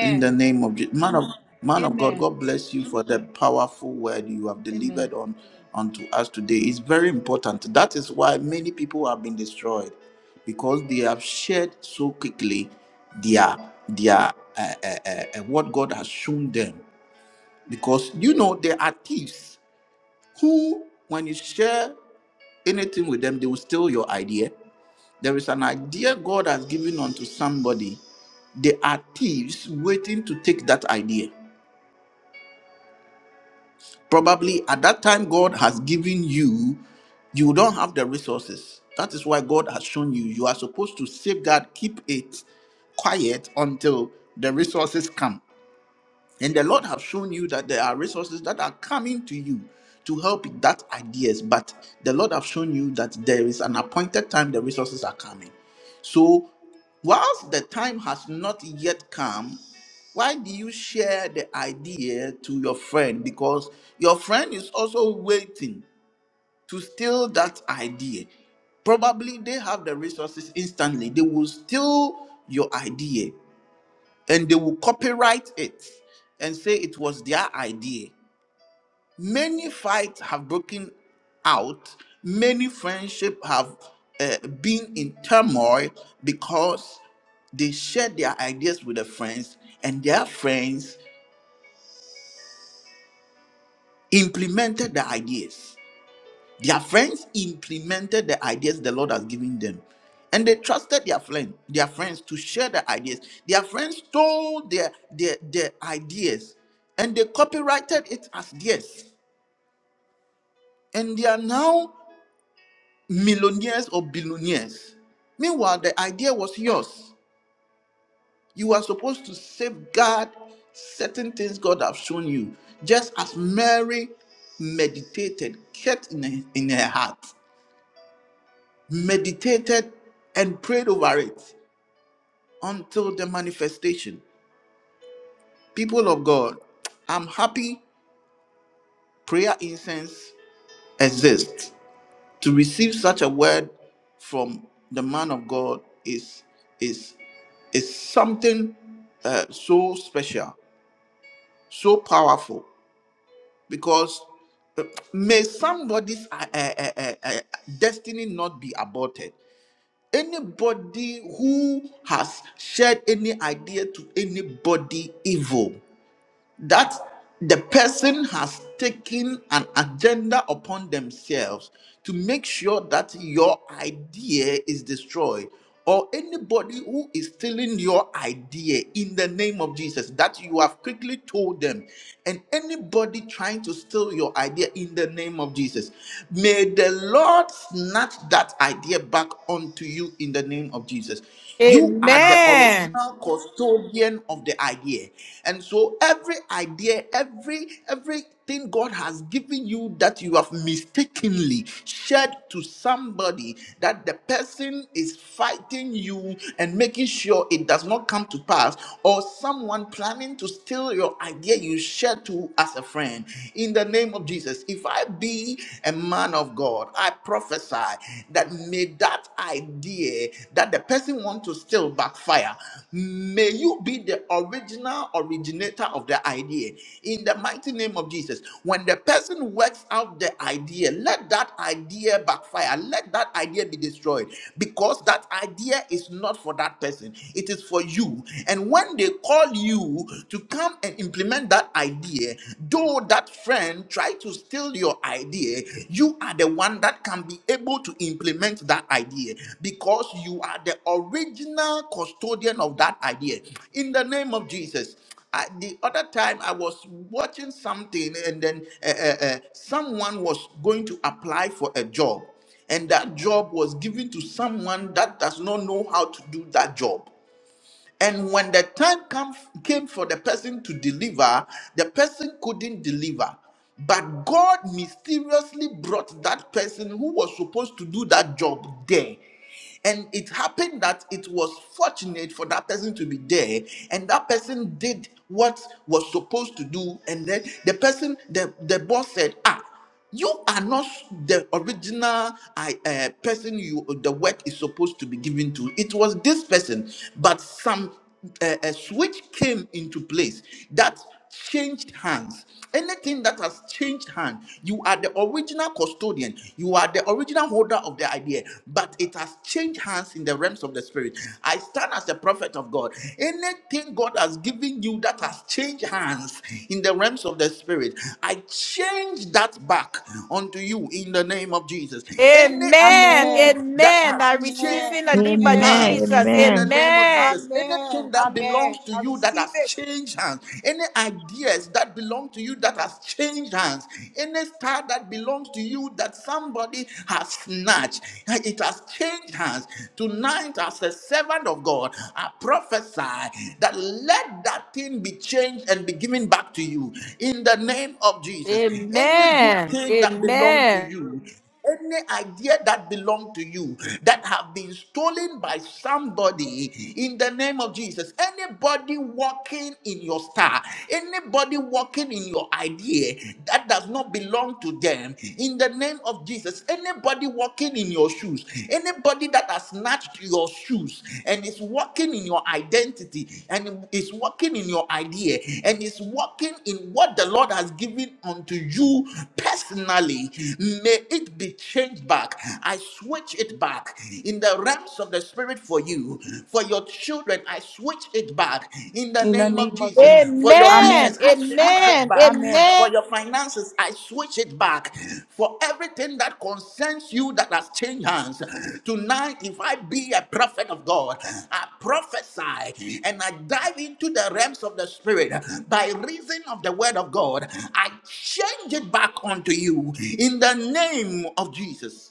S1: In the name of Jesus. Man of, man of
S5: Amen.
S1: God, God bless you for the powerful word you have
S5: Amen.
S1: delivered on unto us today. It's very important. That is why many people have been destroyed because they have shared so quickly their their uh, uh, uh, uh, what God has shown them. Because you know there are thieves who, when you share anything with them, they will steal your idea. There is an idea God has given unto somebody. They are thieves waiting to take that idea. Probably at that time God has given you, you don't have the resources. That is why God has shown you. You are supposed to safeguard, keep it quiet until the resources come. And the Lord have shown you that there are resources that are coming to you to help that ideas, but the Lord have shown you that there is an appointed time the resources are coming. So whilst the time has not yet come, why do you share the idea to your friend? Because your friend is also waiting to steal that idea. Probably they have the resources instantly. They will steal your idea and they will copyright it and say it was their idea. Many fights have broken out, many friendships have uh, been in turmoil because they shared their ideas with their friends and their friends implemented the ideas. Their friends implemented the ideas the Lord has given them. And they trusted their friend, their friends to share the ideas. Their friends stole their, their, their ideas and they copyrighted it as theirs. And they are now millionaires or billionaires. Meanwhile, the idea was yours. You are supposed to safeguard certain things God has shown you, just as Mary meditated, kept in her, in her heart. meditated and prayed over it until the manifestation. People of God, I'm happy prayer incense exists. To receive such a word from the man of God is is is something uh, so special, so powerful because uh, may somebody's uh, uh, uh, uh, uh, destiny not be aborted Anybody who has shared any idea to anybody evil, that the person has taken an agenda upon themselves to make sure that your idea is destroyed or anybody who is stealing your idea in the name of Jesus that you have quickly told them and anybody trying to steal your idea in the name of Jesus may the Lord snatch that idea back onto you in the name of Jesus you are the
S9: Amen.
S1: original custodian of the idea. And so every idea, every everything God has given you that you have mistakenly shared to somebody that the person is fighting you and making sure it does not come to pass or someone planning to steal your idea you shared to as a friend in the name of Jesus if I be a man of God Lord, I prophesy that may that idea that the person wants to steal backfire. May you be the original originator of the idea. In the mighty name of Jesus, when the person works out the idea, let that idea backfire. Let that idea be destroyed because that idea is not for that person. It is for you. And when they call you to come and implement that idea, idea, though that friend try to steal your idea, you are the one that can be able to implement that idea because you are the original custodian of that idea. In the name of Jesus. I, the other time I was watching something, and then uh, uh, uh, someone was going to apply for a job, and that job was given to someone that does not know how to do that job. And when the time come, came for the person to deliver, the person couldn't deliver. But God mysteriously brought that person who was supposed to do that job there. And it happened that it was fortunate for that person to be there, and that person did what was supposed to do. And then the person, the, the boss said, Ah, you are not the original I, uh, person you the work is supposed to be given to. It was this person, but some a, a switch came into place that changed hands. Anything that has changed hand, you are the original custodian, you are the original holder of the idea, but it has changed hands in the realms of the spirit. I stand as a prophet of God. Anything God has given you that has changed hands in the realms of the spirit, I change that back unto you in the name of Jesus. Any
S9: Amen.
S1: evil
S5: Amen.
S1: that
S9: Amen.
S1: has
S9: I receive
S5: Amen.
S9: in the
S1: changed
S9: name of
S7: Amen.
S5: Amen.
S1: hands
S9: Jesus.
S1: in
S7: Amen.
S1: the name of
S9: Amen.
S1: Jesus.
S5: Amen.
S1: Anything that
S5: Amen.
S1: belongs to
S5: I
S1: you that
S5: receive
S1: has
S5: it
S1: changed hands, any ideas that belong to you that has changed hands, any star that belongs to you that somebody has snatched, it has changed hands. Tonight, as a servant of God, I prophesy that let that thing be changed and be given back to you in the name of Jesus. Any good
S9: Amen.
S1: thing that belongs to
S9: Amen.
S1: you any idea that belong to you that have been stolen by somebody in the name of Jesus anybody walking in your star anybody walking in your idea that does not belong to them in the name of Jesus anybody walking in your shoes anybody that has snatched your shoes and is working in your identity and it's working in your idea and it's working in what the Lord has given unto you personally. May it be changed back. I switch it back in the realms of the spirit for you, for your children. I switch it back in the
S5: in the
S1: name of
S5: name of
S1: Jesus.
S5: Jesus.
S1: For your
S5: Amen.
S9: Amen.
S1: business, I switch it
S9: Amen.
S1: back.
S5: Amen.
S9: Amen.
S1: For your finances, I switch it back. For everything that concerns you that has changed hands, tonight, if I be a prophet of God, I prophesy and I dive into the realms of the Spirit by reason of the word of God. I change it back onto you in the name of Jesus.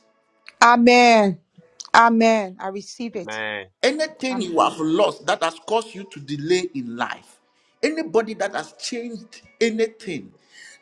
S5: Amen. Amen. I receive it.
S1: anything
S5: Amen.
S1: you have lost that has caused you to delay in life, anybody that has changed anything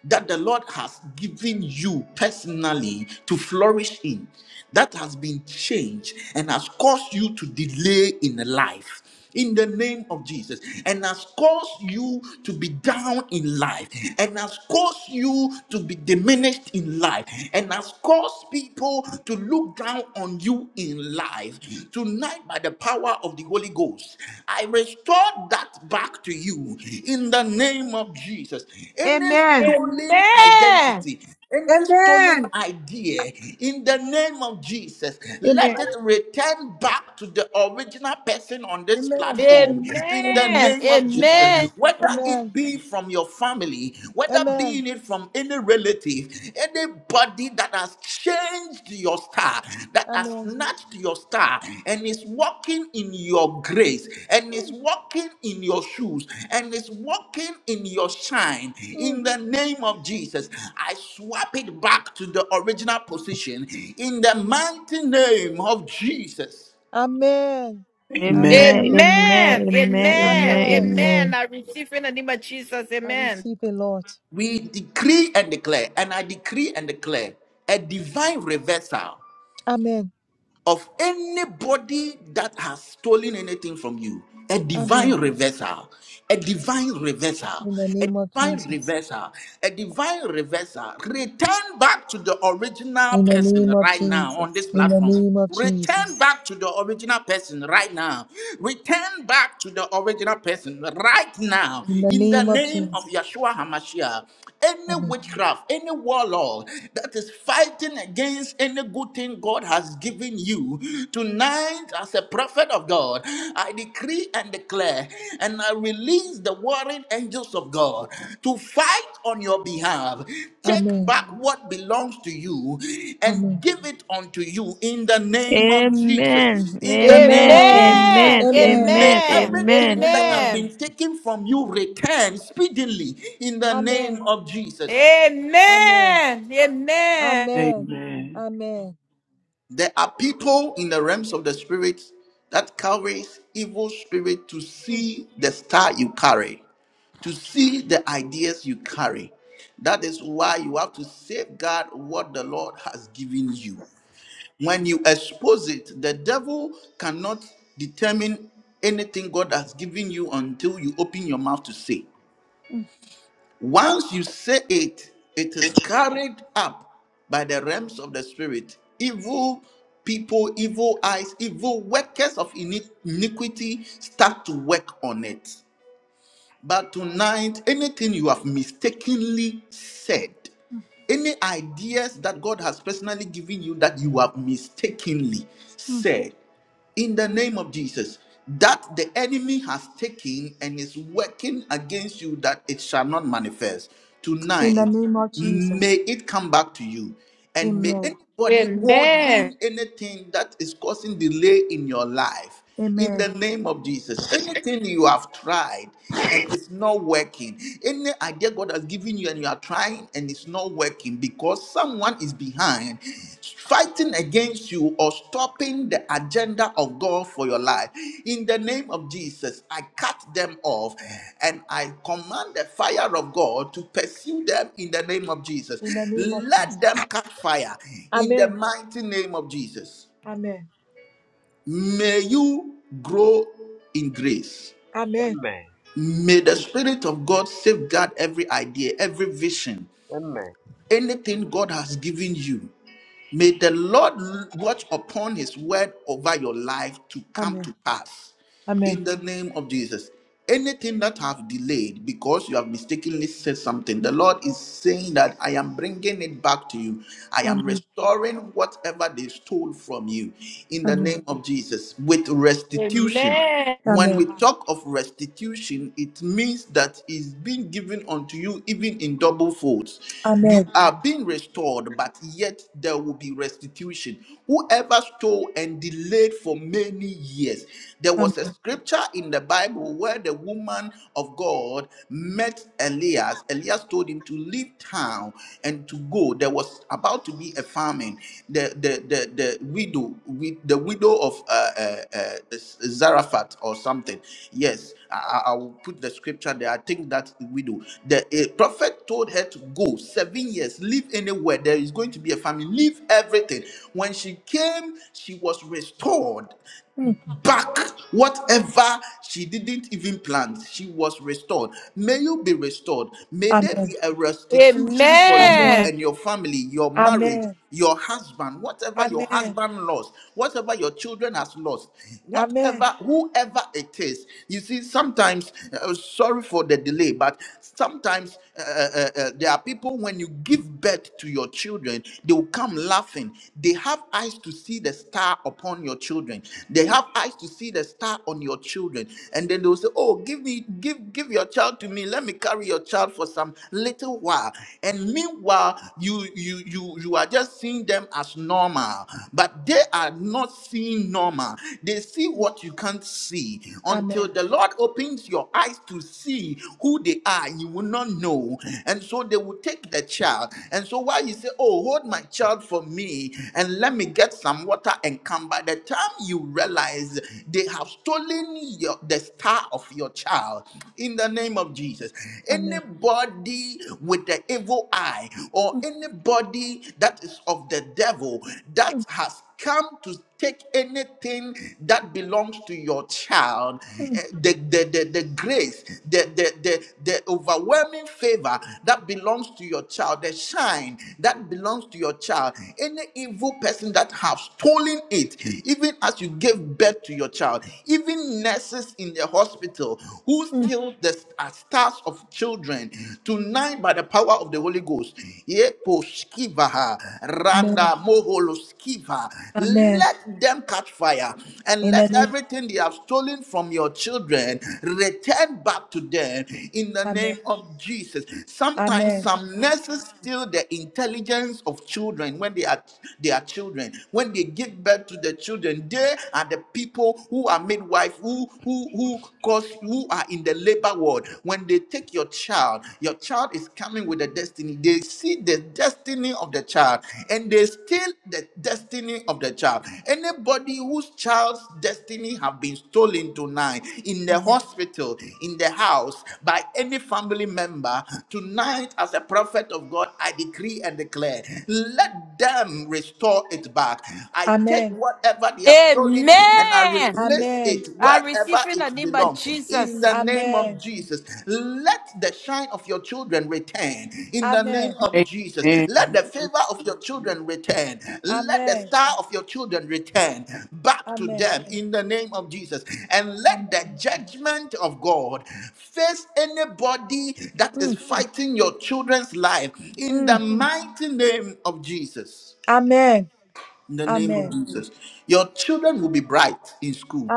S1: that the Lord has given you personally to flourish in, that has been changed and has caused you to delay in life in the name of Jesus and has caused you to be down in life and has caused you to be diminished in life and has caused people to look down on you in life tonight by the power of the Holy Ghost I restore that back to you in the name of Jesus any
S5: Amen.
S1: stolen
S9: Amen.
S1: identity any stolen
S5: Amen.
S1: idea in the name of Jesus let
S5: Amen.
S1: it return back to the original original person on this
S5: Amen.
S1: platform
S9: Amen.
S1: in the name of Jesus.
S9: Amen.
S1: Whether it
S5: Amen.
S1: be from your family, whether
S5: Amen.
S1: being it from any relative, anybody that has changed your star, that has
S5: Amen.
S1: snatched your star, and is walking in your grace, and is walking in your shoes, and is walking in your shine,
S5: Amen.
S1: in the name of Jesus, I swap it back to the original position in the mighty name of Jesus.
S5: Amen.
S7: Amen.
S2: Amen.
S5: Amen.
S9: Amen.
S7: Amen. Amen.
S9: Amen.
S5: Amen.
S9: Amen.
S7: Amen.
S9: I receive in the name of Jesus.
S5: I
S9: Amen.
S5: receive it, Lord.
S1: We decree and declare, and I decree and declare a divine reversal
S5: Amen.
S1: of anybody that has stolen anything from you. A
S5: Amen.
S1: divine reversal, a divine reversal,
S5: In the
S1: a
S5: name of
S1: divine
S5: Jesus.
S1: reversal, a divine reversal. Return back to the original
S5: In the
S1: person
S5: name of
S1: right now on
S5: Jesus.
S1: this
S5: In the
S1: platform.
S5: name of
S1: Return
S5: Jesus.
S1: back to the original person right now. Return back to the original person right now.
S5: In the
S1: In the
S5: name of
S1: name of
S5: Jesus.
S1: Yeshua HaMashiach, any
S5: Amen.
S1: witchcraft, any warlord that is fighting fighting against any good thing God has given you, tonight, as a prophet of God, I decree and declare, and I release the warring angels of God to fight on your behalf. Take
S5: Amen.
S1: back what belongs to you and
S5: Amen.
S1: give it unto you in the name of Jesus.
S7: Amen.
S1: In the name
S7: Amen. Amen.
S1: of
S5: Amen.
S1: Jesus,
S9: Amen.
S7: Amen.
S5: Amen.
S1: may
S9: Amen.
S7: Amen.
S1: everything that have
S5: Amen.
S9: Amen. Amen.
S1: been taken from you return speedily in the
S5: Amen.
S1: name of Jesus.
S5: Amen.
S9: Amen. Amen.
S5: Amen.
S2: Amen.
S5: Amen.
S1: There are people in the realms of the spirit that carries evil spirit to
S5: Mm,
S1: see the star you carry, to see the ideas you carry. That is why you have to safeguard what the Lord has given you. When you expose it, the devil cannot determine anything God has given you until you open your mouth to say. Once you say it, it is carried up by the realms of the spirit. Evil people, evil eyes, evil workers of ini- iniquity start to work on it. But tonight, anything you have mistakenly said, any ideas that God has personally given you that you have mistakenly
S5: mm.
S1: said, in the name of Jesus, that the enemy has taken and is working against you, that it shall not manifest.
S5: In the
S1: Tonight,
S5: name of Jesus.
S1: may it come back to you. And may
S5: Amen.
S1: anybody
S9: Amen.
S1: holding anything that is causing delay in your life in
S5: Amen.
S1: the name of Jesus. Anything you have tried and it's not working, any idea God has given you and you are trying and it's not working because someone is behind fighting against you or stopping the agenda of God for your life. In the name of Jesus, I cut them off and I command the fire of God to pursue them in the name of Jesus.
S5: In the name of Jesus.
S1: Let them catch fire in the
S5: Amen.
S1: mighty name of Jesus.
S5: Amen.
S1: May you grow in grace.
S5: Amen.
S6: Amen.
S1: May the Spirit of God safeguard every idea, every vision,
S6: Amen.
S1: anything God has given you. May the Lord watch upon His word over your life to
S5: Amen.
S1: come to pass
S5: Amen.
S1: in the name of Jesus. Anything that have delayed because you have mistakenly said something, the Lord is saying that I am bringing it back to you. I am
S5: Amen.
S1: restoring whatever they stole from you in
S5: Amen.
S1: the name of Jesus with restitution. When
S5: Amen.
S1: we talk of restitution, it means that it's being given unto you even in double folds. You
S5: Amen.
S1: are being restored, but yet there will be restitution. Whoever stole and delayed for many years. There
S5: Amen.
S1: was a scripture in the Bible where the woman of God met Elias. Elias told him to leave town and to go. There was about to be a famine. The the the, the widow, wi- the widow of uh, uh, uh, Zarephath or something. Yes, I, I I will put the scripture there. I think that widow. The a prophet told her to go seven years, leave anywhere. There is going to be a famine. Leave everything. When she came, she was restored
S5: Mm.
S1: back whatever she didn't even plant. She was restored. May you be restored. May there
S5: Amen.
S1: be a restitution for you
S9: Amen.
S5: Amen.
S1: and your family, your marriage. Your husband, whatever your
S5: Amen.
S1: husband lost, whatever your children has lost,
S5: Amen.
S1: whatever, whoever it is. You see, sometimes, uh, sorry for the delay, but sometimes uh, uh, uh, uh, there are people when you give birth to your children, they will come laughing. They have eyes to see the star upon your children.
S5: Amen.
S1: They
S5: Mm.
S1: have eyes to see the star on your children, and then they will say, "Oh, give me, give, give your child to me. Let me carry your child for some little while." And meanwhile, you, you, you, you are just seeing them as normal, but they are not seeing normal. They see what you can't see until
S5: Amen.
S1: the Lord opens your eyes to see who they are, you will not know. And so they will take the child. And so while you say, Oh, hold my child for me and let me get some water and come, by the time you realize they have stolen your, the star of your child in the name of Jesus.
S5: Amen.
S1: Anybody with the evil eye or anybody that is of the devil
S5: Mm.
S1: that has come to take anything that belongs to your child
S5: Mm.
S1: eh, the, the, the, the grace the, the, the, the overwhelming favor that belongs to your child the shine that belongs to your child any evil person that have stolen it even as you gave birth to your child even nurses in the hospital who steal the st- uh, stars of children tonight by the power of the holy ghost yeah, Leposkiva,
S5: Mm.
S1: Randa Moholoskiva.
S5: Amen. Amen.
S1: Let them catch fire and
S5: In the
S1: let
S5: name of
S1: everything they have stolen from your children return back to them in the
S5: Amen.
S1: name of Jesus. Sometimes
S5: Amen.
S1: some nurses steal the intelligence of children when they are they are children. When they give birth to the children, they are the people who are midwife who who who cause who are in the labor ward. When they take your child, your child is coming with a destiny. They see the destiny of the child and they steal the destiny of the child. Anybody whose child's destiny have been stolen tonight in the hospital, in the house, by any family member, tonight as a prophet of God, I decree and declare, let them restore it back. I take
S5: Amen.
S1: whatever they have stolen and I
S9: Amen.
S1: Place
S5: Amen.
S1: it
S9: I
S1: wherever
S9: receive in the
S1: it
S9: name of
S1: belongs in the
S9: Jesus.
S1: name of
S5: Amen.
S1: Jesus. Let the shine of your children return in the name
S5: Amen.
S1: of Jesus.
S2: Amen.
S1: Let the favor of your children return. Let the star of your children return back to
S5: Amen. Amen.
S1: them in the name of Jesus. And
S5: Amen.
S1: let the
S5: Amen.
S1: judgment of God face anybody that
S5: Mm.
S1: is fighting your children's life in the
S5: Mm.
S1: mighty name of Jesus.
S5: Amen.
S1: In the name of
S5: Amen.
S1: Jesus. Your children will be bright in school.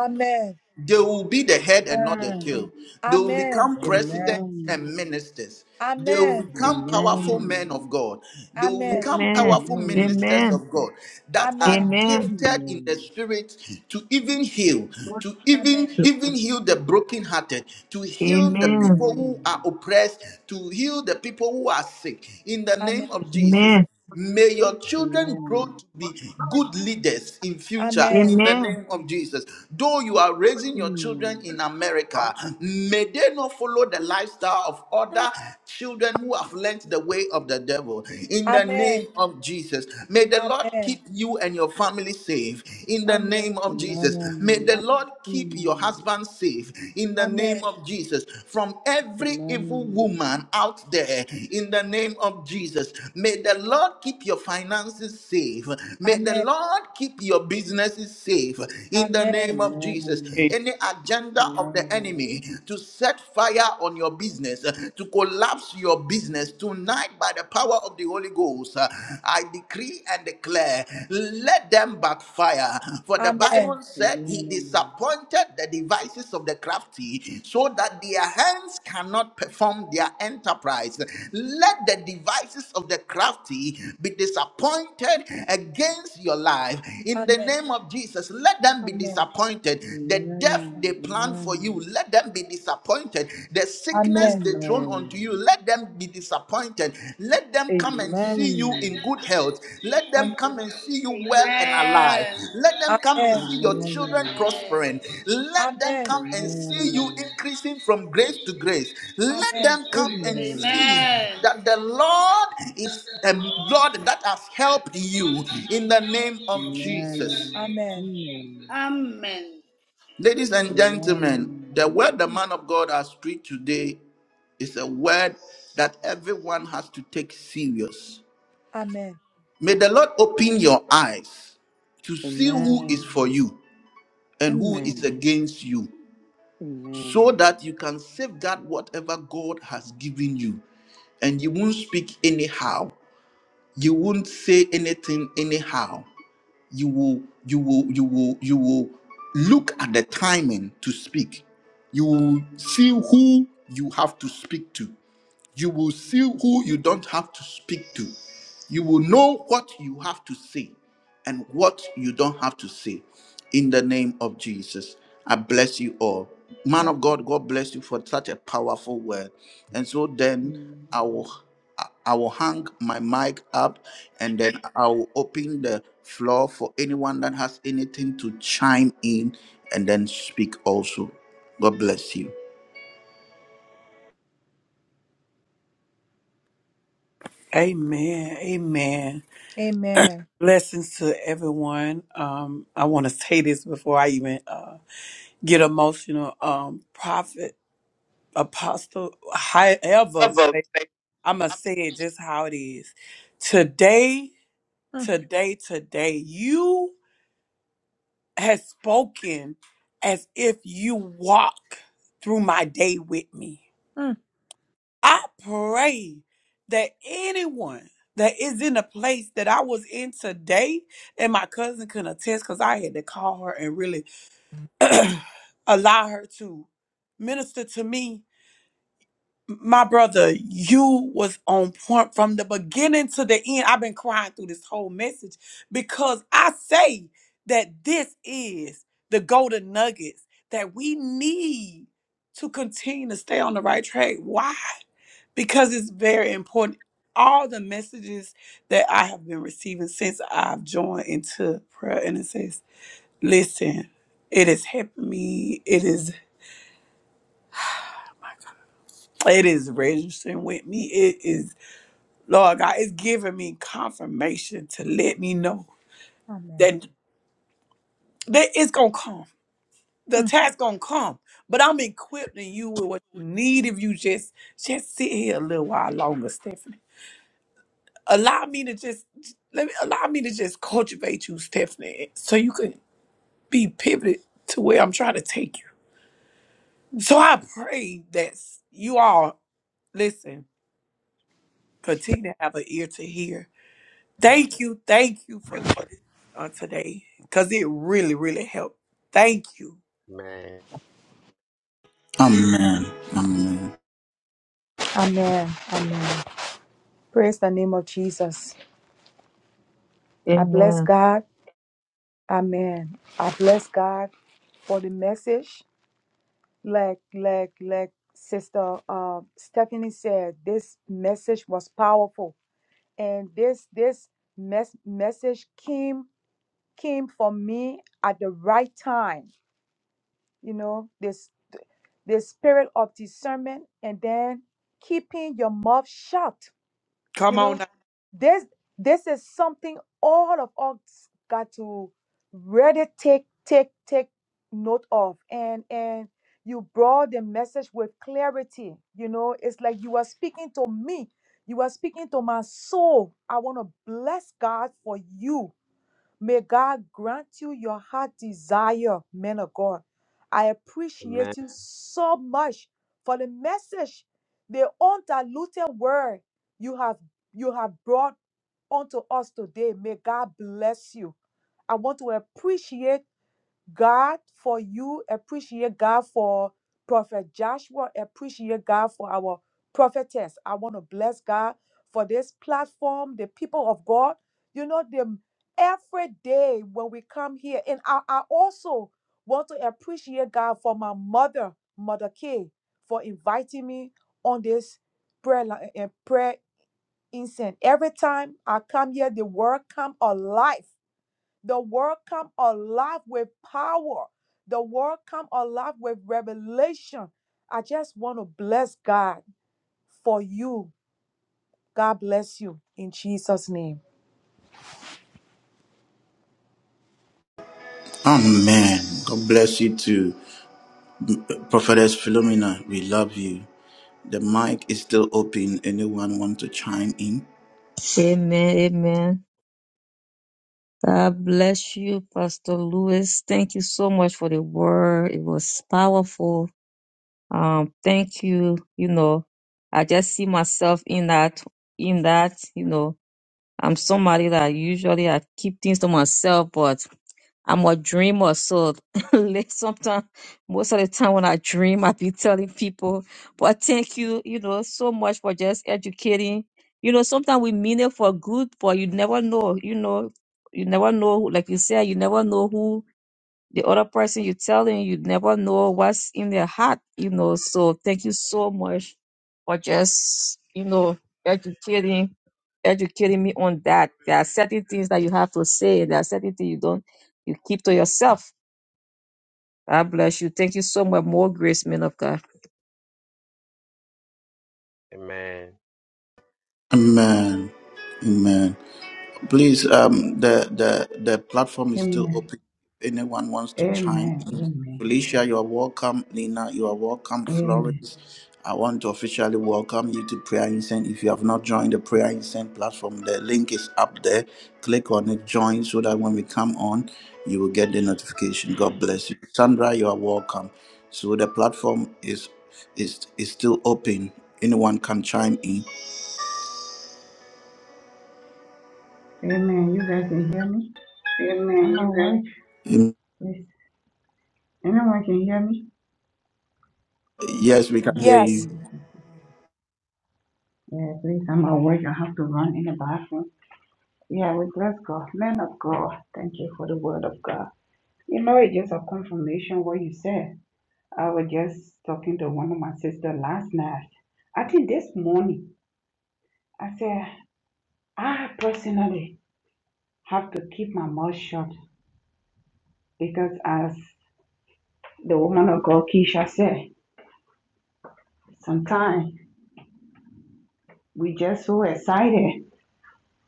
S1: They will be the head and not the tail. They will
S5: Amen.
S1: become
S4: Amen.
S1: presidents and ministers. They will
S5: Amen.
S1: become powerful
S4: Amen.
S1: men of God. They will
S5: Amen.
S1: become
S4: Amen.
S1: powerful
S4: Amen.
S1: ministers
S7: Amen.
S1: of God that
S7: Amen.
S5: Amen. Amen.
S1: are
S7: Amen.
S1: gifted in the spirit to even heal, to even
S5: Amen.
S1: even heal the brokenhearted, to heal the
S7: Amen. Amen. Amen.
S1: people who are oppressed, to heal the people who are sick. In the
S5: Amen.
S1: name of Jesus. May your children grow to be good leaders in future
S5: Amen.
S1: in the
S7: Amen.
S1: name of Jesus. Though you are raising your children in America, may they not follow the lifestyle of other children who have learnt the way of the devil. In the
S5: Amen.
S1: name of Jesus, may the Lord
S5: Amen.
S1: keep you and your family safe. In the
S5: Amen.
S1: name
S4: Amen. Amen. Amen.
S1: of Jesus, may
S4: Amen.
S1: the Lord keep your
S4: Amen.
S1: husband safe. In the name name
S5: Amen.
S1: of Jesus. From every evil
S4: Amen.
S1: woman out there, in the name of Jesus, may the Lord keep your finances safe. May the
S5: Amen.
S1: Lord keep your businesses safe. In the
S5: Amen.
S1: name of
S4: Amen.
S1: Jesus, any agenda of the
S4: Amen.
S1: enemy to set fire on your business, to collapse your business tonight by the power of the Holy Ghost, I decree and declare backfire. Let them backfire. For the
S5: Amen.
S1: Bible
S4: Amen.
S1: said he
S4: Amen.
S1: disappointed the devices of the crafty so that their hands cannot perform their enterprise. Let the devices of the crafty be disappointed against your life. In the
S5: Amen.
S1: name of Jesus, let them be
S5: Amen.
S1: disappointed. The death they plan for you,
S4: Amen.
S1: let them be disappointed. The sickness curse
S5: Amen.
S1: the throne unto
S4: Amen.
S1: you. Let them be disappointed. Let them come and see you
S4: Amen.
S1: in good health. Let them come and see you well and alive.
S8: Amen.
S1: Let them come
S4: Amen.
S1: and
S5: Amen.
S1: see your
S4: Amen.
S1: children
S4: Amen.
S8: Amen.
S1: prospering. Let them
S5: Amen.
S1: come and see you increasing from grace to grace. Let
S5: Amen.
S1: them come and see
S8: Amen.
S1: that the Lord is the Lord that has helped you in the name of Jesus.
S5: Amen. Amen.
S8: Amen.
S1: Ladies and gentlemen, the word the man of God has preached today it's a word that everyone has to take serious.
S5: Amen.
S1: May the Lord open your eyes to
S4: Amen. Amen. Amen.
S1: see who is
S4: Amen. Amen.
S1: for you and who is against you so that you can safeguard whatever God has given you and you won't speak anyhow you won't say anything anyhow you will you will you will you will look at the timing to speak you will see who you have to speak to You will see who you don't have to speak to. You will know what you have to say and what you don't have to say. In the name of Jesus, I bless you all. Man of God, God bless you for such a powerful word. And so then I will I will hang my mic up and then I will open the floor for anyone that has anything to chime in and then speak also. God bless you.
S2: Amen. Amen.
S5: Amen.
S2: Blessings to everyone. Um, I want to say this before I even uh, get emotional. Um, prophet. Apostle, however, I'm going to say it just how it is. Today,
S5: Mm,
S2: today, today, you have spoken as if you walk through my day with me.
S5: mm.
S2: I pray that anyone that is in the place that I was in today, and my cousin can attest because I had to call her and really allow her to minister to me my brother, you was on point from the beginning to the end. I've been crying through this whole message because I say that this is the golden nuggets that we need to continue to stay on the right track. Why? Because it's very important. All the messages that I have been receiving since I've joined into prayer and it says, listen, it is helping me. It is it is registering with me. Lord God, it's giving me confirmation to let me know
S5: Amen.
S2: that, that it's gonna come. The
S5: Mm.
S2: attack's gonna come. But I'm equipping you with what you need if you just just sit here a little while longer, Stephanie. Allow me to just let me allow me to just cultivate you, Stephanie, so you can be pivoted to where I'm trying to take you. So I pray that you all listen, continue to have an ear to hear. Thank you, thank you for this. on today because it really, really helped. Thank you.
S6: Amen.
S1: Amen. Amen.
S5: Amen. Amen. Praise the name of Jesus. I bless
S7: Amen. Amen.
S5: God. Amen. I bless God for the message. Like, like, like Sister uh, Stephanie said, this message was powerful, and this this mes- message came came for me at the right time. You know, this the spirit of discernment, and then keeping your mouth shut you know, Um, this this is something all of us got to really take take take note of. And and you brought the message with clarity. You know, it's like you are speaking to me. You are speaking to my soul. I want to bless God for you May God grant you your heart desire, man of God. I appreciate you so much for the message, the undiluted word you have you have brought unto us today. May God bless you. I want to appreciate God for you, appreciate God for Prophet Joshua, appreciate God for our prophetess. I want to bless God for this platform, the people of God. You know, them every day when we come here, and I, I also want to appreciate God for my mother, Mother K, for inviting me on this prayer line and prayer incense. Every time I come here, the word come alive the word come alive with power. The word come alive with revelation. I just want to bless God for you. God bless you in Jesus' name.
S1: Amen. God bless you too. Prophetess Philomena, we love you. The mic is still open. Anyone want to chime in?
S7: Amen. God bless you, Pastor Lewis. Thank you so much for the word. It was powerful. Um, thank you. You know, I just see myself in that, in that, you know, I'm somebody that usually I keep things to myself, but I'm a dreamer. So sometimes, most of the time when I dream, I be telling people, but thank you, you know, so much for just educating. You know, sometimes we mean it for good, but you never know, you know, you never know, like you said, you never know who the other person you tell them you never know what's in their heart, you know. So thank you so much for just, you know, educating educating me on that. There are certain things that you have to say, and there are certain things you don't you keep to yourself. God bless you. Thank you so much. More grace, man of God.
S1: Amen. Amen. Please, um, the the the platform is still
S11: Amen.
S1: open. Anyone wants to chime
S11: Amen.
S1: in?
S11: Amen.
S1: Felicia, you are welcome. Lena, you are welcome.
S11: Amen.
S1: Florence, I want to officially welcome you to Prayer Incense. If you have not joined the Prayer Incense platform, the link is up there. Click on it, join, so that when we come on, you will get the notification. God bless you. Sandra, you are welcome. So the platform is is is still open. Anyone can chime
S11: Amen. You guys can hear me? I'm at work.
S1: in.
S11: Please. Anyone can hear me?
S1: Yes, we can hear you.
S5: Yes.
S11: Mm. Yeah, please. I'm at work. I have to run in the bathroom. Yeah, we bless God. Man of God. Thank you for the word of God. You know, it's just a confirmation what you said. I was just talking to one of my sister last night. I think this morning, I said, I personally have to keep my mouth shut because as the woman of God, Keisha said. Sometimes we just so excited.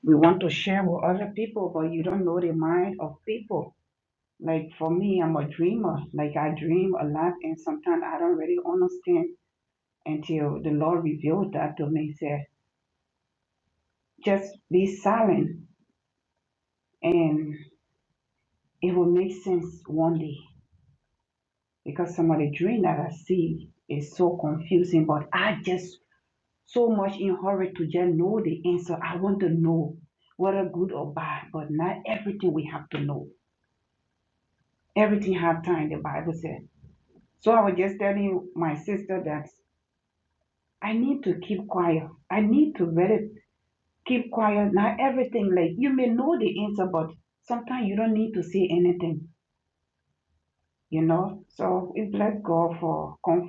S11: We want to share with other people, but you don't know the mind of people. Like for me, I'm a dreamer. Like I dream a lot, and sometimes I don't really understand until the Lord revealed that to me. Said, just be silent, and it will make sense one day. Because some of the dream that I see is so confusing, but I just so much in hurry to just know the answer. I want to know whether good or bad, but not everything we have to know. Everything have time, the Bible said. So I was just telling my sister that I need to keep quiet. I need to really keep quiet. Not everything like you may know the answer, but sometimes you don't need to say anything, you know. So we bless God for comfort.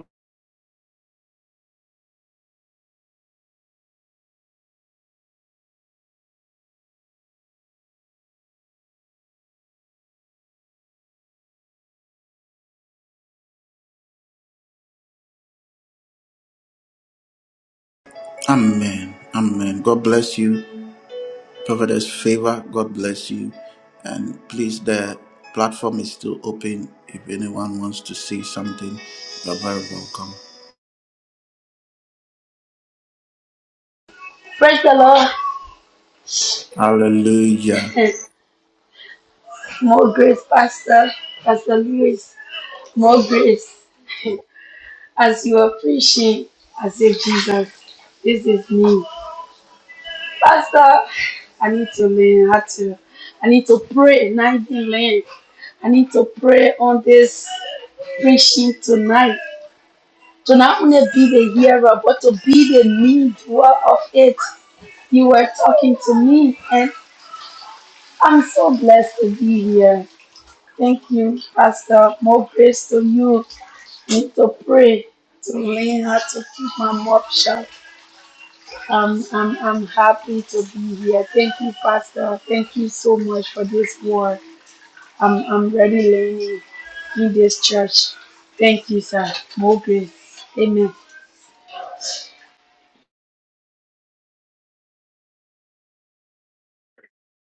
S1: Amen. Amen. God bless you. Prophetess favor. God bless you. And please, the platform is still open. If anyone wants to say something, you're very welcome.
S12: Praise the Lord.
S1: Hallelujah.
S12: More grace, Pastor, Pastor Lewis. More grace. As you are preaching, I say, Jesus, this is me. Pastor, I need to learn how to, I need to pray and I didn't learn. I need to pray on this preaching tonight. To not only be the hearer, but to be the need of it. You were talking to me, and I'm so blessed to be here. Thank you, Pastor. More grace to you. Need to pray, to learn how to keep my mouth shut. Um, I'm, I'm happy to be here. Thank you, Pastor. Thank you so much for this word. I'm, I'm really learning in this church. Thank you, sir. More grace. Amen.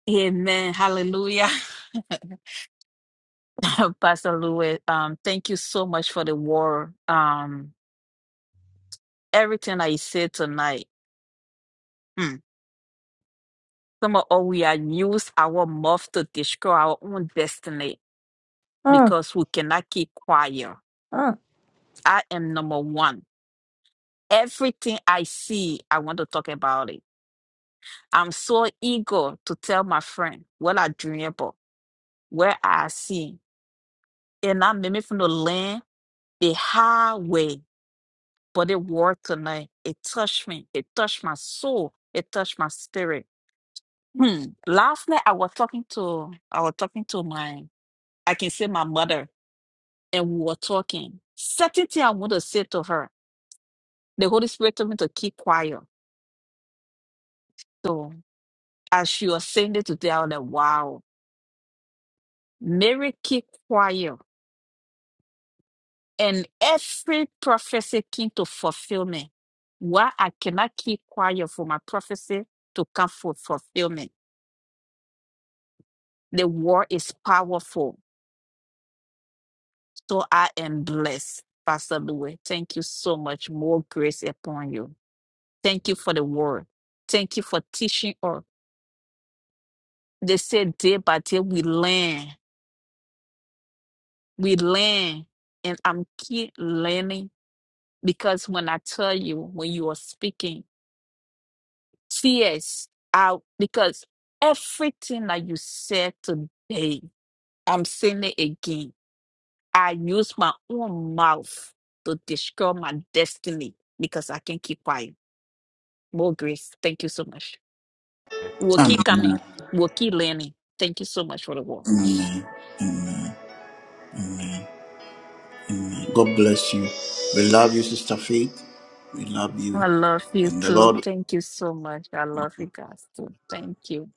S9: Amen. Hallelujah. Pastor Louis, um, thank you so much for the war. Um, everything I said tonight, hmm, some of us, we are use our mouth to destroy our own destiny
S5: Mm,
S9: because we cannot keep quiet.
S5: mm.
S9: I am number one. Everything I see, I want to talk about it. I'm so eager to tell my friend what I dream about, where I see. And I made me from the land, the highway, but the word tonight, it touched me. It touched my soul. It touched my spirit. Hmm. Last night I was talking to I was talking to my I can say my mother and we were talking. Certain thing I want to say to her. The Holy Spirit told me to keep quiet. So as she was saying it today, I was like, wow. Mary keep quiet. And every prophecy came to fulfillment. Why I cannot keep quiet for my prophecy to come for fulfillment. The word is powerful. So I am blessed, Pastor Louis. Thank you so much. More grace upon you. Thank you for the word. Thank you for teaching us. They say day by day we learn. We learn. And I'm keep learning because when I tell you, when you are speaking, tears out because everything that you said today, I'm saying it again. I use my own mouth to describe my destiny because I can't keep quiet. More grace. Thank you so much. We'll keep coming.
S1: Amen.
S9: We'll keep learning. Thank you so much for the work.
S1: Amen. Amen. Amen. God bless you. We love you, Sister Faith. We love you.
S9: I love you
S1: And the
S9: too.
S1: Lord,
S9: Thank you so much. I love you guys too. Thank you.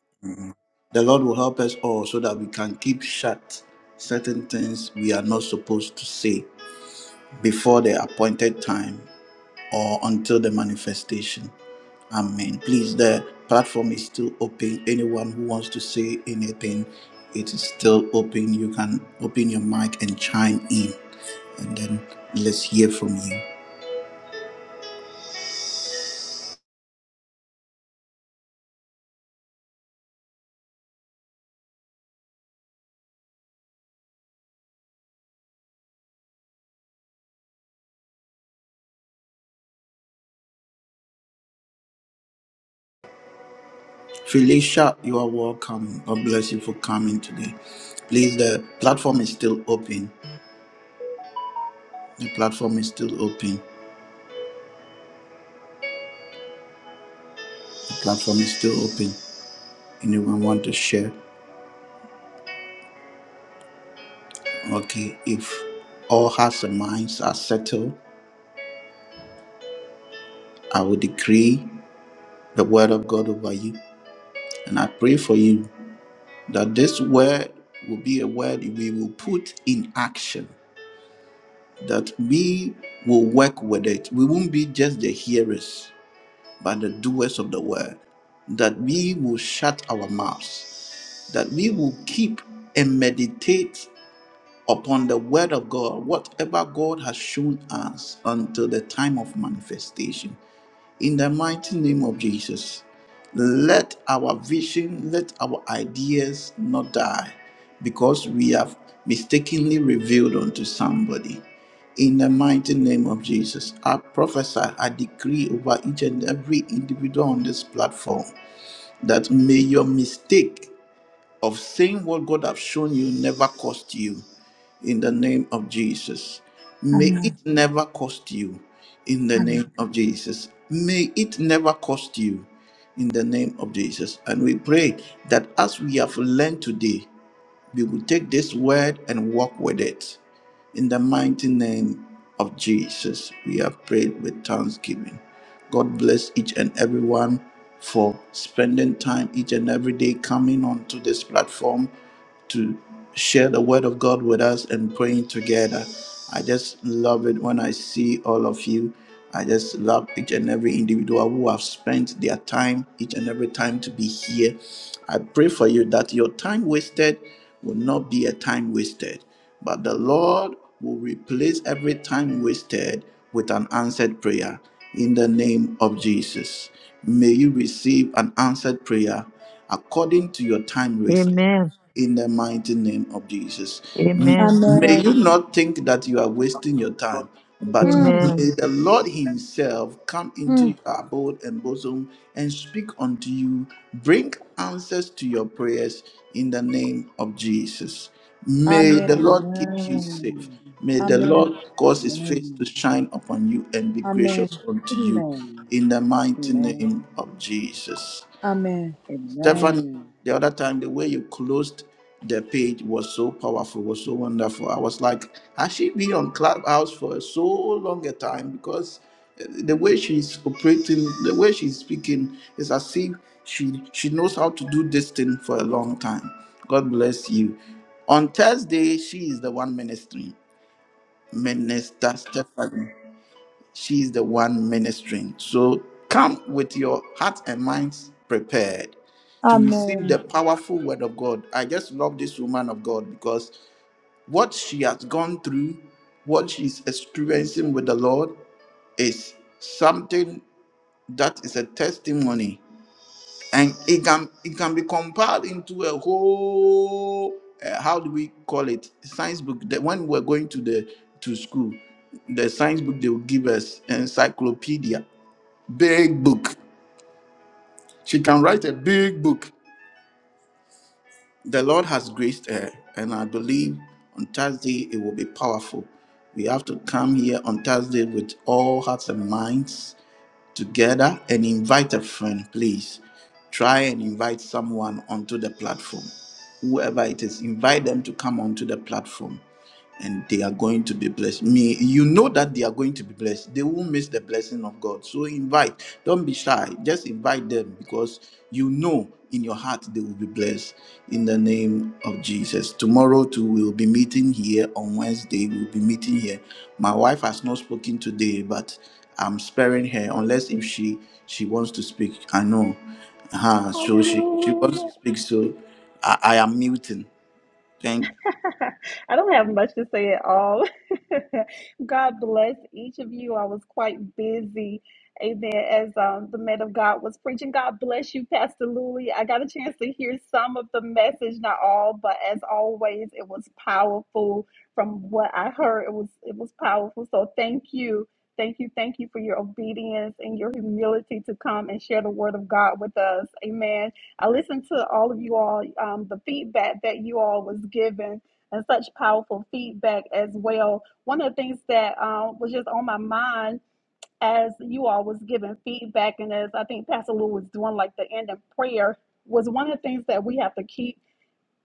S1: the Lord will help us all so that we can keep shut certain things we are not supposed to say before the appointed time or until the manifestation. Amen. Please, the platform is still open. Anyone who wants to say anything, it is still open. You can open your mic and chime in, and then let's hear from you. Felicia, you are welcome. God bless you for coming today. Please, the platform is still open. The platform is still open. The platform is still open. Anyone want to share? Okay, if all hearts and minds are settled, I will decree. the word of God over you. And I pray for you that this word will be a word we will put in action, that we will work with it. We won't be just the hearers, but the doers of the word. That we will shut our mouths, that we will keep and meditate upon the word of God, whatever God has shown us until the time of manifestation. In the mighty name of Jesus, let our vision, let our ideas not die because we have mistakenly revealed unto somebody. In the mighty name of Jesus, I prophesy, I decree over each and every individual on this platform that may your mistake of saying what God has shown you never cost you in the name of Jesus. May it
S5: Amen.
S1: never cost you in the
S5: Amen.
S1: name of Jesus. May it never cost you in the name of Jesus. And we pray that as we have learned today, we will take this word and walk with it. In the mighty name of Jesus, we have prayed with thanksgiving. God bless each and everyone for spending time each and every day coming onto this platform to share the word of God with us and praying together. I just love it when I see all of you. I just love each and every individual who have spent their time, each and every time to be here. I pray for you that your time wasted will not be a time wasted, but the Lord will replace every time wasted with an answered prayer in the name of Jesus. May you receive an answered prayer according to your time wasted
S7: Amen.
S1: in the mighty name of Jesus. M-
S7: Amen.
S1: May you
S5: Amen.
S1: not think that you are wasting your time, but may
S5: Mm,
S7: Amen.
S1: the Lord Himself come into
S5: mm.
S1: your abode and bosom and speak unto you, bring answers to your prayers in the name of Jesus. May the
S5: Amen.
S1: Lord keep you safe. May the Lord
S5: Amen.
S1: cause His face to shine upon you and be
S5: Amen.
S1: gracious
S4: Amen. Amen.
S1: unto
S4: Amen.
S1: you
S4: Amen.
S1: in the mighty
S4: Amen.
S1: name
S4: Amen.
S1: of Jesus.
S5: Amen.
S1: Stephanie, the other time, the way you closed the page was so powerful, was so wonderful. I was like, has she been on Clubhouse for so long a time? Because uh, the way she's operating, the way she's speaking, is as if she she knows how to do this thing for a long time. God bless you. On Thursday, she is the one ministering. Minister Stephanie. She's the one ministering. So come with your heart and minds prepared to receive
S5: Amen.
S1: the powerful word of God. I just love this woman of God because what she has gone through, what she's experiencing with the Lord, is something that is a testimony. And it can it can be compiled into a whole uh, how do we call it science book that when we're going to the to school the science book they will give us encyclopedia big book. She can write a big book. The Lord has graced her, and I believe on Thursday it will be powerful. We have to come here on Thursday with all hearts and minds together and invite a friend, please. Try and invite someone onto the platform. Whoever it is, invite them to come onto the platform and they are going to be blessed. Me, you know that they are going to be blessed. They won't miss the blessing of God. So invite. Don't be shy. Just invite them because you know in your heart they will be blessed in the name of Jesus. Tomorrow too, we'll be meeting here on Wednesday. We'll be meeting here. My wife has not spoken today, but I'm sparing her unless if she she wants to speak. I know. Uh-huh. So she she
S10: Hallelujah.
S1: wants to speak. So I, I am muting. Thank.
S10: I don't have much to say at all. God bless each of you. I was quite busy. Amen. As um, the man of God was preaching, God bless you, Pastor Louie. I got a chance to hear some of the message, not all, but as always, it was powerful. From what I heard, it was it was powerful. So thank you, thank you, thank you for your obedience and your humility to come and share the word of God with us. Amen. I listened to all of you all, um, the feedback that you all was given and such powerful feedback as well. One of the things that um, was just on my mind as you all was giving feedback and as I think Pastor Lou was doing like the end of prayer was one of the things that we have to keep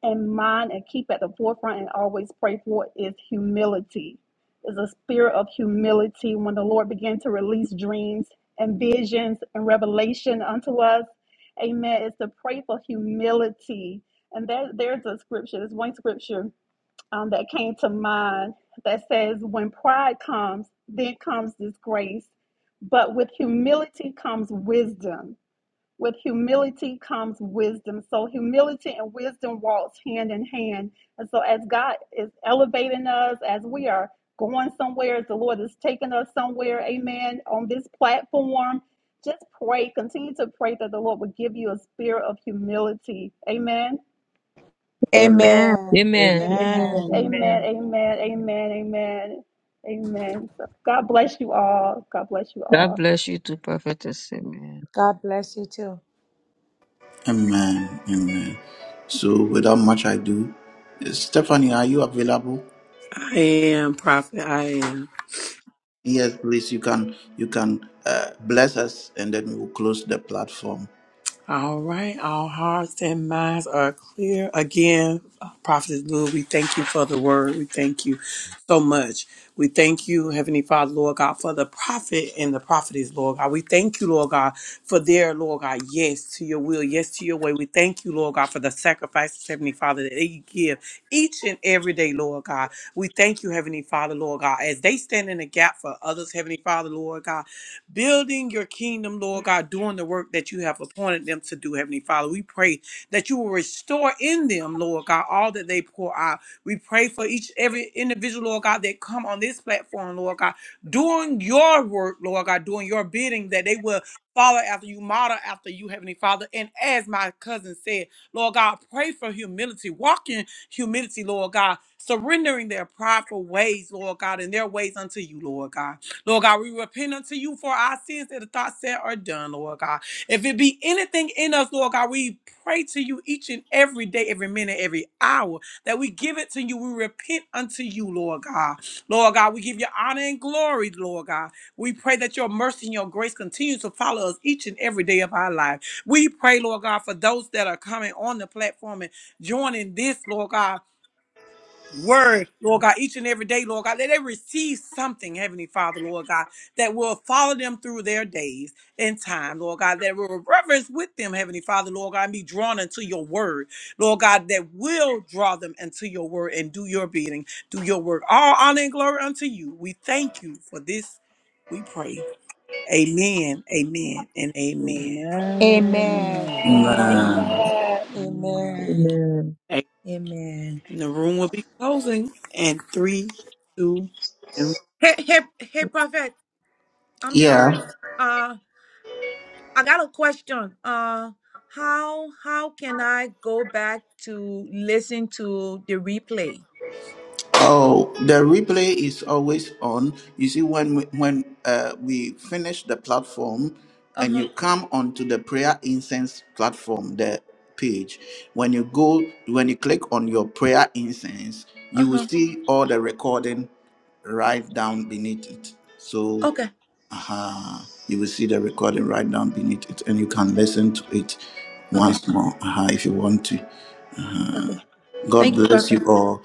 S10: in mind and keep at the forefront and always pray for is humility. Is a spirit of humility when the Lord began to release dreams and visions and revelation unto us. Amen. Is to pray for humility. And there, there's a scripture, there's one scripture um, that came to mind that says, When pride comes, then comes disgrace, but with humility comes wisdom. With humility comes wisdom. So, humility and wisdom walks hand in hand. And so, as God is elevating us, as we are going somewhere, as the Lord is taking us somewhere, amen, on this platform, just pray, continue to pray that the Lord would give you a spirit of humility. Amen
S7: Amen.
S5: Amen.
S4: Amen.
S7: Amen.
S5: Amen.
S7: Amen.
S4: Amen.
S10: Amen, amen,
S7: Amen.
S10: amen, amen, amen. So God bless you all. God bless you
S7: God
S10: all.
S7: bless you too, prophetess. Amen.
S5: God bless you too.
S1: Amen. Amen. So without much ado, uh, Stephanie, are you available?
S2: I am, Prophet. I am.
S1: Yes, please. You can you can uh, bless us, and then we will close the platform.
S2: All right, all hearts and minds are clear. Again, Prophet Lou, we thank you for the word. We thank you so much. We thank you, Heavenly Father, Lord God, for the prophet and the prophetess, Lord God. We thank you, Lord God, for their, Lord God, yes to your will, yes to your way. We thank you, Lord God, for the sacrifices, Heavenly Father, that they give each and every day, Lord God. We thank you, Heavenly Father, Lord God, as they stand in the gap for others, Heavenly Father, Lord God building your kingdom, Lord God, doing the work that you have appointed them to do, Heavenly Father. We pray that you will restore in them, Lord God, all that they pour out. We pray for each every individual, Lord God, that come on this platform, Lord God, doing your work, Lord God, doing your bidding, that they will follow after you, model after you, Heavenly Father. And as my cousin said, Lord God, pray for humility, walk in humility, Lord God, surrendering their prideful ways, Lord God, and their ways unto you, Lord God. Lord God, we repent unto you for our sins that are thought, said, or done, Lord God. If it be anything in us, Lord God, we pray to you each and every day, every minute, every hour, that we give it to you. We repent unto you, Lord God. Lord God, we give you honor and glory, Lord God. We pray that your mercy and your grace continues to follow us each and every day of our life. We pray, Lord God, for those that are coming on the platform and joining this, Lord God word, Lord God, each and every day, Lord God. Let them receive something, Heavenly Father, Lord God, that will follow them through their days and time, Lord God, that will reverence with them, Heavenly Father, Lord God, and be drawn into your word, Lord God, that will draw them into your word and do your bidding, do your work. All honor and glory unto you. We thank you for this. We pray. Amen, amen, and amen.
S5: Amen.
S4: Amen.
S10: Amen,
S5: Amen.
S1: Amen.
S10: amen.
S4: Mm.
S5: Amen.
S7: Amen.
S2: And
S5: Amen.
S2: the room will be closing in three, two.
S5: Hey, hey, hey, Prophet. I'm sorry.
S1: Yeah.
S5: Uh, I got a question. Uh, how how can I go back to listen to the replay?
S1: Oh, the replay is always on. You see, when we, when uh, we finish the platform,
S5: Uh
S1: and
S5: huh.
S1: you come onto the prayer incense platform, the page. When you go, when you click on your prayer incense,
S5: Uh
S1: you will
S5: huh.
S1: see all the recording right down beneath it. So,
S5: Okay.
S1: uh you will see the recording right down beneath it, and you can listen to it
S5: Okay.
S1: once more uh if you want to.
S5: Okay.
S1: God
S5: Thank you,
S1: bless you
S5: Prophet.
S1: all.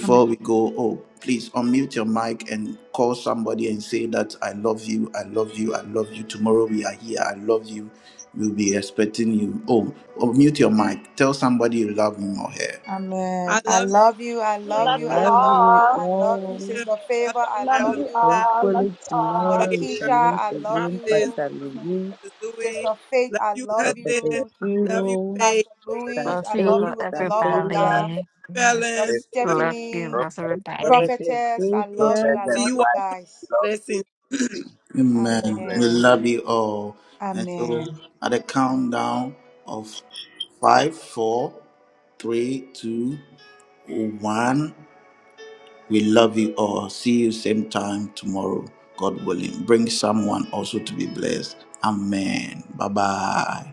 S5: Amen.
S1: we go, oh, please unmute your mic and call somebody and say that I love you, I love you, I love you. Tomorrow we are here, I love you. We'll be expecting you. Oh, unmute your mic. Tell somebody you love him or her.
S5: Amen.
S2: I
S5: I
S2: love you.
S5: love you. I
S4: I
S5: love
S10: Love
S5: you.
S2: I
S10: you
S2: love you.
S5: I
S4: love
S5: love
S4: you
S5: you.
S10: all.
S5: I love you,
S4: all.
S5: Sister
S2: love
S5: Favor. I
S2: you,
S10: Love
S5: love
S10: you
S5: you,
S2: Alamina,
S10: all. Love you
S4: Hopefully
S10: all.
S5: Mother
S4: tomorrow we shall
S5: Keisha.
S2: Favor,
S4: meet
S5: I love
S4: again,
S2: Prophetess,
S5: you,
S4: Pastor
S2: love
S4: Lizzie,
S2: you, Zooey,
S5: Sister Faith.
S2: love
S5: I
S2: you,
S5: love
S4: Prophet
S2: cousin,
S5: you,
S2: love you,
S4: Philo,
S2: Faith,
S5: Pastor
S4: Sir
S5: Louis.
S9: Love
S5: I
S9: you.
S5: love
S4: Faith,
S5: you
S9: Love
S5: with the
S4: Sir
S5: love of God.
S4: Favor,
S9: everybody. Love
S5: Sister
S2: Felon, love
S9: you.
S5: Stephanie,
S9: Love
S2: you,
S9: everybody.
S4: Prophet
S5: prophetess, I
S2: Bonju.
S5: love you.
S4: Stacia.
S5: I
S2: See
S5: love
S2: you
S5: you
S6: Amen.
S2: all
S5: guys.
S2: blessings.
S1: Amen. We
S5: Amen.
S1: love you all. And so
S5: Amen.
S1: at a countdown of five, four, three, two, one. We love you all. See you same time tomorrow, God willing. Bring someone also to be blessed. Amen. Bye bye.